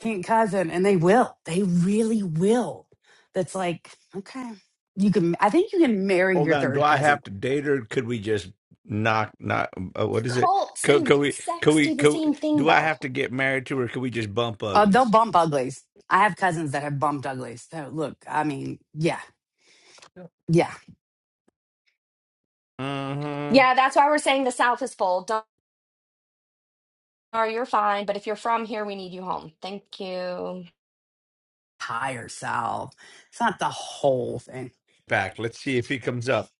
Speaker 12: Pink cousin, and they will. They really will. That's like okay. You can. I think you can marry
Speaker 4: Hold
Speaker 12: your
Speaker 4: on, do
Speaker 12: third
Speaker 4: I have
Speaker 12: cousin.
Speaker 4: to date her? Could we just knock not uh, what is it?
Speaker 8: Cults
Speaker 4: Could,
Speaker 8: and
Speaker 4: could we could
Speaker 8: sex
Speaker 4: we
Speaker 8: do the
Speaker 4: could,
Speaker 8: same thing,
Speaker 4: do I
Speaker 8: though.
Speaker 4: have to get married to her? Could we just bump
Speaker 12: Uh, they'll
Speaker 4: uglies?
Speaker 12: bump uglies. I have cousins that have bumped uglies. So look, I mean, yeah, yeah.
Speaker 4: Mm-hmm.
Speaker 8: Yeah, that's why we're saying the South is full. Don't worry, you're fine. But if you're from here, we need you home. Thank you.
Speaker 12: Higher self. It's not the whole thing,
Speaker 4: Back. Let's see if he comes up.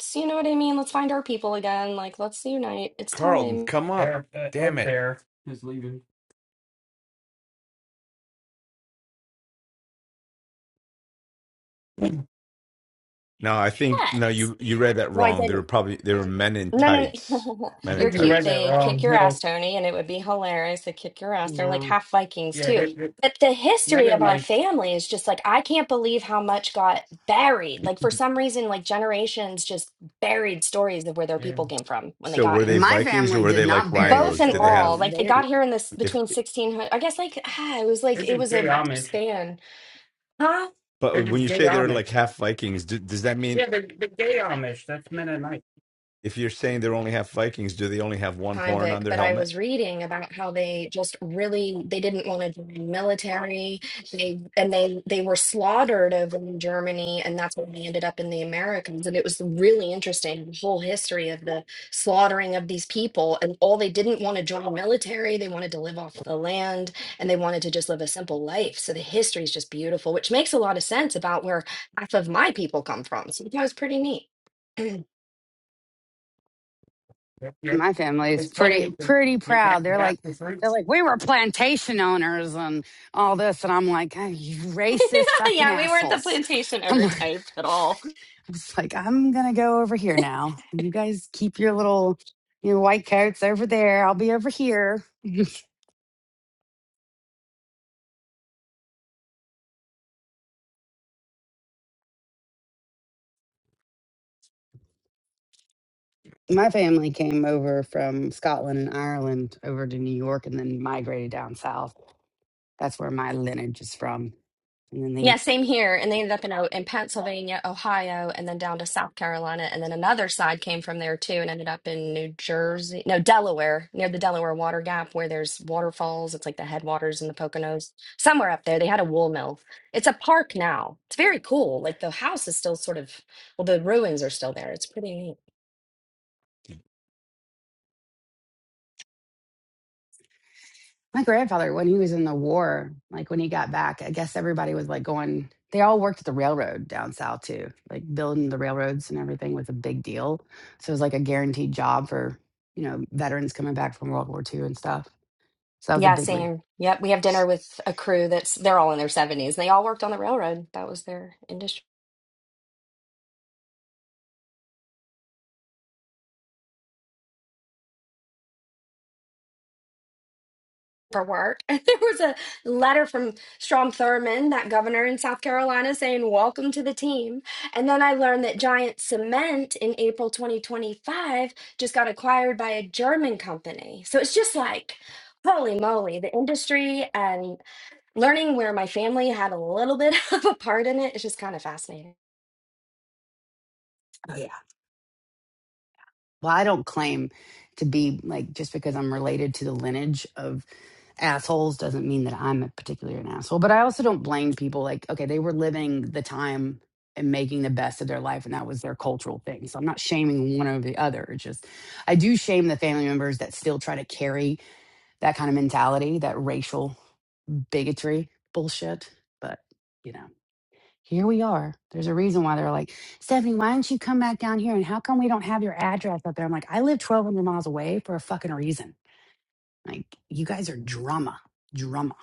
Speaker 8: So you know what I mean? Let's find our people again. Like, let's unite. It's
Speaker 4: Carlton,
Speaker 8: time.
Speaker 4: come up.
Speaker 6: Air, uh,
Speaker 4: Damn
Speaker 6: egg
Speaker 4: it.
Speaker 6: there is leaving. I
Speaker 4: No, I think
Speaker 8: Yeah.
Speaker 4: no, you you read that
Speaker 8: No, I
Speaker 4: wrong. They
Speaker 8: didn't.
Speaker 4: were probably they were men in
Speaker 8: No, no,
Speaker 4: tights.
Speaker 8: no.
Speaker 4: Men in
Speaker 8: You're
Speaker 6: think you
Speaker 8: cute.
Speaker 6: read
Speaker 4: tights.
Speaker 6: that
Speaker 8: They'd kick
Speaker 6: wrong.
Speaker 8: your
Speaker 6: No,
Speaker 8: ass, Tony, and it would be hilarious. They'd kick your ass.
Speaker 12: you
Speaker 8: They're like
Speaker 12: know.
Speaker 8: half Vikings,
Speaker 6: yeah,
Speaker 8: too.
Speaker 6: they, they,
Speaker 8: But the history of our
Speaker 6: Mennonites,
Speaker 8: family is just like, I can't believe how much got buried. Like, for some reason, like generations just buried stories of where their people
Speaker 6: man,
Speaker 8: came from when they
Speaker 4: So
Speaker 8: got
Speaker 4: were they
Speaker 8: here.
Speaker 12: My
Speaker 4: Vikings or
Speaker 12: family
Speaker 4: were
Speaker 12: did
Speaker 4: they like
Speaker 12: not bury the
Speaker 8: Both
Speaker 4: rhinos?
Speaker 8: and
Speaker 4: Did they
Speaker 8: all.
Speaker 12: story.
Speaker 4: have
Speaker 8: Like, they
Speaker 12: They,
Speaker 8: got here in this
Speaker 4: if
Speaker 8: between 1600, I guess, like, ah, it was like,
Speaker 6: they're
Speaker 8: it
Speaker 6: just
Speaker 8: was
Speaker 6: gay
Speaker 8: a
Speaker 6: Amish.
Speaker 8: span.
Speaker 6: They're
Speaker 4: but when
Speaker 6: just
Speaker 4: you
Speaker 6: gay
Speaker 4: say they were like
Speaker 6: Amish.
Speaker 4: half Vikings, do, does that mean
Speaker 6: Yeah, they're, they're gay Amish. That's Mennonite.
Speaker 4: if you're saying they're only half Vikings, do they only have one
Speaker 8: time,
Speaker 4: horn on
Speaker 8: Vic,
Speaker 4: their
Speaker 8: but I
Speaker 4: helmet?
Speaker 8: was reading about how they just really they didn't want to join the military. They and they they were slaughtered over in Germany, and that's when they ended up in the Americans. And it was really interesting the whole history of the slaughtering of these people. And all they didn't want to join the military. They wanted to live off the land, and they wanted to just live a simple life. So the history is just beautiful, which makes a lot of sense about where half of my people come from. So that was pretty neat.
Speaker 6: Yep, yep.
Speaker 12: my family is
Speaker 6: It's
Speaker 12: pretty
Speaker 6: funny.
Speaker 12: pretty
Speaker 6: Get back
Speaker 12: proud. They're
Speaker 6: back
Speaker 12: like
Speaker 6: to
Speaker 12: they're
Speaker 6: roots.
Speaker 12: like we were plantation owners and all this, and I'm like "Oh, you racist fucking
Speaker 8: yeah, we weren't the
Speaker 12: assholes.
Speaker 8: plantation
Speaker 12: I'm
Speaker 8: owner
Speaker 12: like,
Speaker 8: type at all.
Speaker 12: I was like I'm gonna go over here now. You guys keep your little your white coats over there. I'll be over here. my family came over from Scotland and Ireland over to New York, and then migrated down south. That's where my lineage is from. And then they.
Speaker 8: Yeah, same here. And they ended up in O- in Pennsylvania, Ohio, and then down to South Carolina. And then another side came from there too and ended up in New Jersey, no, Delaware, near the Delaware Water Gap where there's waterfalls. It's like the headwaters and the Poconos. Somewhere up there, they had a wool mill. It's a park now. It's very cool. Like the house is still sort of, well, the ruins are still there. It's pretty neat.
Speaker 12: My grandfather, when he was in the war, like when he got back, I guess everybody was like going, they all worked at the railroad down south too. Like building the railroads and everything was a big deal. So it was like a guaranteed job for, you know, veterans coming back from World War II and stuff. So that was a
Speaker 8: Yeah,
Speaker 12: big re-
Speaker 8: same. Yep, we have dinner with a crew that's they're all in their 70s. They all worked on the railroad. That was their industry. paperwork. And there was a letter from Strom Thurmond, that governor in South Carolina, saying, Welcome to the team. And then I learned that Giant Cement in April 2025 just got acquired by a German company. So it's just like, holy moly, the industry and learning where my family had a little bit of a part in it is just kind of fascinating.
Speaker 12: well, I don't claim to be like just because I'm related to the lineage of assholes doesn't mean that I'm a particular an asshole. But I also don't blame people. Like, okay, they were living the time and making the best of their life, and that was their cultural thing. So I'm not shaming one over the other. It's just I do shame the family members that still try to carry that kind of mentality, that racial bigotry bullshit. But you know. Here we are. There's a reason why they're like, Stephanie, why don't you come back down here? And how come we don't have your address up there? I'm like, I live 1,200 miles away for a fucking reason. Like, you guys are drama, drama.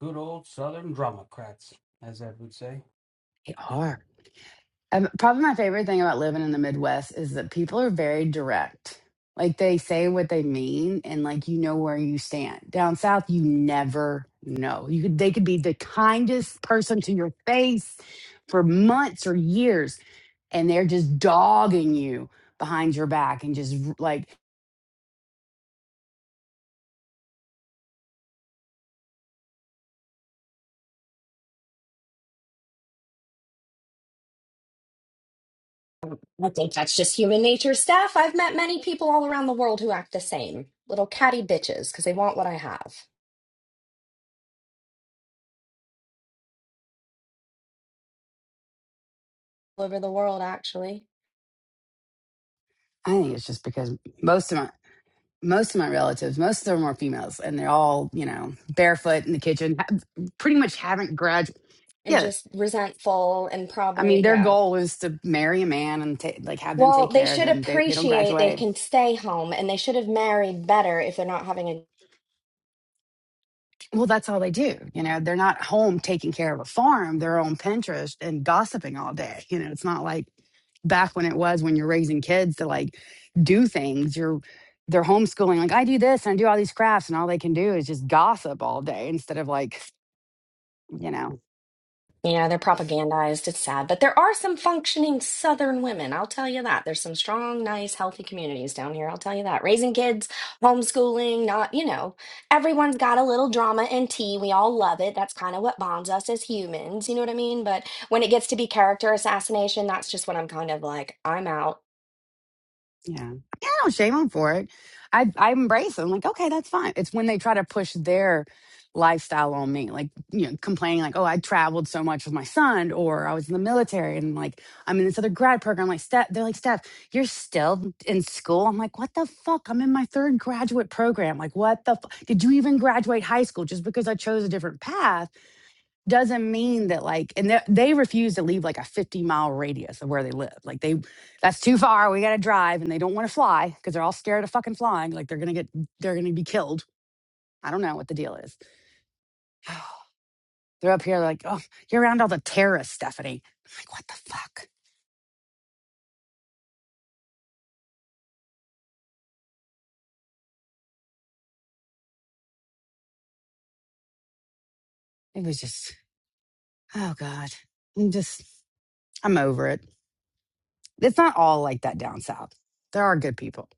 Speaker 6: Good old Southern Democrats, as Ed would say.
Speaker 12: They are. Um, probably my favorite thing about living in the Midwest is that people are very direct. Like, they say what they mean, and like, you know where you stand. Down south, you never know. You could, they could be the kindest person to your face for months or years and they're just dogging you behind your back and just like
Speaker 8: I think that's just human nature stuff. I've met many people all around the world who act the same little catty bitches because they want what I have. All over the world, actually.
Speaker 12: I think it's just because most of my most of my relatives, most of them are females, and they're all you know barefoot in the kitchen, ha- pretty much haven't graduated.
Speaker 8: and
Speaker 12: Yeah,
Speaker 8: just resentful and
Speaker 12: I
Speaker 8: probably,
Speaker 12: mean their
Speaker 8: yeah.
Speaker 12: goal is to marry a man and ta- like have them
Speaker 8: Well,
Speaker 12: take
Speaker 8: they
Speaker 12: care of
Speaker 8: should
Speaker 12: them. They they don't
Speaker 8: appreciate they
Speaker 12: graduate
Speaker 8: can stay home and they should have married better if they're not having a,
Speaker 12: Well, that's all they do. You know, they're not home taking care of a farm, they're on Pinterest and gossiping all day. You know, it's not like back when it was when you're raising kids to like do things. You're they're homeschooling, like I do this and I do all these crafts, and all they can do is just gossip all day instead of like, you know.
Speaker 8: you know, they're propagandized. It's sad. But there are some functioning Southern women. I'll tell you that. There's some strong, nice, healthy communities down here. I'll tell you that. Raising kids, homeschooling, not, you know, everyone's got a little drama and tea. We all love it. That's kind of what bonds us as humans. You know what I mean? But when it gets to be character assassination, that's just when I'm kind of like, I'm out.
Speaker 12: Yeah. Yeah, no shame on for it. I I embrace it. I'm like, okay, that's fine. It's when they try to push their lifestyle on me, like, you know, complaining like, oh, I traveled so much with my son, or I was in the military and like I'm in this other grad program. Like, Steph, they're like, Steph, you're still in school. I'm like, what the fuck? I'm in my third graduate program. Like, what the fuck? Did you even graduate high school just because I chose a different path? doesn't mean that like and they they refuse to leave like a 50 mile radius of where they live like they that's too far we gotta drive and they don't want to fly because they're all scared of fucking flying like they're gonna get they're gonna be killed i don't know what the deal is they're up here like oh you're around all the terrorists stephanie I'm like what the fuck it was just oh god i'm just i'm over it it's not all like that down south there are good people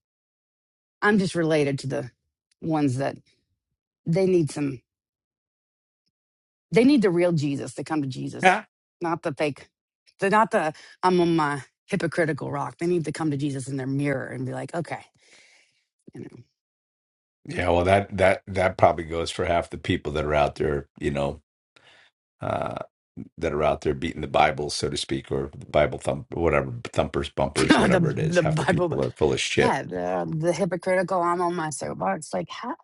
Speaker 12: i'm just related to the ones that they need some They need the real Jesus to come to Jesus,
Speaker 4: Yeah.
Speaker 12: not the fake. They're not the I'm on my hypocritical rock. They need to come to Jesus in their mirror and be like, okay, you know.
Speaker 4: Yeah, well that that that probably goes for half the people that are out there, you know, uh that are out there beating the Bible, so to speak, or the Bible thump whatever thumpers, bumpers,
Speaker 12: the
Speaker 4: whatever it is.
Speaker 12: the
Speaker 4: Half the
Speaker 12: Bible,
Speaker 4: people
Speaker 12: but
Speaker 4: are full of shit.
Speaker 12: yeah, the um, the hypocritical. I'm on my soapbox. Like, how?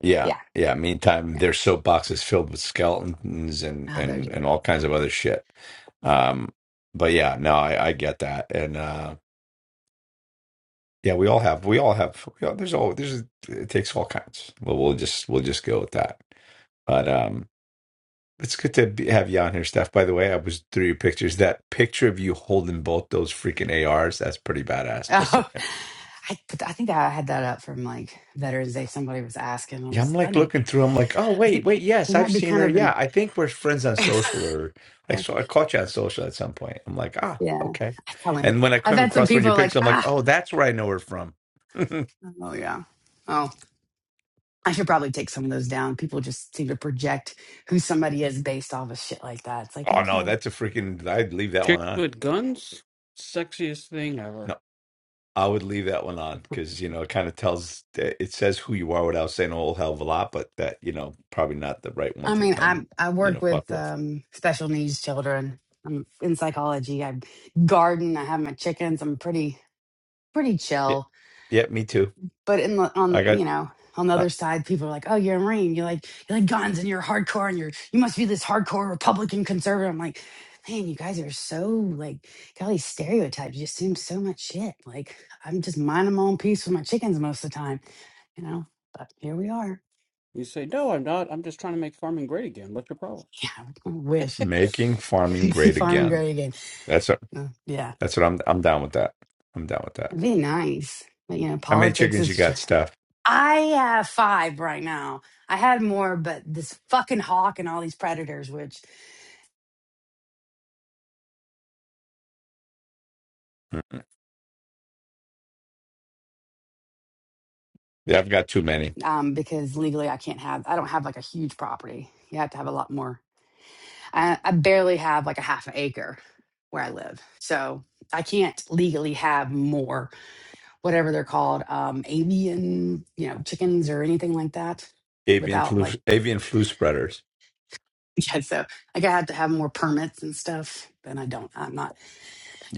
Speaker 4: Yeah.
Speaker 12: Yeah,
Speaker 4: Yeah. Meantime,
Speaker 12: yeah.
Speaker 4: their soapbox is filled with skeletons and
Speaker 12: Oh, they're
Speaker 4: and
Speaker 12: just.
Speaker 4: and all kinds of other shit. Um, but yeah, no, I, I get that, and uh, yeah, we all have, we all have, we all, there's all, there's, it takes all kinds. Well, we'll just, we'll just go with that. But um, it's good to be, have you on here, Steph. By the way, I was through your pictures. That picture of you holding both those freaking ARs, that's pretty badass. Just saying.
Speaker 12: Oh, I put I think I had that up from like Veterans Day. Somebody was asking. I
Speaker 4: Yeah, I'm
Speaker 12: was. I
Speaker 4: like
Speaker 12: need.
Speaker 4: looking through. I'm like, oh
Speaker 12: I
Speaker 4: wait,
Speaker 12: think
Speaker 4: wait, yes,
Speaker 12: we
Speaker 4: I've
Speaker 12: might be
Speaker 4: seen
Speaker 12: kind
Speaker 4: her.
Speaker 12: of
Speaker 4: Yeah,
Speaker 12: in.
Speaker 4: I think we're friends on social, or I saw I caught you on social at some point. I'm like, ah,
Speaker 12: Yeah,
Speaker 4: okay.
Speaker 12: I probably.
Speaker 4: And when I
Speaker 12: I've
Speaker 4: came
Speaker 12: had some
Speaker 4: across one of your
Speaker 12: people
Speaker 4: pictures,
Speaker 12: like,
Speaker 4: I'm like,
Speaker 12: ah,
Speaker 4: oh, that's where I know her from. oh
Speaker 12: oh yeah, oh, I should probably take some of those down. People just seem to project who somebody is based off of shit like that. It's like,
Speaker 4: no,
Speaker 12: okay.
Speaker 4: that's a freaking. I'd leave that one
Speaker 6: Chicks
Speaker 4: on.
Speaker 6: with guns, sexiest thing ever.
Speaker 4: No, I would leave that one on because you know it kind of tells eh, it says who you are without saying a whole hell of a lot, but that you know probably not the right one
Speaker 12: I
Speaker 4: to
Speaker 12: mean,
Speaker 4: come
Speaker 12: I I
Speaker 4: you
Speaker 12: work
Speaker 4: know fuck
Speaker 12: with
Speaker 4: with.
Speaker 12: um, special needs children. I'm in psychology. I garden. I have my chickens. I'm pretty pretty
Speaker 4: Yeah,
Speaker 12: chill.
Speaker 4: yeah, me too.
Speaker 12: but in the on
Speaker 4: I
Speaker 12: the
Speaker 4: got
Speaker 12: you know on the
Speaker 4: uh,
Speaker 12: other side people are like oh you're a marine you like you like guns and you're hardcore and you're you must be this hardcore republican conservative i'm like man you guys are so like got all these stereotypes you assume so much shit like i'm just minding my own peace with my chickens most of the time you know but here we are
Speaker 6: You say, no, I'm not. I'm just trying to make farming great again. What's your problem?
Speaker 12: yeah i wish
Speaker 4: making farming
Speaker 12: be
Speaker 4: great
Speaker 12: farming
Speaker 4: again.
Speaker 12: gray again
Speaker 4: That's a
Speaker 12: Uh, yeah
Speaker 4: That's what I'm. I'm down with that. I'm down with that.
Speaker 12: it'd be nice but you know
Speaker 4: How many
Speaker 12: politics
Speaker 4: chickens you
Speaker 12: is
Speaker 4: got, Steph?
Speaker 12: i have five right now I had more, but this fucking hawk and all these predators, which
Speaker 4: mm Yeah, I've got too many.
Speaker 12: um, because legally I can't have, I don't have like a huge property. You have to have a lot more. I, I barely have like a half an acre where I live. So I can't legally have more, whatever they're called, um, avian, you know, chickens or anything like that
Speaker 4: Avian
Speaker 12: without
Speaker 4: flu.
Speaker 12: like,
Speaker 4: Avian flu spreaders.
Speaker 12: yeah, so like I have to have more permits and stuff, and I don't. I'm not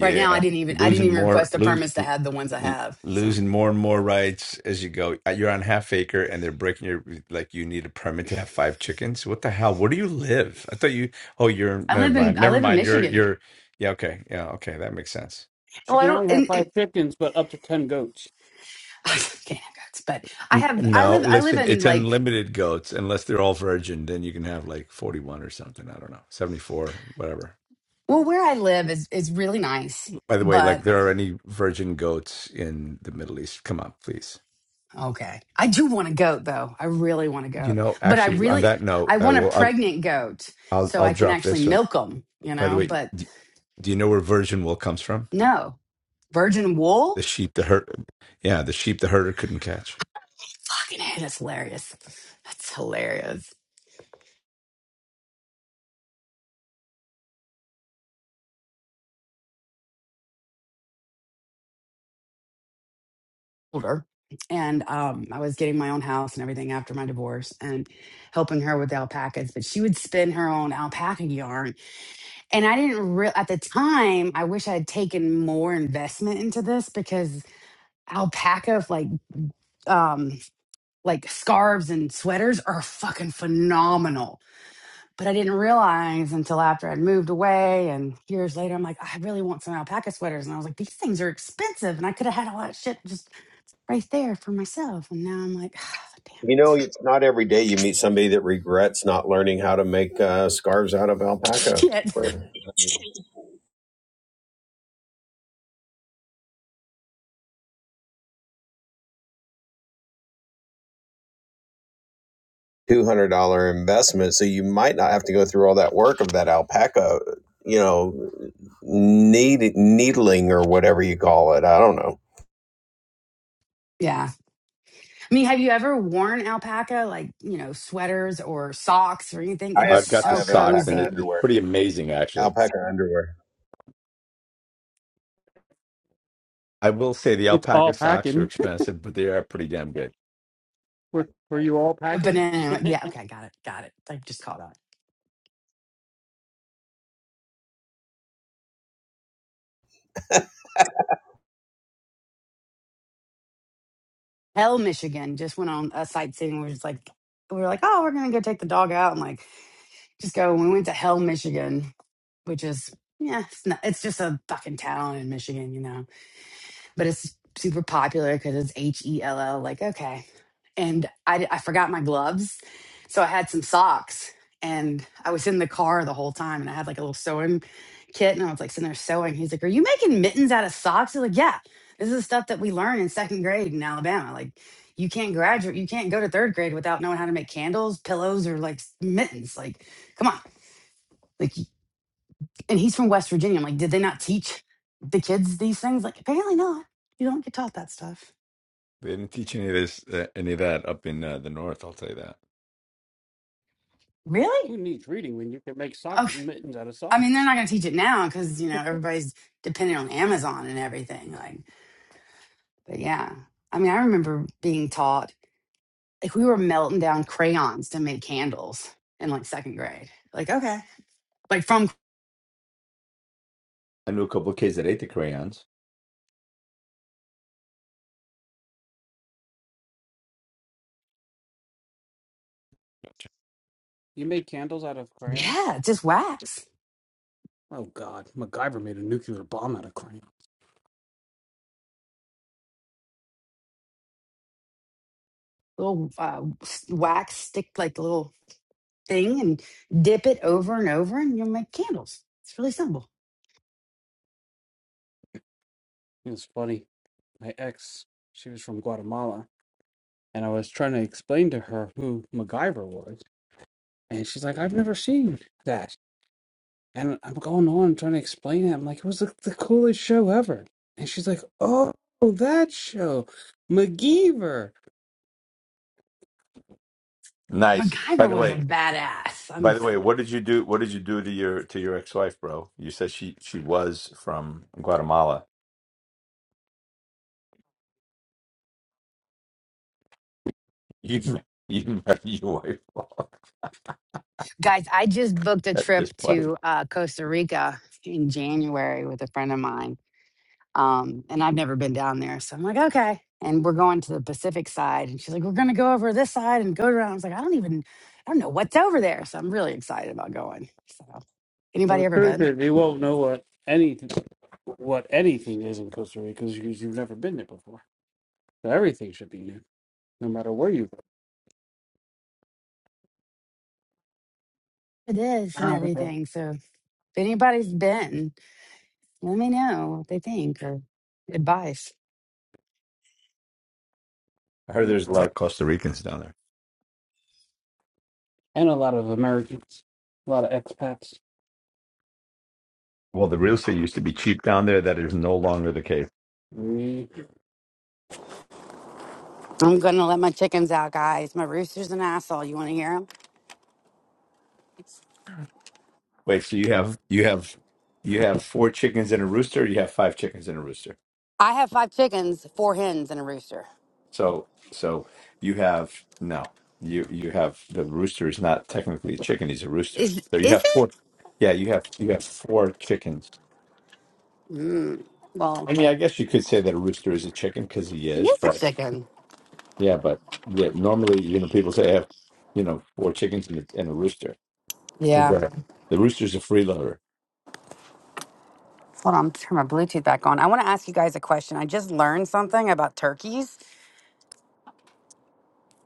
Speaker 12: right now. I didn't even I didn't
Speaker 4: losing
Speaker 12: even
Speaker 4: more.
Speaker 12: request the
Speaker 4: Lose.
Speaker 12: permits to have the ones I
Speaker 4: l-
Speaker 12: have. So
Speaker 4: Losing more and more rights as you go. Uh, You're on half acre, and they're breaking your like. You need a permit to have five chickens. What the hell? Where do you live? I thought you. Oh, you're.
Speaker 12: I
Speaker 4: Never
Speaker 12: live in
Speaker 4: mind.
Speaker 12: I
Speaker 4: Never
Speaker 12: live in
Speaker 4: mind. You're.
Speaker 12: Michigan.
Speaker 4: You're. Yeah. Okay. Yeah. Okay. That makes sense.
Speaker 6: She
Speaker 12: Well, I
Speaker 6: can
Speaker 12: don't.
Speaker 6: only have
Speaker 12: And, and,
Speaker 6: five chickens, but up to ten goats.
Speaker 12: I can't have guts, but I
Speaker 4: N-
Speaker 12: have I
Speaker 4: No,
Speaker 12: live I live
Speaker 4: listen,
Speaker 12: in
Speaker 4: it's
Speaker 12: like
Speaker 4: unlimited goats unless they're all virgin. Then you can have like 41 or something. I don't know, 74, whatever.
Speaker 12: Well, where I live is is really nice,
Speaker 4: By the way, like
Speaker 12: but
Speaker 4: there are any virgin goats in the Middle East. Come on, please.
Speaker 12: okay. I do want a goat though. I really want a
Speaker 4: You
Speaker 12: goat,
Speaker 4: know,
Speaker 12: but I
Speaker 4: actually, on
Speaker 12: really
Speaker 4: that note,
Speaker 12: I
Speaker 4: I
Speaker 12: want a
Speaker 4: will. I'll.
Speaker 12: pregnant goat
Speaker 4: I'll,
Speaker 12: so
Speaker 4: I'll
Speaker 12: I can
Speaker 4: drop
Speaker 12: actually
Speaker 4: this one.
Speaker 12: milk them. You
Speaker 4: By the
Speaker 12: know,
Speaker 4: way,
Speaker 12: but
Speaker 4: do, do you know where virgin wool comes from?
Speaker 12: no virgin
Speaker 4: The
Speaker 12: wool.
Speaker 4: sheep, the herd. Yeah, the sheep the herder couldn't catch.
Speaker 12: Fucking hell, that's hilarious. That's hilarious. older and um, I was getting my own house and everything after my divorce and helping her with the alpacas. But she would spin her own alpaca yarn. And I didn't real at the time, I wish I had taken more investment into this because alpaca like um like scarves and sweaters are fucking phenomenal. But I didn't realize until after I'd moved away and years later, I'm like, I really want some alpaca sweaters. And I was like, these things are expensive. And I could have had all that shit just right there for myself. And now I'm like, damn
Speaker 7: You know,
Speaker 12: it.
Speaker 7: it's not every day you meet somebody that regrets not learning how to make uh, scarves out of alpaca
Speaker 12: Shit.
Speaker 7: for two hundred dollar investment. So you might not have to go through all that work of that alpaca. You know, need, needling or whatever you call it. I don't know.
Speaker 12: Yeah. I mean, have you ever worn alpaca, like, you know, sweaters or socks or anything? It
Speaker 7: I have
Speaker 12: is
Speaker 4: I've got the
Speaker 7: I
Speaker 12: so
Speaker 7: have
Speaker 4: socks,
Speaker 7: alpaca
Speaker 4: and it,
Speaker 12: cozy.
Speaker 4: it's
Speaker 7: underwear.
Speaker 4: pretty amazing, actually.
Speaker 7: Alpaca underwear.
Speaker 4: I will say the
Speaker 6: It's
Speaker 4: alpaca
Speaker 6: all
Speaker 4: socks are
Speaker 6: packing.
Speaker 4: expensive, but they are pretty damn good.
Speaker 6: Were, were you all
Speaker 12: A
Speaker 6: packing?
Speaker 12: banana. Yeah. Okay. Got it. Got it. I just caught on. Hell, Michigan just went on a sightseeing. We're just like, we were like, oh, we're going to go take the dog out and like just go. we went to Hell, Michigan, which is, yeah, it's, not, it's just a fucking town in Michigan, you know but it's super popular because it's H E L L. Like, okay. And I, I forgot my gloves. So I had some socks and I was in the car the whole time and I had like a little sewing kit and I was like sitting there sewing. He's like, Are you making mittens out of socks? I was like, Yeah, this is the stuff that we learn in second grade in Alabama. Like, you can't graduate, you can't go to third grade without knowing how to make candles, pillows, or like s- mittens. Like, come on. Like, y- and he's from West Virginia. I'm like, Did they not teach the kids these things? Like, apparently not. You don't get taught that stuff.
Speaker 4: They didn't teach any of this, uh, any of that up in uh, the north. I'll tell you that.
Speaker 12: Really?
Speaker 6: Who needs reading when you can make sock
Speaker 12: Oh,
Speaker 6: mittens out of
Speaker 12: I mean, they're
Speaker 6: socks?
Speaker 12: not going to teach it now because you know everybody's dependent on Amazon and everything. Like, but yeah, I mean, I remember being taught like we were melting down crayons to make candles in like second grade. Like, okay, like from
Speaker 4: I knew a couple of kids that ate the crayons.
Speaker 6: You made candles out of crayons.
Speaker 12: yeah, just wax,
Speaker 6: Oh God, MacGyver made a nuclear bomb out of crayon.
Speaker 12: little uh, s- wax stick, like little thing, and dip it over and over, and you'll make candles. It's really simple.
Speaker 6: It's funny. My ex, she was from Guatemala, and I was trying to explain to her who MacGyver was, and she's like, "I've never seen that." And I'm going on trying to explain it. I'm like, it was the, the coolest show ever. And she's like, oh, that show, MacGyver.
Speaker 4: Nice. By
Speaker 12: MacGyver
Speaker 4: the
Speaker 12: was a
Speaker 4: way,
Speaker 12: badass.
Speaker 4: by
Speaker 12: I'm
Speaker 4: the way, what did you do? What did you do to your to your ex wife, bro? You said she she was from Guatemala. You didn't- you married your wife off
Speaker 12: Guys, I just booked a
Speaker 4: at
Speaker 12: trip
Speaker 4: this place.
Speaker 12: to uh, Costa Rica in January with a friend of mine. Um, and I've never been down there. So I'm like, okay. And we're going to the Pacific side. And she's like, we're going to go over this side and go around. I was like, I don't even, I don't know what's over there. So I'm really excited about going. So, anybody
Speaker 6: Well,
Speaker 12: ever
Speaker 6: the truth
Speaker 12: been?
Speaker 6: is, you won't know what anything, what anything is in Costa Rica because you've never been there before. So everything should be new, no matter where you go.
Speaker 12: It is and
Speaker 6: Oh,
Speaker 12: everything. So if anybody's been, let me know what they think or advice.
Speaker 4: I heard
Speaker 6: okay.
Speaker 4: there's a lot of Costa Ricans down there.
Speaker 6: And a lot of Americans, a lot of expats.
Speaker 4: Well, the real estate used to be cheap down there. That is no longer the case.
Speaker 6: Mm.
Speaker 12: I'm going to let my chickens out, guys. My rooster's an asshole. You want to hear him?
Speaker 4: Wait, so you have you have you have four chickens and a rooster. Or you have five chickens and a rooster.
Speaker 12: I have five chickens, four hens, and a rooster.
Speaker 4: So so you have no. You you have the rooster is not technically a chicken, he's a rooster.
Speaker 12: Is
Speaker 4: So you
Speaker 12: is
Speaker 4: have four
Speaker 12: it?
Speaker 4: yeah, you have you have four chickens.
Speaker 12: Mm, well,
Speaker 4: I mean I guess you could say that a rooster is a chicken because he
Speaker 12: he
Speaker 4: is,
Speaker 12: is
Speaker 4: but
Speaker 12: a chicken.
Speaker 4: yeah, but yeah, normally, you know, people say I have, you know, four chickens and a, and a rooster.
Speaker 12: Yeah.
Speaker 4: Right. The rooster's a freeloader.
Speaker 12: Hold on, I'm turn my Bluetooth back on. I want to ask you guys a question. I just learned something about turkeys.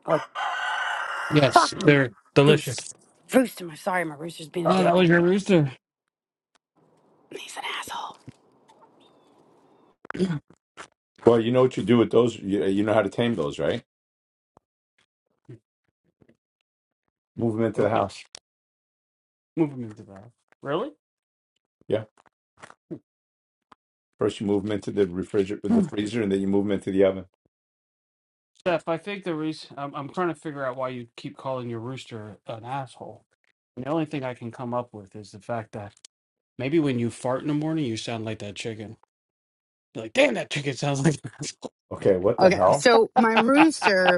Speaker 12: Like
Speaker 6: Yes,
Speaker 12: fucking
Speaker 6: they're
Speaker 12: roost,
Speaker 6: delicious.
Speaker 12: rooster. I'm sorry, my rooster's being a
Speaker 6: Oh, that
Speaker 12: dick.
Speaker 6: was your rooster.
Speaker 12: He's an asshole.
Speaker 4: Well, you know what you do with those. You, you know how to tame those, right? Move them into the
Speaker 6: Okay,
Speaker 4: house.
Speaker 6: move him into the house. Really?
Speaker 4: Yeah. First, you move them into the refrigerator, the freezer, and then you move them into the oven.
Speaker 6: Steph, I think the reason I'm, I'm trying to figure out why you keep calling your rooster an asshole. And the only thing I can come up with is the fact that maybe when you fart in the morning, you sound like that chicken. You're like, damn, that chicken sounds like an asshole.
Speaker 4: Okay, what the
Speaker 12: Okay,
Speaker 4: hell?
Speaker 12: so my rooster.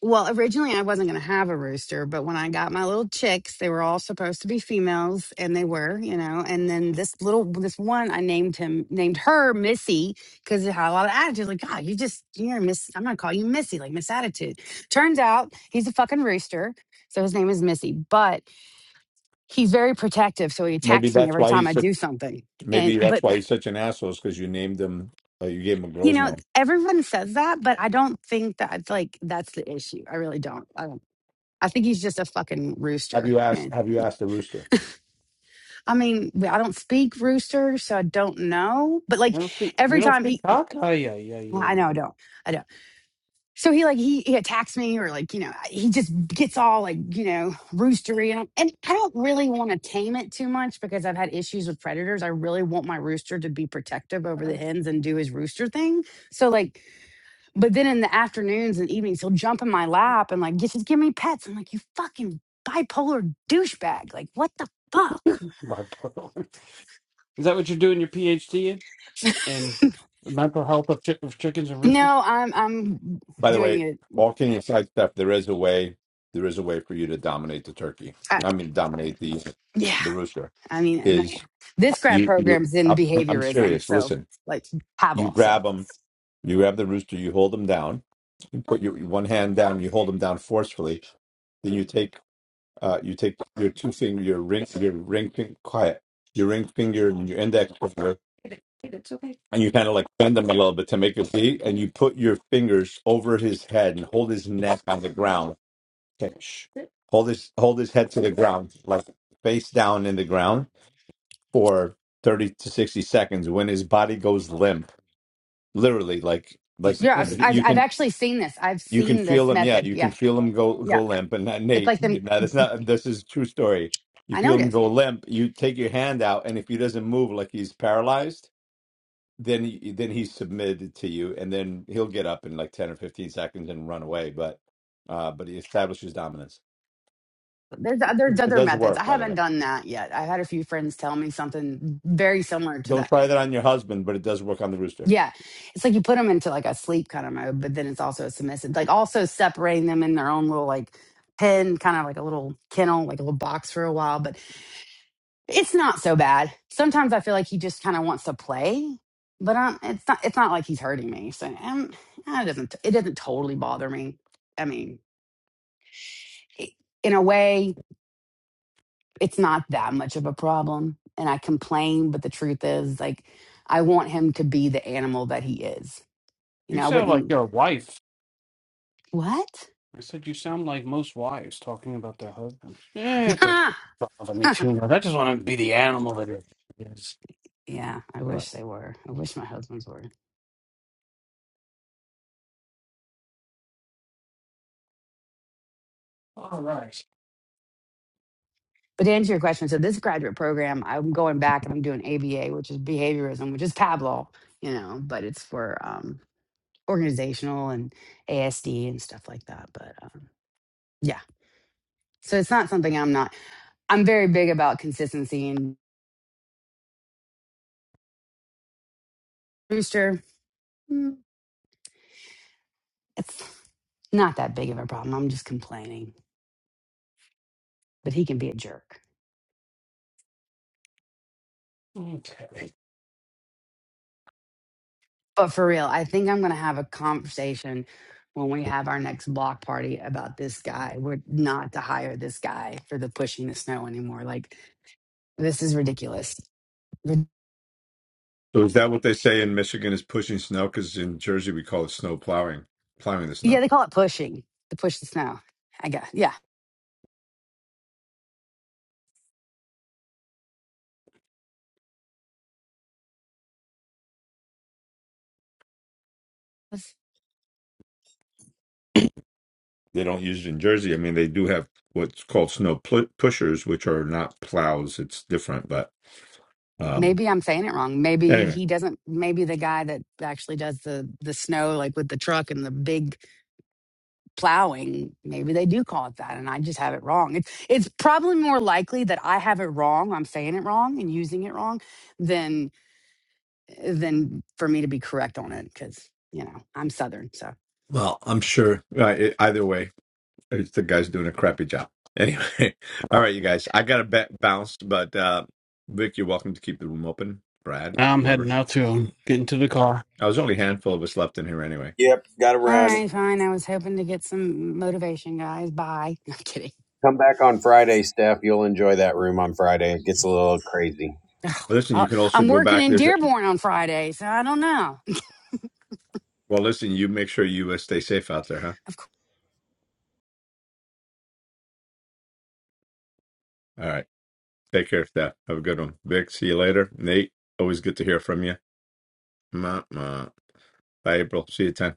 Speaker 12: Well, originally I wasn't going to have a rooster, but when I got my little chicks, they were all supposed to be females and they were, you know. And then this little this one I named him named her Missy because it had a lot of attitude like god, you just you're Miss I'm going to call you Missy, like Miss attitude. Turns out he's a fucking rooster, so his name is Missy, but he's very protective, so he
Speaker 4: Maybe
Speaker 12: attacks me
Speaker 4: that's
Speaker 12: every
Speaker 4: why
Speaker 12: time
Speaker 4: he's
Speaker 12: I
Speaker 4: so
Speaker 12: do something. And
Speaker 4: Maybe that's
Speaker 12: but
Speaker 4: why he's such an asshole, is because you named him, uh, you gave him a
Speaker 12: you
Speaker 4: girl's
Speaker 12: know,
Speaker 4: name.
Speaker 12: everyone says that, but I don't think that's like that's the issue. I really don't. I think he's just a fucking
Speaker 4: Have you
Speaker 12: rooster.
Speaker 4: asked?
Speaker 12: And
Speaker 4: Have you asked the rooster?
Speaker 12: I mean, I don't speak rooster, so I don't know. But
Speaker 6: You
Speaker 12: like
Speaker 6: don't speak, you
Speaker 12: every
Speaker 6: don't
Speaker 12: time
Speaker 6: speak
Speaker 12: he,
Speaker 6: cock? Oh, yeah, yeah,
Speaker 12: well,
Speaker 6: yeah,
Speaker 12: I know I
Speaker 6: yeah.
Speaker 12: don't, I don't. So he like he, he attacks me or like you know he just gets all like you know roostery and, and I don't really want to tame it too much because I've had issues with predators. I really want my rooster to be protective over the hens and do his rooster thing. So like But then in the afternoons and evenings, he'll jump in my lap and like, "Gi- just give me pets. I'm like, you fucking bipolar douchebag. Like, what the fuck?
Speaker 6: Bark. Is that what you're doing your PhD in? In the mental health of, chi- of chickens and roosters?
Speaker 12: No, I'm I'm
Speaker 4: By the
Speaker 12: doing
Speaker 4: way,
Speaker 12: it.
Speaker 4: all kidding aside, stuff. There is a way. There is a way for you to dominate the turkey.
Speaker 12: I,
Speaker 4: I mean, dominate the
Speaker 12: yeah,
Speaker 4: the rooster.
Speaker 12: I mean, I'm-
Speaker 4: Is
Speaker 12: this grad
Speaker 4: you? you
Speaker 12: program's in
Speaker 4: I'm, I'm
Speaker 12: behaviorism,
Speaker 4: serious.
Speaker 12: so
Speaker 4: Listen,
Speaker 12: like
Speaker 4: you
Speaker 12: Pablo. So
Speaker 4: grab them. You grab the rooster. You hold them down. You put your one hand down. You hold them down forcefully. Then you take. Uh, you take your two finger, your ring, your ring, fin- quiet, your ring finger, and your index finger, It's okay. and you kind of like bend him a little bit to make it bleed, and you put your fingers over his head and hold his neck on the ground. Okay, shh. Hold his hold his head to the ground, like face down in the ground for thirty to sixty seconds. When his body goes limp, literally, like
Speaker 6: He
Speaker 4: like
Speaker 12: yeah, I've,
Speaker 6: submitted.
Speaker 4: you
Speaker 12: I've
Speaker 4: you
Speaker 12: I've
Speaker 4: can
Speaker 12: actually seen this. I've
Speaker 4: you can
Speaker 12: seen
Speaker 4: feel
Speaker 12: this
Speaker 4: him. Yeah,
Speaker 12: method.
Speaker 4: you can
Speaker 12: Yeah,
Speaker 4: feel him go
Speaker 12: yeah.
Speaker 4: go limp. And that
Speaker 12: It's
Speaker 4: Nate,
Speaker 12: like the
Speaker 4: Nate, now that's not this is a true story. You
Speaker 12: I
Speaker 4: feel
Speaker 12: know it
Speaker 4: him
Speaker 12: is.
Speaker 4: go limp. You take your hand out, and if he doesn't move, like he's paralyzed then y- then he's submitted to you, and then he'll get up in like ten or fifteen seconds and run away. But uh, but he establishes dominance.
Speaker 12: There's there's
Speaker 4: It
Speaker 12: other
Speaker 4: does
Speaker 12: methods.
Speaker 4: work,
Speaker 12: I
Speaker 4: by the
Speaker 12: haven't
Speaker 4: way.
Speaker 12: done that yet. I had a few friends tell me something very similar to
Speaker 4: Don't
Speaker 12: that.
Speaker 4: try that on your husband, but it does work on the rooster.
Speaker 12: Yeah. It's like you put them into like a sleep kind of mode, but then it's also a submissive, like also separating them in their own little like pen, kind of like a little kennel, like a little box for a while. But it's not so bad. Sometimes I feel like he just kind of wants to play, but um, it's not, it's not like he's hurting me. So um, nah, it doesn't, it doesn't totally bother me. I mean, i in a way, it's not that much of a problem. And I complain, but the truth is like, I want him to be the animal that he is. You
Speaker 6: You
Speaker 12: know, I
Speaker 6: sound like
Speaker 12: wouldn't,
Speaker 6: your wife.
Speaker 12: what?
Speaker 6: I said you sound like most wives talking about their husbands. Yeah, it doesn't
Speaker 12: Ah,
Speaker 6: bother me too much. I just want to be the animal that it is.
Speaker 12: yeah, I
Speaker 6: But
Speaker 12: wish they were. I wish my husband's were.
Speaker 6: all right,
Speaker 12: But to answer your question, so this graduate program, I'm going back and I'm doing ABA, which is behaviorism, which is Pablo, you know, but it's for um, organizational and ASD and stuff like that. But um, yeah, so it's not something I'm not. I'm very big about consistency and Rooster. mm, It's not that big of a problem. I'm just complaining, but he can be a jerk.
Speaker 6: okay.
Speaker 12: But for real, I think I'm going to have a conversation when we have our next block party about this guy. We're not to hire this guy for the pushing the snow anymore. Like, this is ridiculous. Rid-
Speaker 4: So is that what they say in Michigan is pushing snow? Because in Jersey we call it snow plowing, plowing the
Speaker 12: Yeah,
Speaker 4: snow.
Speaker 12: they call it pushing to push the snow. I guess. Yeah. That's-
Speaker 4: They don't use it in Jersey. I mean, they do have what's called snow pl- pushers, which are not plows. It's different, but um,
Speaker 12: Maybe I'm saying it wrong. Maybe
Speaker 4: anyway,
Speaker 12: he doesn't. Maybe the guy that actually does the the snow, like with the truck and the big plowing, maybe they do call it that, and I just have it wrong. It's it's probably more likely that I have it wrong. I'm saying it wrong and using it wrong than for me to be correct on it because you know I'm Southern. So
Speaker 4: Well, I'm sure right, it, either way. The guy's doing a crappy job. Anyway, all right, you guys. I got to ba- bounce, but uh, Vic, you're welcome to keep the room open. Brad,
Speaker 6: Now I'm heading
Speaker 4: whoever.
Speaker 6: out to um, get into the car.
Speaker 4: I was only a handful of us left in here anyway.
Speaker 7: Yep, got to
Speaker 12: all
Speaker 7: run.
Speaker 12: right, fine. I was hoping to get some motivation, guys. Bye. I'm kidding.
Speaker 7: Come back on Friday, Steph. You'll enjoy that room on Friday. It gets a little crazy.
Speaker 4: Well, listen, you
Speaker 12: i
Speaker 4: can also
Speaker 12: I'm
Speaker 4: go
Speaker 12: working
Speaker 4: back.
Speaker 12: in
Speaker 4: There's a,
Speaker 12: Dearborn on Friday, so I don't know.
Speaker 4: well, listen. You make sure you uh, stay safe out there, huh?
Speaker 12: Of
Speaker 4: All right. Take care, Steph. Have a good one, Vic. See you later, Nate. Always good to hear from you. Ma, ma. Bye, April. See you 10.